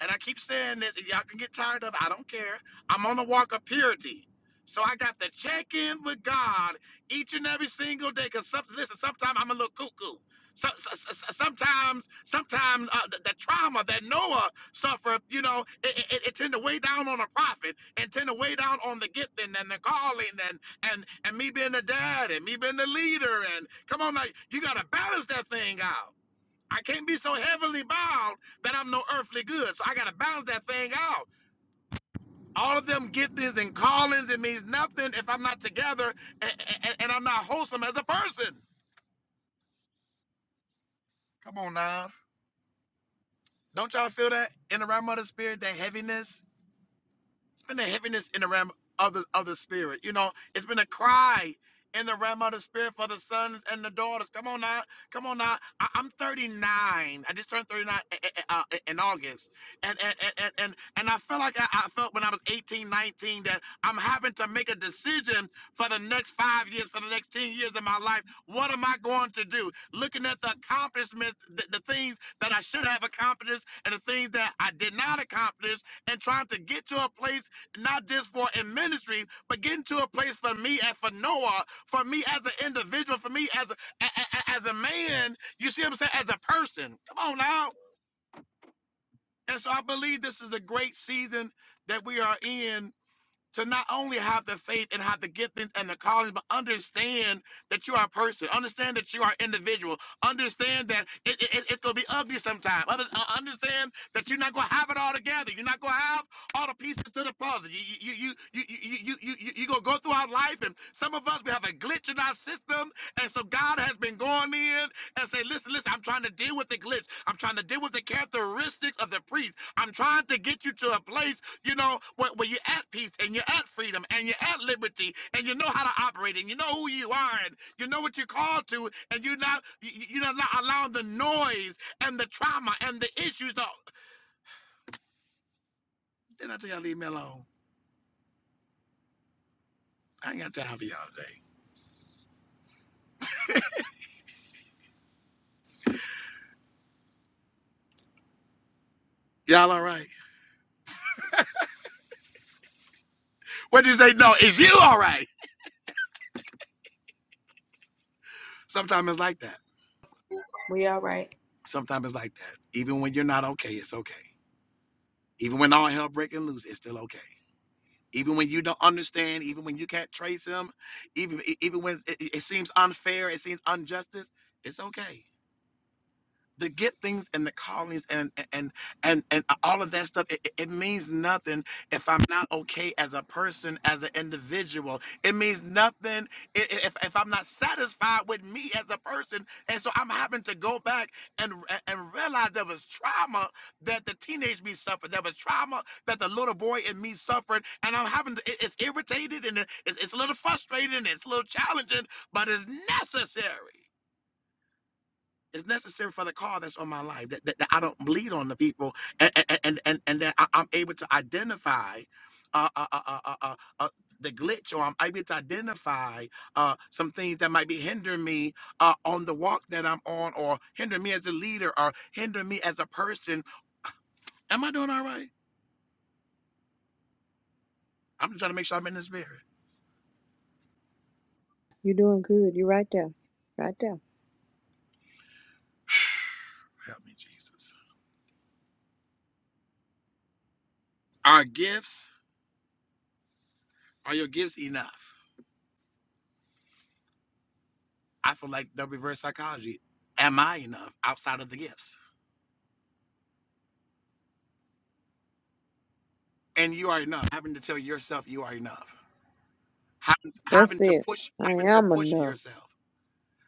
M: and I keep saying this, If y'all can get tired of it, I don't care. I'm on the walk of purity. So I got to check in with God each and every single day. Cause some, listen, sometimes I'm a little cuckoo. So, so- so- so- sometimes, sometimes uh, the, the trauma that Noah suffered, you know, it, it, it tend to weigh down on a prophet and tend to weigh down on the gifting and the calling and and and me being the dad and me being the leader and come on, like you got to balance that thing out. I can't be so heavenly bound that I'm no earthly good. So I got to balance that thing out. All of them giftings and callings, it means nothing if I'm not together and, and, and I'm not wholesome as a person. Come on now. Don't y'all feel that in the realm of the spirit, that heaviness? It's been a heaviness in the realm of the, of the spirit. You know, it's been a cry in the realm of the spirit for the sons and the daughters. Come on now. Come on now. I, I'm 39. I just turned 39 eh, eh, eh, uh, in August. And and, and, and, and I felt like I, I felt when I was 18, 19 that I'm having to make a decision for the next five years, for the next 10 years of my life. What am I going to do? Looking at the accomplishments, the, the things that I should have accomplished and the things that I did not accomplish, and trying to get to a place not just for in ministry, but getting to a place for me and for Noah, for me as an individual, for me as a, a, a- as a man. You see what I'm saying? As a person. Come on now. And so I believe this is a great season that we are in to not only have the faith and have the giftings and the callings, but understand that you are a person. Understand that you are individual. Understand that it, it- it's going to be ugly sometimes. Understand that you're not going to have it all together. You're not going to have all the pieces to the puzzle. You you you you you you you you you going to go through our life, and some of us we have a glitch in our system, and so God has been going in and say, listen, listen, I'm trying to deal with the glitch. I'm trying to deal with the characteristics of the priest. I'm trying to get you to a place, you know, where, where you're at peace and you're at freedom and you're at liberty and you know how to operate and you know who you are and you know what you're called to and you're not, you- you're not allowing the noise and the trauma and the issues to. Then I tell y'all, leave me alone. I ain't got time for y'all today. Y'all all right? What'd you say? No, is you all right? Sometimes it's like that.
A: We all right.
M: Sometimes it's like that. Even when you're not okay, it's okay. Even when all hell breaking loose, it's still okay. Even when you don't understand, even when you can't trace him, even e- even when it it seems unfair, it seems injustice, it's okay the giftings and the callings and and and and all of that stuff it, it means nothing if i'm not okay as a person as an individual it means nothing i- i- if, if i'm not satisfied with me as a person and so i'm having to go back and and realize there was trauma that the teenage me suffered there was trauma that the little boy in me suffered and i'm having to it- it's irritated and it- it's, it's a little frustrating and it's a little challenging but it's necessary it's necessary for the call that's on my life that, that, that I don't bleed on the people and and and, and, that I, I'm able to identify uh, uh, uh, uh, uh, uh, uh, the glitch or I'm able to identify uh, some things that might be hindering me uh, on the walk that I'm on or hinder me as a leader or hinder me as a person. Am I doing all right? I'm just trying to make sure I'm in the spirit.
E: You're doing good. You're right there. Right there.
M: Help me, Jesus. Are gifts, are your gifts enough? I feel like the reverse psychology. Am I enough outside of the gifts? and you are enough. Having to tell yourself you are enough. Having,
E: That's
M: having to
E: it.
M: push,
E: I
M: having to
E: am
M: push
E: enough.
M: yourself.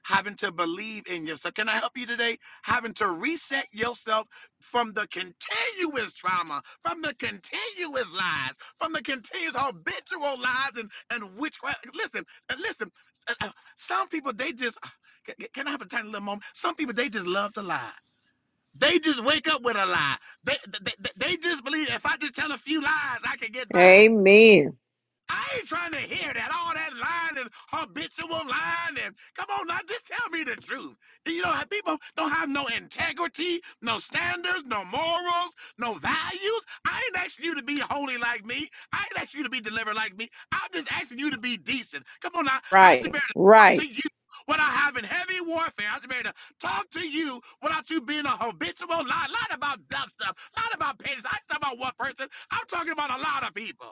M: Having to believe in yourself. Can I help you today? Having to reset yourself from the continuous trauma, from the continuous lies, from the continuous habitual lies and and witchcraft. Listen, uh, listen. uh, uh, Some people they just. Can I have a tiny little moment? Some people they just love to lie. They just wake up with a lie. they, they, they just believe if I just tell a few lies, I can get by.
E: Amen.
M: I ain't trying to hear that. All that lying and habitual lying. And come on now, just tell me the truth. You know, people don't have no integrity, no standards, no morals, no values. I ain't asking you to be holy like me. I ain't asking you to be delivered like me. I'm just asking you to be decent. Come on now. I should
E: Right.
M: be able to
E: Right.
M: talk to you without having heavy warfare. I should be able to talk to you without you being a habitual lie. Lied about dumb stuff. Lied about pennies. I ain't talking about one person. I'm talking about a lot of people.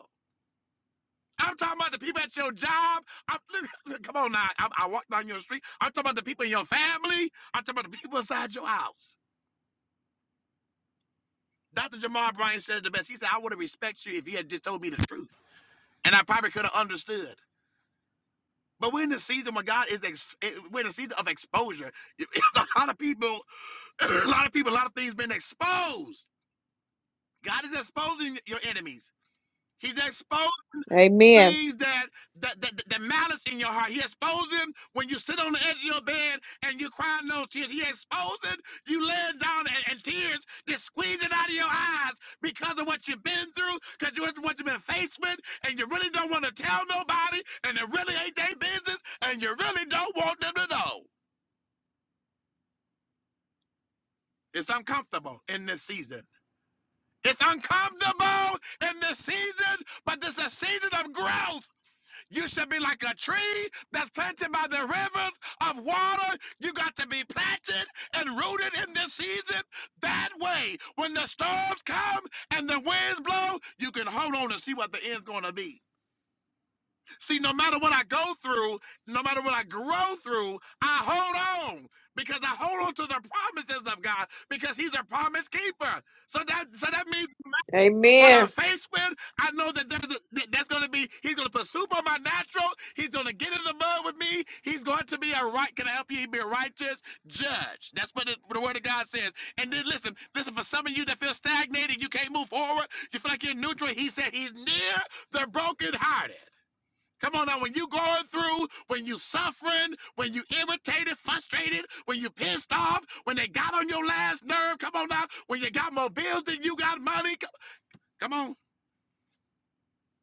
M: I'm talking about the people at your job. I'm, look, look, come on now. I, I walk down your street. I'm talking about the people in your family. I'm talking about the people inside your house. Dr. Jamar Bryan said it the best. He said, I would have respected you if you had just told me the truth. And I probably could have understood. But we're in the season where God is, ex- eh, we're in the season of exposure. a lot of people, a lot of people, a lot of things been exposed. God is exposing your enemies. He's exposing.
E: Amen.
M: things that that, that that malice in your heart. He exposes them when you sit on the edge of your bed and you're crying those tears. He exposes you laying down and, and tears just squeezing out of your eyes because of what you've been through, because you what you've been faced with, and you really don't want to tell nobody, and it really ain't their business, and you really don't want them to know. It's uncomfortable in this season. It's uncomfortable in this season, but this is a season of growth. You should be like a tree that's planted by the rivers of water. You got to be planted and rooted in this season that way. When the storms come and the winds blow, you can hold on and see what the end's going to be. See, no matter what I go through, no matter what I grow through, I hold on because I hold on to the promises of God because He's a promise keeper. So that so that means what I'm
E: Amen.
M: faced with, I know that there's a- that's going to be, he's going to put soup on my natural. He's going to get in the mud with me. He's going to be a right, can I help you? He'd be a righteous judge. That's what the, what the word of God says. And then listen, listen, for some of you that feel stagnated, you can't move forward, you feel like you're neutral. He said he's near the brokenhearted. Come on now, when you going through, when you suffering, when you irritated, frustrated, when you pissed off, when they got on your last nerve, come on now, when you got more bills than you got money, Come come, on.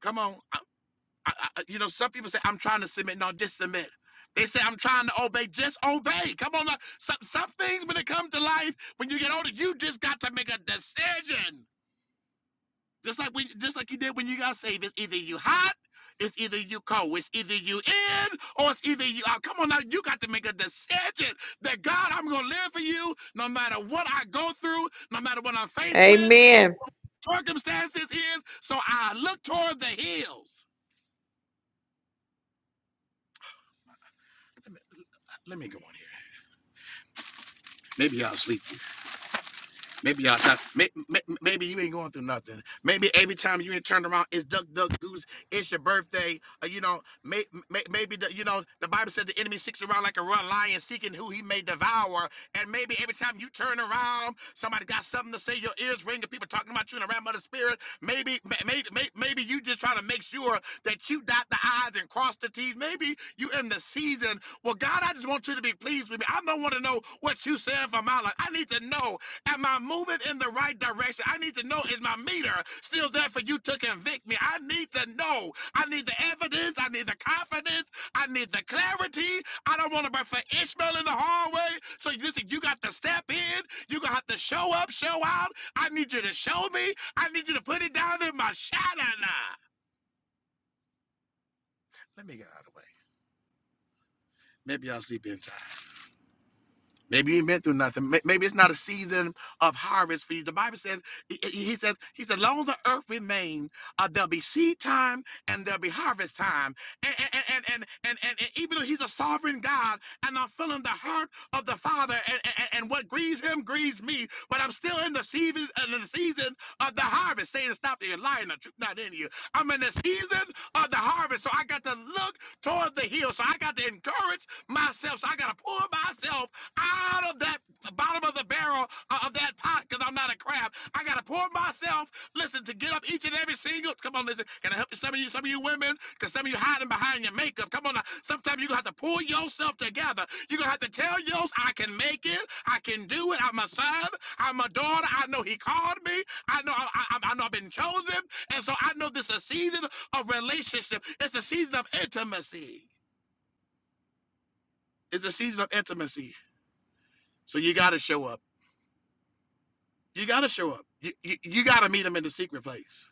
M: Come on. I, I, I- you know, some people say, I'm trying to submit. No, just submit. They say, I'm trying to obey. Just obey. Come on. now. Some, some things when it comes to life, when you get older, you just got to make a decision. Just like when, just like you did when you got saved. It's either you hot, it's either you cold, it's either you in, or it's either you out. Come on now, you got to make a decision that God, I'm gonna live for you no matter what I go through, no matter what I'm faced with,
E: Amen.
M: circumstances is. So I look toward the hills. Let me go on here. Maybe y'all sleep. Maybe y'all talk. Maybe, maybe you ain't going through nothing. Maybe every time you ain't turned around, it's duck, duck, goose. It's your birthday. Uh, you know, may, may, maybe the, you know the Bible said the enemy seeks around like a roaring lion, seeking who he may devour. And maybe every time you turn around, somebody got something to say. Your ears ring, and people talking about you in the realm of the spirit. Maybe, maybe, maybe you just trying to make sure that you dot the i's and cross the t's. Maybe you in the season. where God, I just want you to be pleased with me. I don't want to know what you said for my life. I need to know, am I moving in the right direction? I need to know, is my meter still there for you to convict me? I need to know. I need the evidence. I need the confidence. I need the clarity. I don't want to be for Ishmael in the hallway. So listen, you got to step in. You're going to have to show up, show out. I need you to show me. I need you to put it down in my shadow. now. Let me get out of the way. Maybe I'll sleep in time. Maybe you ain't been through nothing. May- Maybe it's not a season of harvest for you. The Bible says, he he- he says, he said, long as the earth remains, uh, there'll be seed time and there'll be harvest time. And, and, and, and, and, and, and even though he's a sovereign God and I'm feeling the hurt of the Father and, and, and what grieves him grieves me, but I'm still in the season, in the season of the harvest. Saying, stop there, lying, the truth not in you. I'm in the season of the harvest, so I got to look toward the hill. So I got to encourage myself myself. So I got to pull myself out of that bottom of the barrel uh, of that pot because I'm not a crab. I got to pull myself, listen, to get up each and every single. Come on, listen. Can I help you? Some of you, some of you women, because some of you hiding behind your makeup. Come on. Now. Sometimes you're going to have to pull yourself together. You're going to have to tell yours, I can make it. I can do it. I'm a son. I'm a daughter. I know he called me. I know, I, I, I know I've been chosen. And so I know this is a season of relationship. It's a season of intimacy. It's a season of intimacy. So you got to show up. You got to show up. You, you, you got to meet him in the secret place.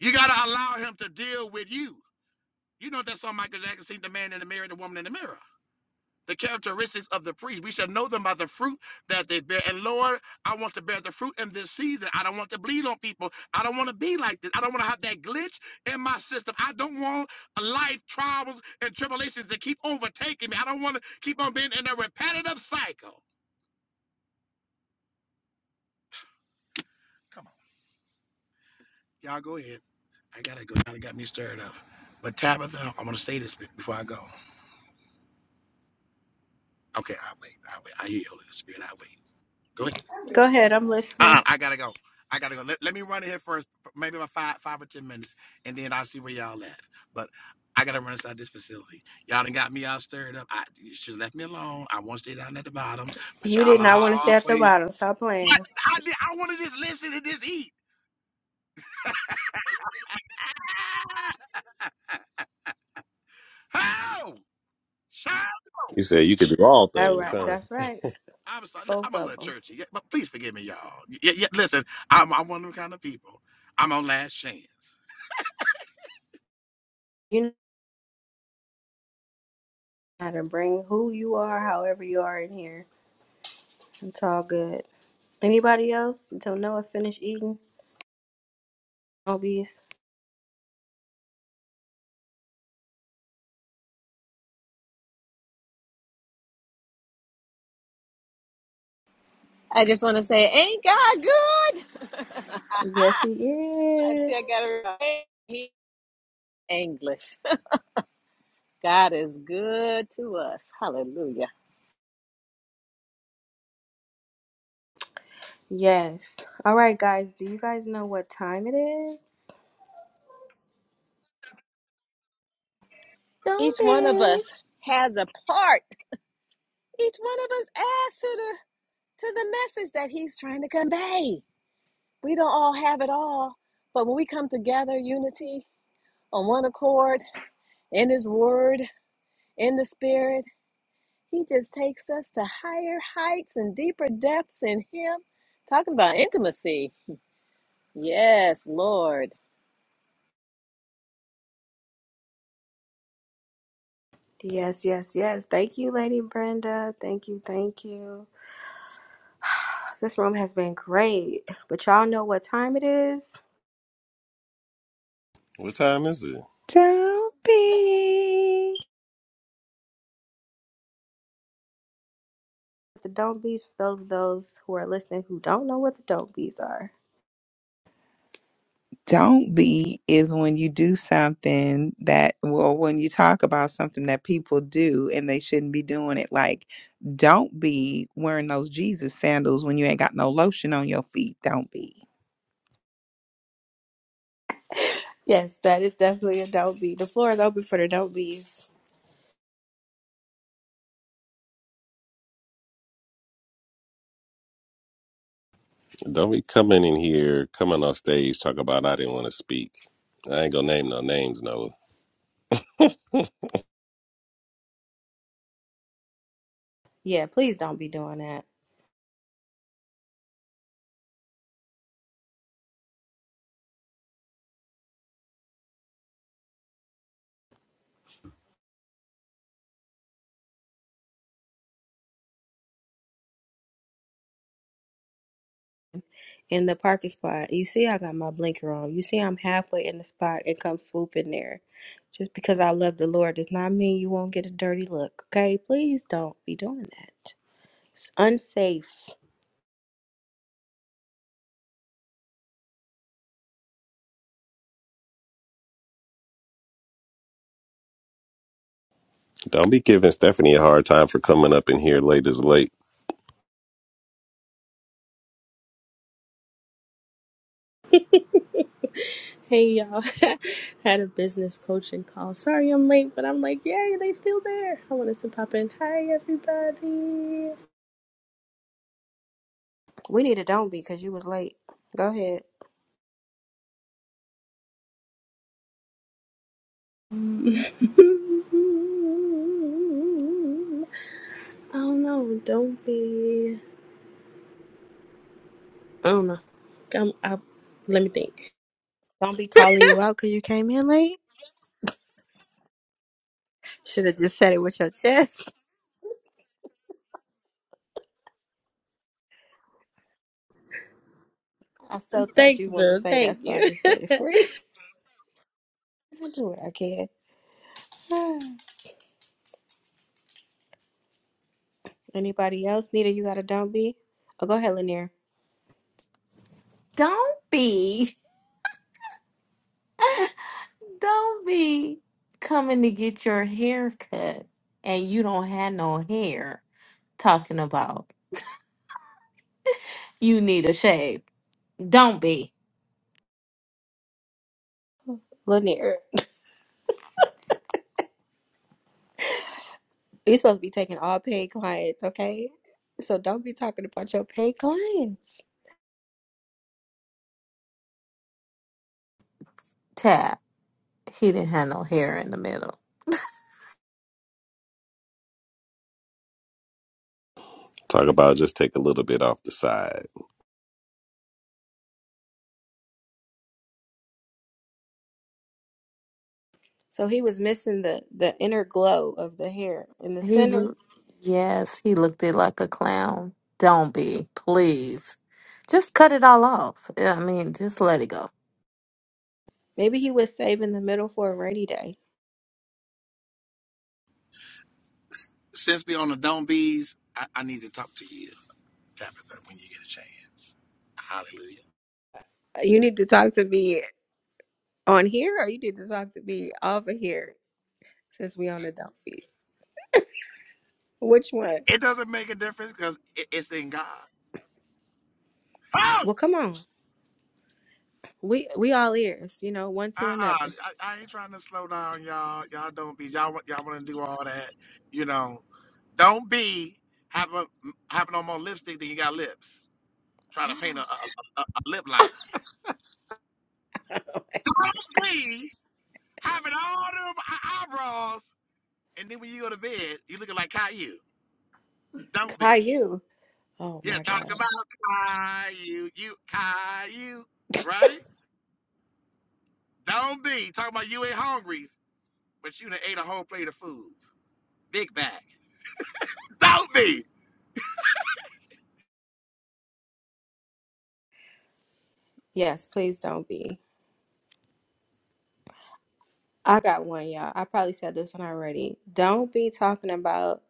M: You got to allow him to deal with you. You know that song Michael Jackson sing the man in the mirror, the woman in the mirror. The characteristics of the priest, we shall know them by the fruit that they bear. And Lord, I want to bear the fruit in this season. I don't want to bleed on people. I don't want to be like this. I don't want to have that glitch in my system. I don't want life trials and tribulations to keep overtaking me. I don't want to keep on being in a repetitive cycle. Come on, y'all go ahead. I gotta go. Now it got me stirred up. But Tabitha, I'm gonna say this before I go. Okay, I'll wait. I'll wait. I hear you, Holy Spirit. I'll wait. Go ahead.
A: Go ahead, I'm listening.
M: Uh-uh, I gotta go. I gotta go. Let, let me run in here first, maybe about five five or ten minutes, and then I'll see where y'all at. But I gotta run inside this facility. Y'all done got me all stirred up. I you should have left me alone. I want to stay down at the bottom, but
A: You did
M: y'all
A: not want to stay at the
M: always
A: bottom. Stop
M: what
A: playing.
M: I did, I wanna just listen and just eat. How? Shout out.
L: you said you could do all
A: All
L: things
M: Come
A: right,
M: on.
L: huh
A: that's right.
M: I'm sorry.
A: Both
M: I'm a
A: of
M: little
A: them.
M: churchy, yeah, but please forgive me, y'all. Yeah, yeah, listen, I'm, I'm one of them kind of people. I'm on last chance.
A: You know how to bring who you are, however you are in here. It's all good. Anybody else? Until Noah finish eating. Obvious.
K: I just want to say, ain't God good?
A: Yes, he
K: I
A: is.
K: see I got to he English. God is good to us. Hallelujah.
A: Yes. All right, guys. Do you guys know what time it is?
K: Each
B: Don't
K: one of
B: be.
K: us has a part. Each one of us adds to the to the message that he's trying to convey. We don't all have it all, but when we come together, unity on one accord, in his word, in the spirit, He just takes us to higher heights and deeper depths in Him. Talking about intimacy. Yes, Lord.
A: Yes, yes, yes. Thank you, Lady Brenda. Thank you, thank you. This room has been great. But y'all know what time it is?
L: what time is it
D: Don't be.
A: The don't bees for those of those who are listening who don't know what the don't bees are.
D: don't be is when you do something that well when you talk about something that people do and they shouldn't be doing it like don't be wearing those jesus sandals when you ain't got no lotion on your feet don't be
A: Yes, that is definitely a don't be. The floor is open for the don't bees.
L: don't be coming in here coming on stage talk about i didn't want to speak i ain't gonna name no names no.
A: Yeah, please don't be doing that. in the parking spot. You see, I got my blinker on. You see, I'm halfway in the spot and come swoop in there. Just because I love the Lord does not mean you won't get a dirty look, okay? Please don't be doing that. It's unsafe.
L: Don't be giving Stephanie a hard time for coming up in here late as late.
N: Hey y'all, had a business coaching call. Sorry I'm late, but I'm like, yay, they still there. I wanted to pop in. Hi everybody.
A: We need a don't be because you was late. Go ahead.
N: Um, I don't know. Don't be. I don't know. Come up. Let me think.
A: Don't be calling you out because you came in late. Should have just said it with your chest. I felt that
N: Thank
A: you wanted to
N: you.
A: say that,
N: Thank
A: so I
N: you.
A: just said it free. I'll do what I can. Anybody else? Nita, you got a don't be? Oh, go ahead, Lanier.
B: Don't be. Don't be coming to get your hair cut and you don't have no hair talking about you need a shave. Don't be.
A: Lanier. You're supposed to be taking all paid clients, okay? So don't be talking about your paid clients.
B: Tab. He didn't have no hair in the middle.
L: Talk about just take a little bit off the side.
A: So he was missing the the inner glow of the hair in the
B: He,
A: center.
B: l- yes, he looked it like a clown. Don't be, please. Just cut it all off. Yeah, I mean, just let it go.
A: Maybe he was saving the middle for a rainy day.
M: S- Since we on the Don't Bees, I, I need to talk to you, Tabitha, when you get a chance. Hallelujah.
A: Uh, You need to talk to me on here, or you need to talk to me off of here since we on the dump beat. Which one?
M: It doesn't make a difference because it, it's in God. Oh,
A: Well, come on, we we all ears, you know, one to
M: Uh-uh, I,
A: another.
M: I ain't trying to slow down, y'all. Y'all don't be. Y'all want y'all want to do all that, you know. Don't be have a have no more lipstick than you got lips. Trying to paint a, a, a, a lip line. Don't be. having all them eye- eyebrows, and then when you go to bed, you looking like Caillou. Don't be.
A: Caillou. Oh
M: Yeah,
A: my
M: talk
A: God.
M: about Caillou, you Caillou, right? Don't be talking about you ain't hungry, but you done ate a whole plate of food, big bag. Don't be
A: Yes, please don't be. I got one, y'all. I probably said this one already. Don't be talking about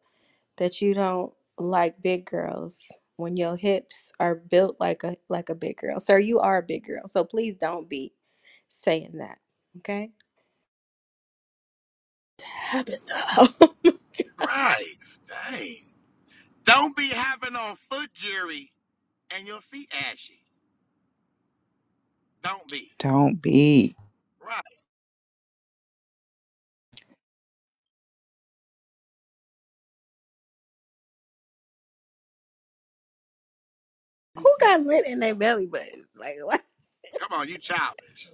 A: that you don't like big girls when your hips are built like a like a big girl. Sir, you are a big girl, so please don't be saying that. Okay?
N: Habit though.
M: right. Dang. Don't be having on foot jury and your feet ashy. Don't be
D: don't be
M: right.
A: Who got lint in their belly button? Like what?
M: Come on, you childish.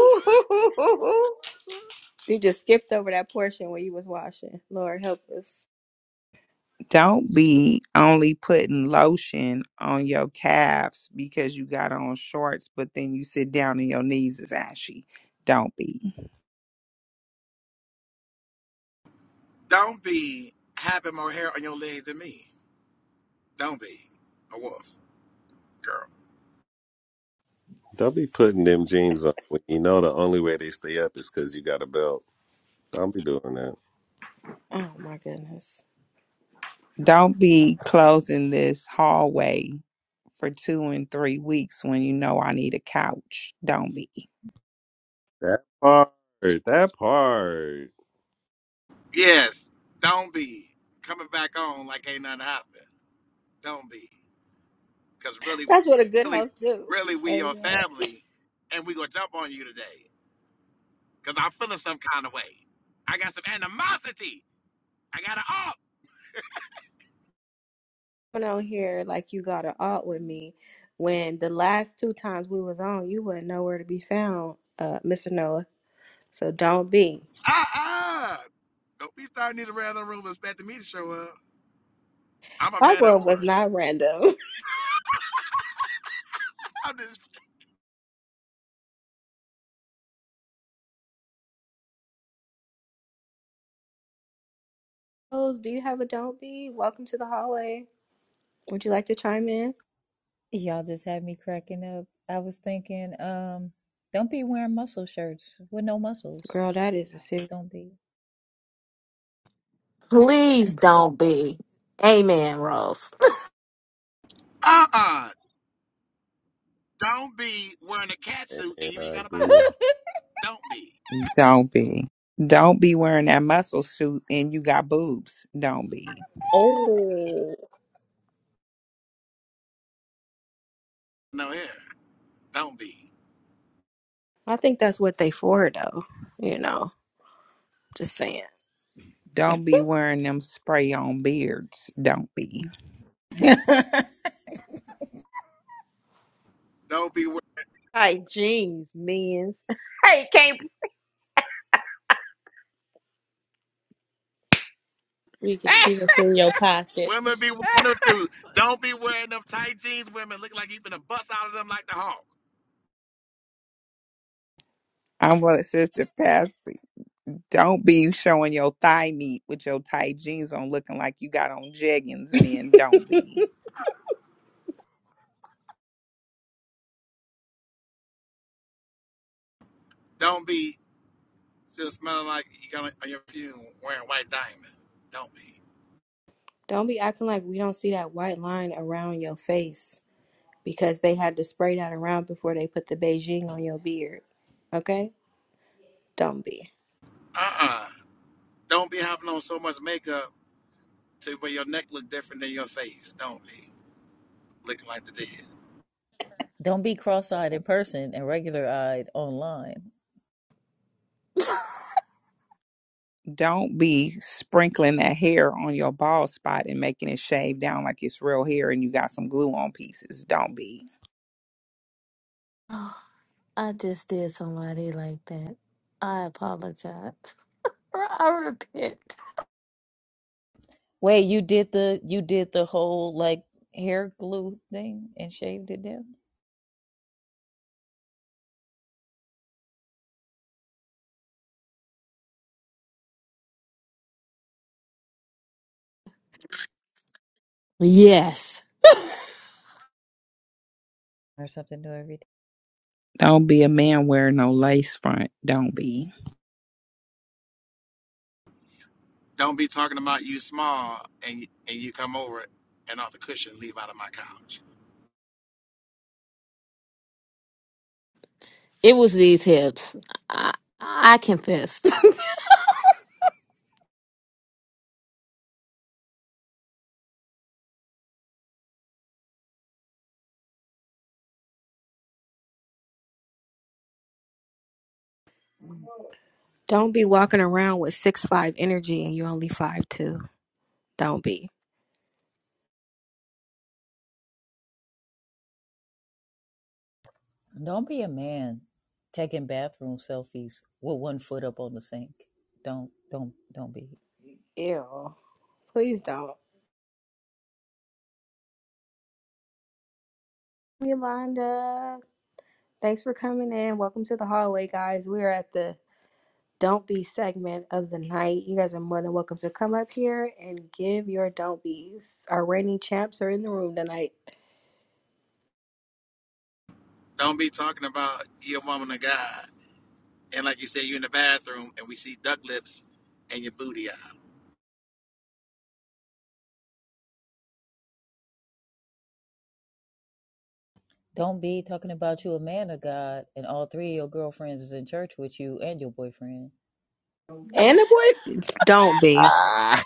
E: hoo, hoo, hoo, hoo.
A: You just skipped over that portion where you was washing. Lord help us.
D: Don't be only putting lotion on your calves because you got on shorts, but then you sit down and your knees is ashy. Don't be.
M: Don't be having more hair on your legs than me. Don't be a wolf, girl.
L: Don't be putting them jeans on when you know the only way they stay up is because you got a belt. Don't be doing that.
A: Oh my goodness.
D: Don't be closing this hallway for two and three weeks when you know I need a couch. Don't be.
L: That part. That part.
M: Yes, don't be coming back on like ain't nothing happened. Don't be, because really,
A: That's what a good
M: really,
A: host do.
M: really, we your
A: Amen.
M: family, and we gonna jump on you today. Cause I'm feeling some kind of way. I got some animosity. I got it up.
A: coming on here like you got an art with me when the last two times we was on you wasn't nowhere to be found uh mr noah so don't be
M: Uh-uh. Don't be starting these random room expecting me to show up. I'm a
A: our
M: man of
A: room was
M: order.
A: not random
M: I'm just
A: Rose, do you have a don't be welcome to the hallway would you like to chime in
O: Y'all just had me cracking up. I was thinking, um, don't be wearing muscle shirts with no muscles.
A: girl that is a city
O: Don't be.
B: Please don't be. Amen, Rose.
M: uh uh. Don't be wearing a cat
L: And,
M: suit
L: and
M: and you ain't
L: I
M: got a body.
L: agree.
M: Don't be
D: Don't be. Don't be wearing that muscle suit and you got boobs. Don't be.
N: oh,
M: no hair. Don't be.
A: i think that's what they for though you know just saying
D: Don't be wearing them spray on beards. Don't be.
M: Don't be. wearing.
E: Tight jeans, men's. Hey, can't.
N: we can see what's in your pocket.
M: Women be wondering too. Don't be wearing them tight jeans. Women look like you finna bust out of them like the Hulk.
D: I'm with Sister Patsy. Don't be showing your thigh meat with your tight jeans on looking like you got on jeggings, men. Don't be.
M: Don't be still smelling like you got on your perfume wearing white diamond. Don't be.
A: Don't be acting like we don't see that white line around your face because they had to spray that around before they put the Beijing on your beard. Okay? Don't be.
M: Uh-uh. Don't be having on so much makeup to where your neck look different than your face. Don't be looking like the dead.
O: Don't be cross-eyed in person and regular-eyed online.
D: Don't be sprinkling that hair on your bald spot and making it shave down like it's real hair and you got some glue on pieces. Don't be.
B: Oh, I just did somebody like that. I apologize. I repent.
O: Wait, you did the you did the whole like hair glue thing and shaved it down
B: Yes,
O: or something new every day.
D: Don't be a man wearing no lace front. Don't be.
M: Don't be talking about you small and and you come over and off the cushion leave out of my couch.
B: it was these hips. I, I confessed.
A: Don't be walking around with six five energy and you're only five two. Don't be.
O: Don't be a man taking bathroom selfies with one foot up on the sink. Don't don't don't be.
A: Ew. Please don't. Yolanda, thanks for coming in. Welcome to the hallway, guys. We are at the don't be segment of the night. You guys are more than welcome to come up here and give your don't be's. Our reigning champs are in the room tonight.
M: Don't be talking about your woman of God and like you said you in the bathroom and we see duck lips and your booty out.
O: Don't be talking about you a man of God and all three of your girlfriends is in church with you and your boyfriend.
A: And the boy, don't be.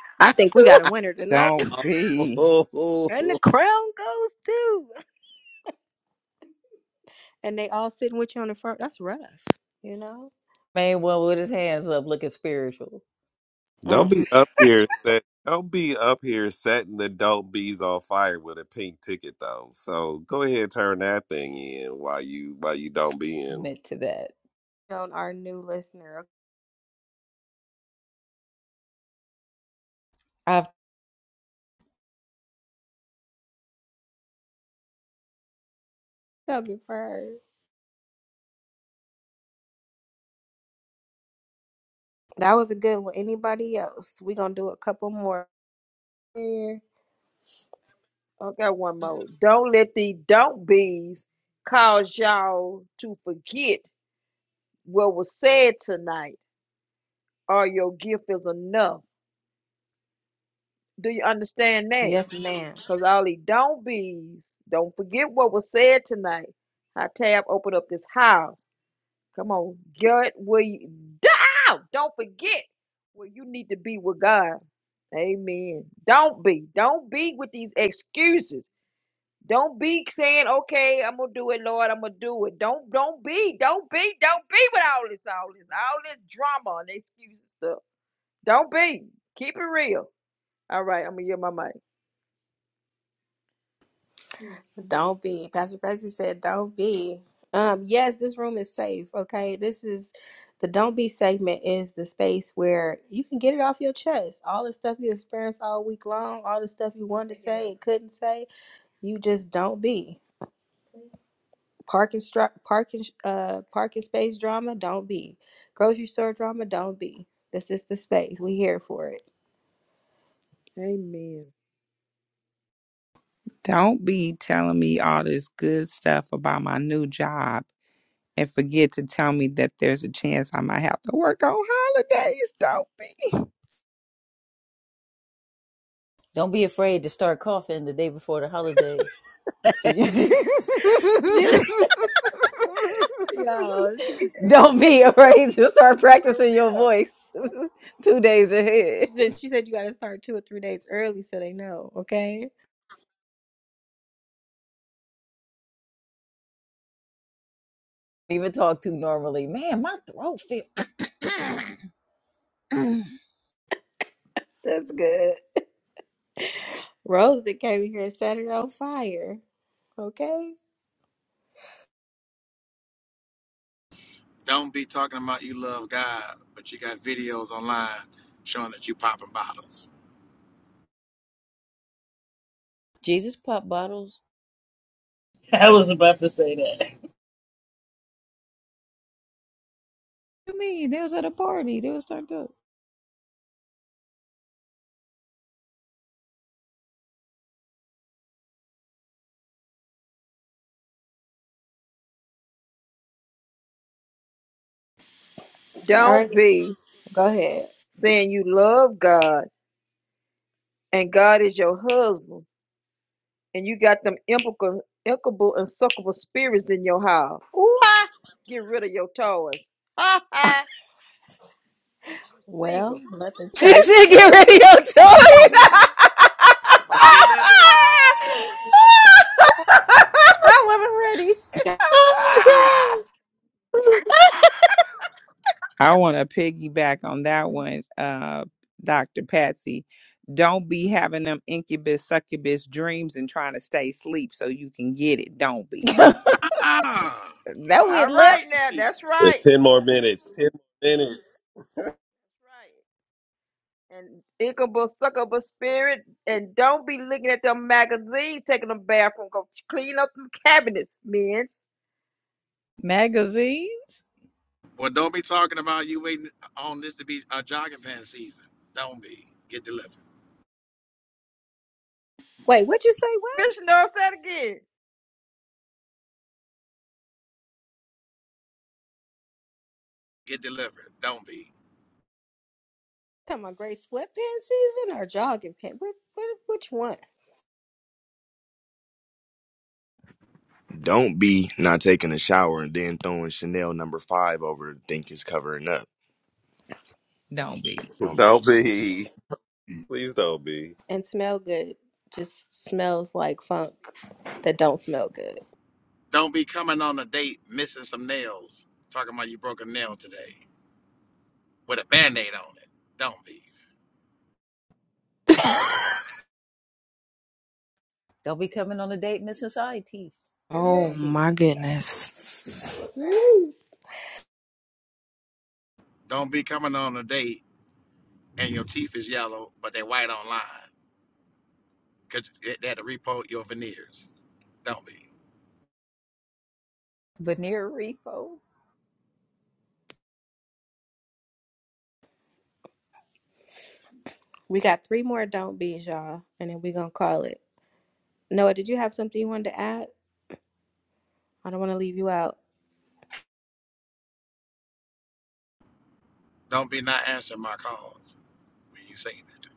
A: I think we
B: oh,
A: got a winner tonight.
D: Don't
L: Ah.
D: be.
A: And the crown goes to. And they all sitting with you on the front. That's rough, you know?
O: Man, one with his hands up looking spiritual.
L: Don't
A: Mm.
L: be up here set. Don't be up here setting the dope bees on fire with a pink ticket though. So go ahead, turn that thing in while you while you don't be in.
O: Admit to that.
A: On our new listener.
O: I've,
A: That'll be first. That was a good one. Anybody else? we going to do a couple more.
E: I got one more. Don't let the don't be's cause y'all to forget what was said tonight or your gift is enough. Do you understand that?
A: Yes, ma'am.
E: Because all the don't be's, don't forget what was said tonight. I tab open up this house. Come on, get where you down. Don't forget where you need to be with God. Amen. Don't be. Don't be with these excuses. Don't be saying, "Okay, I'm gonna do it, Lord. I'm gonna do it." Don't don't be don't be don't be with all this all this all this drama and excuses stuff. Don't be. Keep it real. All right, I'm gonna get my mic.
A: Don't be. Pastor Percy said, don't be. Um, yes, this room is safe. Okay. This is the don't be segment is the space where you can get it off your chest. All the stuff you experienced all week long, all the stuff you wanted to say and couldn't say, you just don't be. Parking stru- parking uh parking space drama, don't be. Grocery store drama, don't be. This is the space. We here for it.
E: Amen.
D: Don't be telling me all this good stuff about my new job and forget to tell me that there's a chance I might have to work on holidays. Don't be.
O: Don't be afraid to start coughing the day before the holiday. So you
A: Yo, she's
O: don't be afraid to start
A: for
O: practicing your
A: real.
O: voice two days ahead.
A: She said she said you gotta start two or three days early so they know, okay?
O: Even talk too normally. Man, my throat feels.
A: That's good. Rose that came here and set it on fire. Okay?
M: Don't be talking about you love God, but you got videos online showing that you popping bottles.
O: Jesus pop bottles.
F: I was about to say that.
O: What do you mean? They was at a party. They was turned up.
A: All right,
E: Don't be
A: go ahead.
E: saying you love God and God is your husband and you got them implacable, implacable and suckable spirits in your house.
A: Ooh.
E: Ha! Get rid of your toys. Ha ha! You
A: Well,
E: single.
A: let the church
O: Just get
A: say.
O: radio toy.
M: Oh,
A: amen.
M: deliver us
O: I wasn't
M: that one.
B: God.
D: I want to piggyback on that one, uh, Dr. Patsy. Don't be having them incubus, succubus dreams and trying to stay asleep so you can get it. Don't be.
O: ready.
M: Ah,
O: that we
M: Lord,
E: All
O: had
M: have
E: right
O: left
M: mercy,
E: now. That's
M: Jesus.
L: Uh,
E: right.
L: Ten more minutes. Ten more minutes.
E: Right. and thinkable, suckable spirit. And don't be looking at them magazines, taking them bathroom. Go clean up them cabinets, men.
O: magazines.
M: Well, don't be talking about you waiting on this to be a jogging pants season. Don't be. Get delivered.
A: Wait, what you say? What?
E: Bitch, you know what I'm saying again.
M: Get delivered. Don't be.
A: Talking about gray sweatpants season or jogging pants? What, what, which one?
D: Don't be not taking a shower and then throwing Chanel number five over to think it's covering up. Don't be.
L: Don't be. Please don't be.
A: And smell good. Just smells like funk that don't smell good.
M: Don't be coming on a date missing some nails, talking about you broke a nail today with a band aid on it. Don't be.
O: Don't be coming on a date missing side teeth.
A: Oh
O: Don't be
A: my goodness.
M: Don't be coming on a date and your teeth is yellow, but they're white online. because they had to repo your veneers. Don't be.
O: veneer repo.
A: We got three more don't be's, y'all, and then we gonna call it. Noah, did you have something you wanted to add? I don't want to leave you out.
M: Don't be not answering my calls when you say that.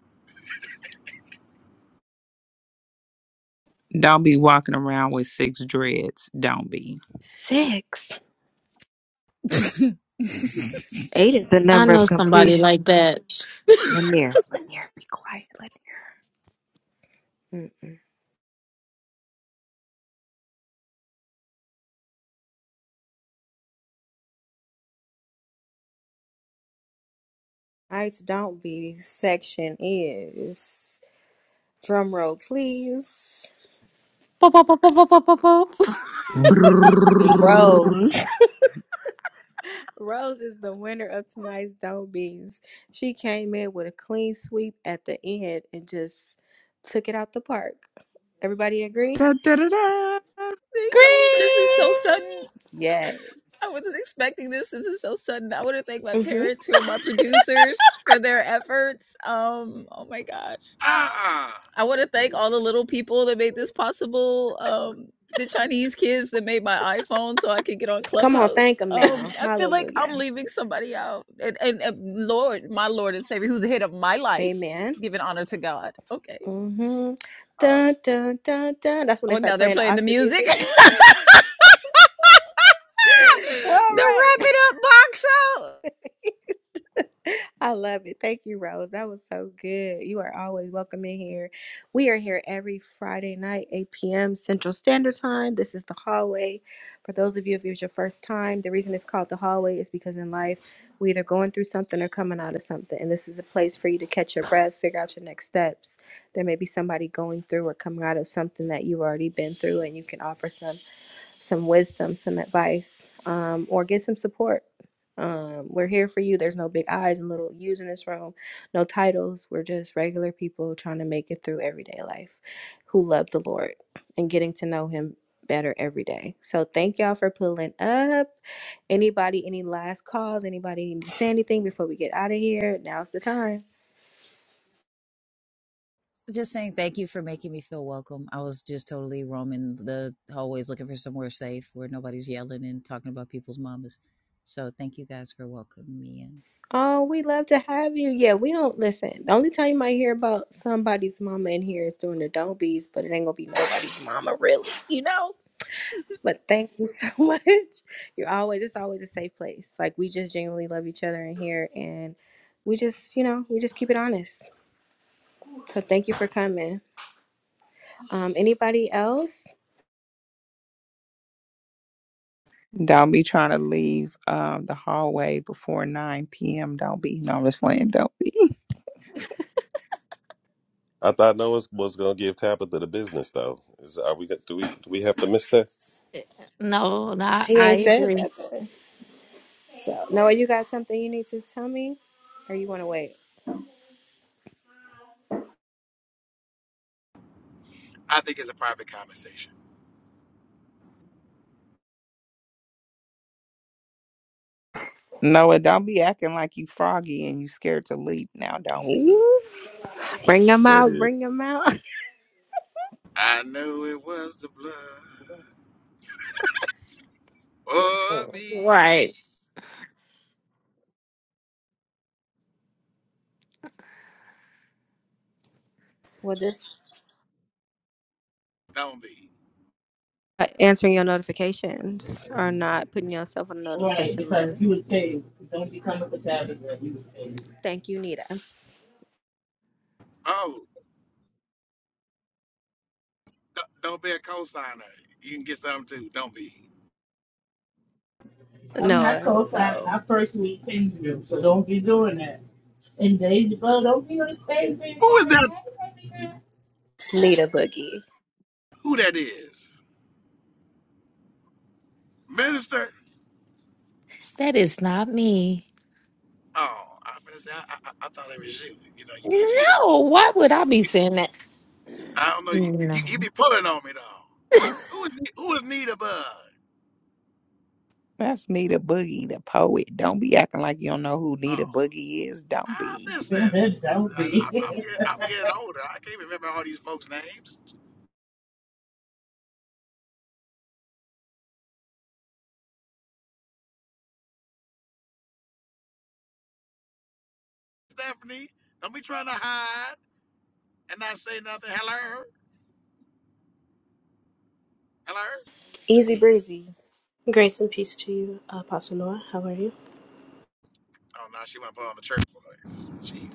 D: Don't be walking around with six dreads. Don't be.
A: Six.
O: Thank
A: Eight is the
B: I
A: number
B: know
A: of
B: somebody
A: completion.
B: like that.
A: Lanier, Lanier, be quiet, Lanier. Mm. Tonight's don't be section is drum roll, please.
B: Boop, boop, boop, boop, boop, boop, boop, boop.
A: Rose. Rose is the winner of tonight's don't be's. She came in with a clean sweep at the end and just took it out the park. Everybody agree?
D: Da, da, da, da.
O: you. This is so sudden.
B: Green.
A: Yes.
O: I wasn't expecting this. This is so sudden. I want to thank my
A: Mhm.
O: parents, who are my producers, for their efforts. Um, oh my gosh.
M: Ah,
O: I want to thank all the little people that made this possible. Um, the Chinese kids that made my iPhone so I could get on
A: Come on,
O: Clubhouse.
A: thank him
O: Um,
A: now.
O: I feel like I'm
A: Hallelujah.
O: leaving somebody out. And, and, and Lord, my Lord and Savior, who's the head of my life,
A: Amen.
O: giving honor to God. Okay.
A: Mm-hmm.
O: Um,
A: Dun, dun, dun, dun. That's when they
O: oh,
A: start
O: now they're
A: playing the
O: playing the
A: Oscar
O: music.
A: music.
O: the
A: All
O: wrap
A: right.
O: it up box out.
A: I love it. Thank you, Rose. That was so good. You are always welcome in here. We are here every Friday night, 8 p.m. Central Standard Time. This is the hallway. For those of you, if it was your first time, the reason it's called the hallway is because in life, we're either going through something or coming out of something. And this is a place for you to catch your breath, figure out your next steps. There may be somebody going through or coming out of something that you've already been through, and you can offer some some wisdom, some advice, um, or get some support. Um, we're here for you. There's no big eyes and little U's in this room, no titles. We're just regular people trying to make it through everyday life who love the Lord and getting to know Him better every day. So thank y'all for pulling up. Anybody, any last calls? Anybody need to say anything before we get out of here? Now's the time.
O: Just saying thank you for making me feel welcome. I was just totally roaming the hallways looking for somewhere safe where nobody's yelling and talking about people's mamas. So thank you guys for welcoming me in.
A: Oh, we love to have you. Yeah, we don't listen. The only time you might hear about somebody's mama in here is during the don't be's, but it ain't gonna be nobody's mama, really, you know? But thank you so much. You're always, it's always a safe place. Like, we just genuinely love each other in here and we just, you know, we just keep it honest. So thank you for coming. Um, anybody else?
D: Don't be trying to leave um, the hallway before 9 p.m. Don't be. No, I'm just playing. Don't be.
L: I thought Noah was, was gonna give Tabitha the business though. Is are we do we do we have to miss that?
B: No, no,
A: He
B: I
A: ain't said
B: agree.
A: nothing. So, Noah, you got something you need to tell me or you wanna wait?
M: I think it's a private conversation.
D: Noah, don't be acting like you froggy and you scared to leap. Now, don't be.
A: Ooh. Bring them
L: There it
A: out,
L: is.
A: bring them out.
M: I know it was the blood of me.
B: Right.
A: Well, this.
M: Don't be.
A: uh, answering your notifications or not putting yourself on the
F: Right,
A: notification
F: because you was
A: list.
F: paid. Don't be coming for Tabitha. You was paid.
A: Thank you, Nita.
M: Oh, d- don't be a co-signer. You can get something too. Don't be.
F: I'm not
A: Noah,
F: co-signing. I
A: so
F: personally paid you, so don't be doing that. And Dave, well, don't be on stage being
M: Who is
F: quiet.
M: that?
A: it's Nita Boogie.
M: Who that is? Minister?
B: That is not me.
M: Oh, I'm gonna say I, I, I thought it was you. You know, you, you be.
B: No, why would I be saying that?
M: I don't know. You, you, you
B: No.
M: be pulling on me though. Who is who is Nita Bud?
D: That's Nita Boogie, the poet. Don't be acting like you don't know who Nita
M: Oh,
D: Boogie is. Don't
M: Ah,
D: be.
M: listen, listen
F: don't
M: I, I'm, I'm,
F: be.
M: getting, I'm getting older. I can't remember all these folks' names. Stephanie, don't be trying to hide and not say nothing. Hello? Hello?
A: Easy breezy.
N: Grace and peace to you, Apostle Noah. How are you?
M: Oh, no, she went to put on the church voice. Jeez.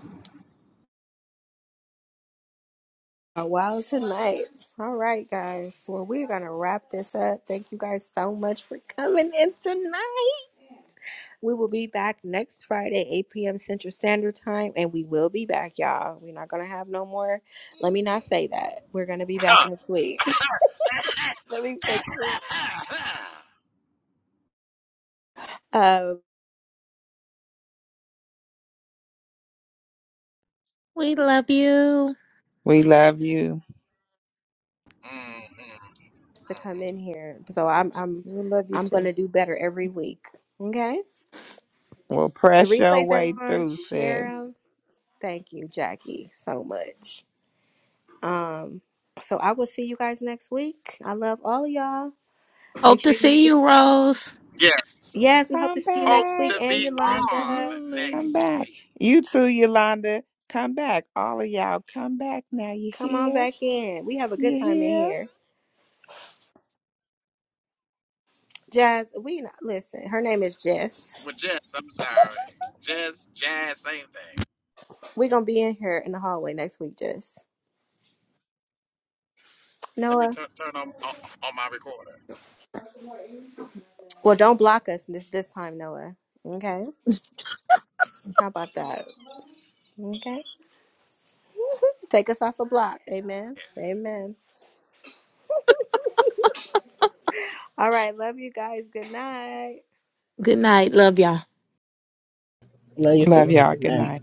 A: A while tonight. All right, guys. Well, we're going to wrap this up. Thank you guys so much for coming in tonight. We will be back next Friday, 8 p.m. Central Standard Time, and we will be back, y'all. We're not going to have no more. Let me not say that. We're going to be back next week. Let me fix it. Um.
B: We love you.
D: We love you.
M: Mhm.
A: to come in here. So I'm I'm
E: We love you
A: I'm
E: too.
A: gonna do better every week. Okay.
D: Well,
A: The
D: press your
A: replays,
D: way
A: everyone,
D: through,
A: share
D: sis.
A: them. Thank you, Jackie, so much. Um, so I will see you guys next week. I love all of y'all. Make
B: Hope to
A: sure
B: see
A: you.
B: you, Rose.
M: yes.
A: Yes, we hope to
D: Come
A: see you
M: Hope
A: next week.
M: to
D: back.
A: And
M: be on
A: Yolanda,
O: Absolutely.
D: Come
M: next
D: back.
M: week.
D: You too, Yolanda. Come back. All of y'all, come back now. You
A: come on
D: hear?
A: back in. We have a good
D: You
A: time in
D: hear?
A: here. Jazz, we not listen. Her name is Jess.
M: With Jess, I'm sorry. Jess, Jazz, same thing.
A: We're gonna be in here in the hallway next week, Jess.
M: Let me
A: Noah.
M: tu- turn on, on, on my recorder. Yeah.
A: Well, don't block us this this time, Noah. Okay. How about that? Okay. Take us off a block. Amen. Amen. All right. Love you guys. Good night.
B: Good night. Love y'all.
F: Love your
D: Love
F: family.
D: y'all.
F: Good
D: Good
F: night.
D: night.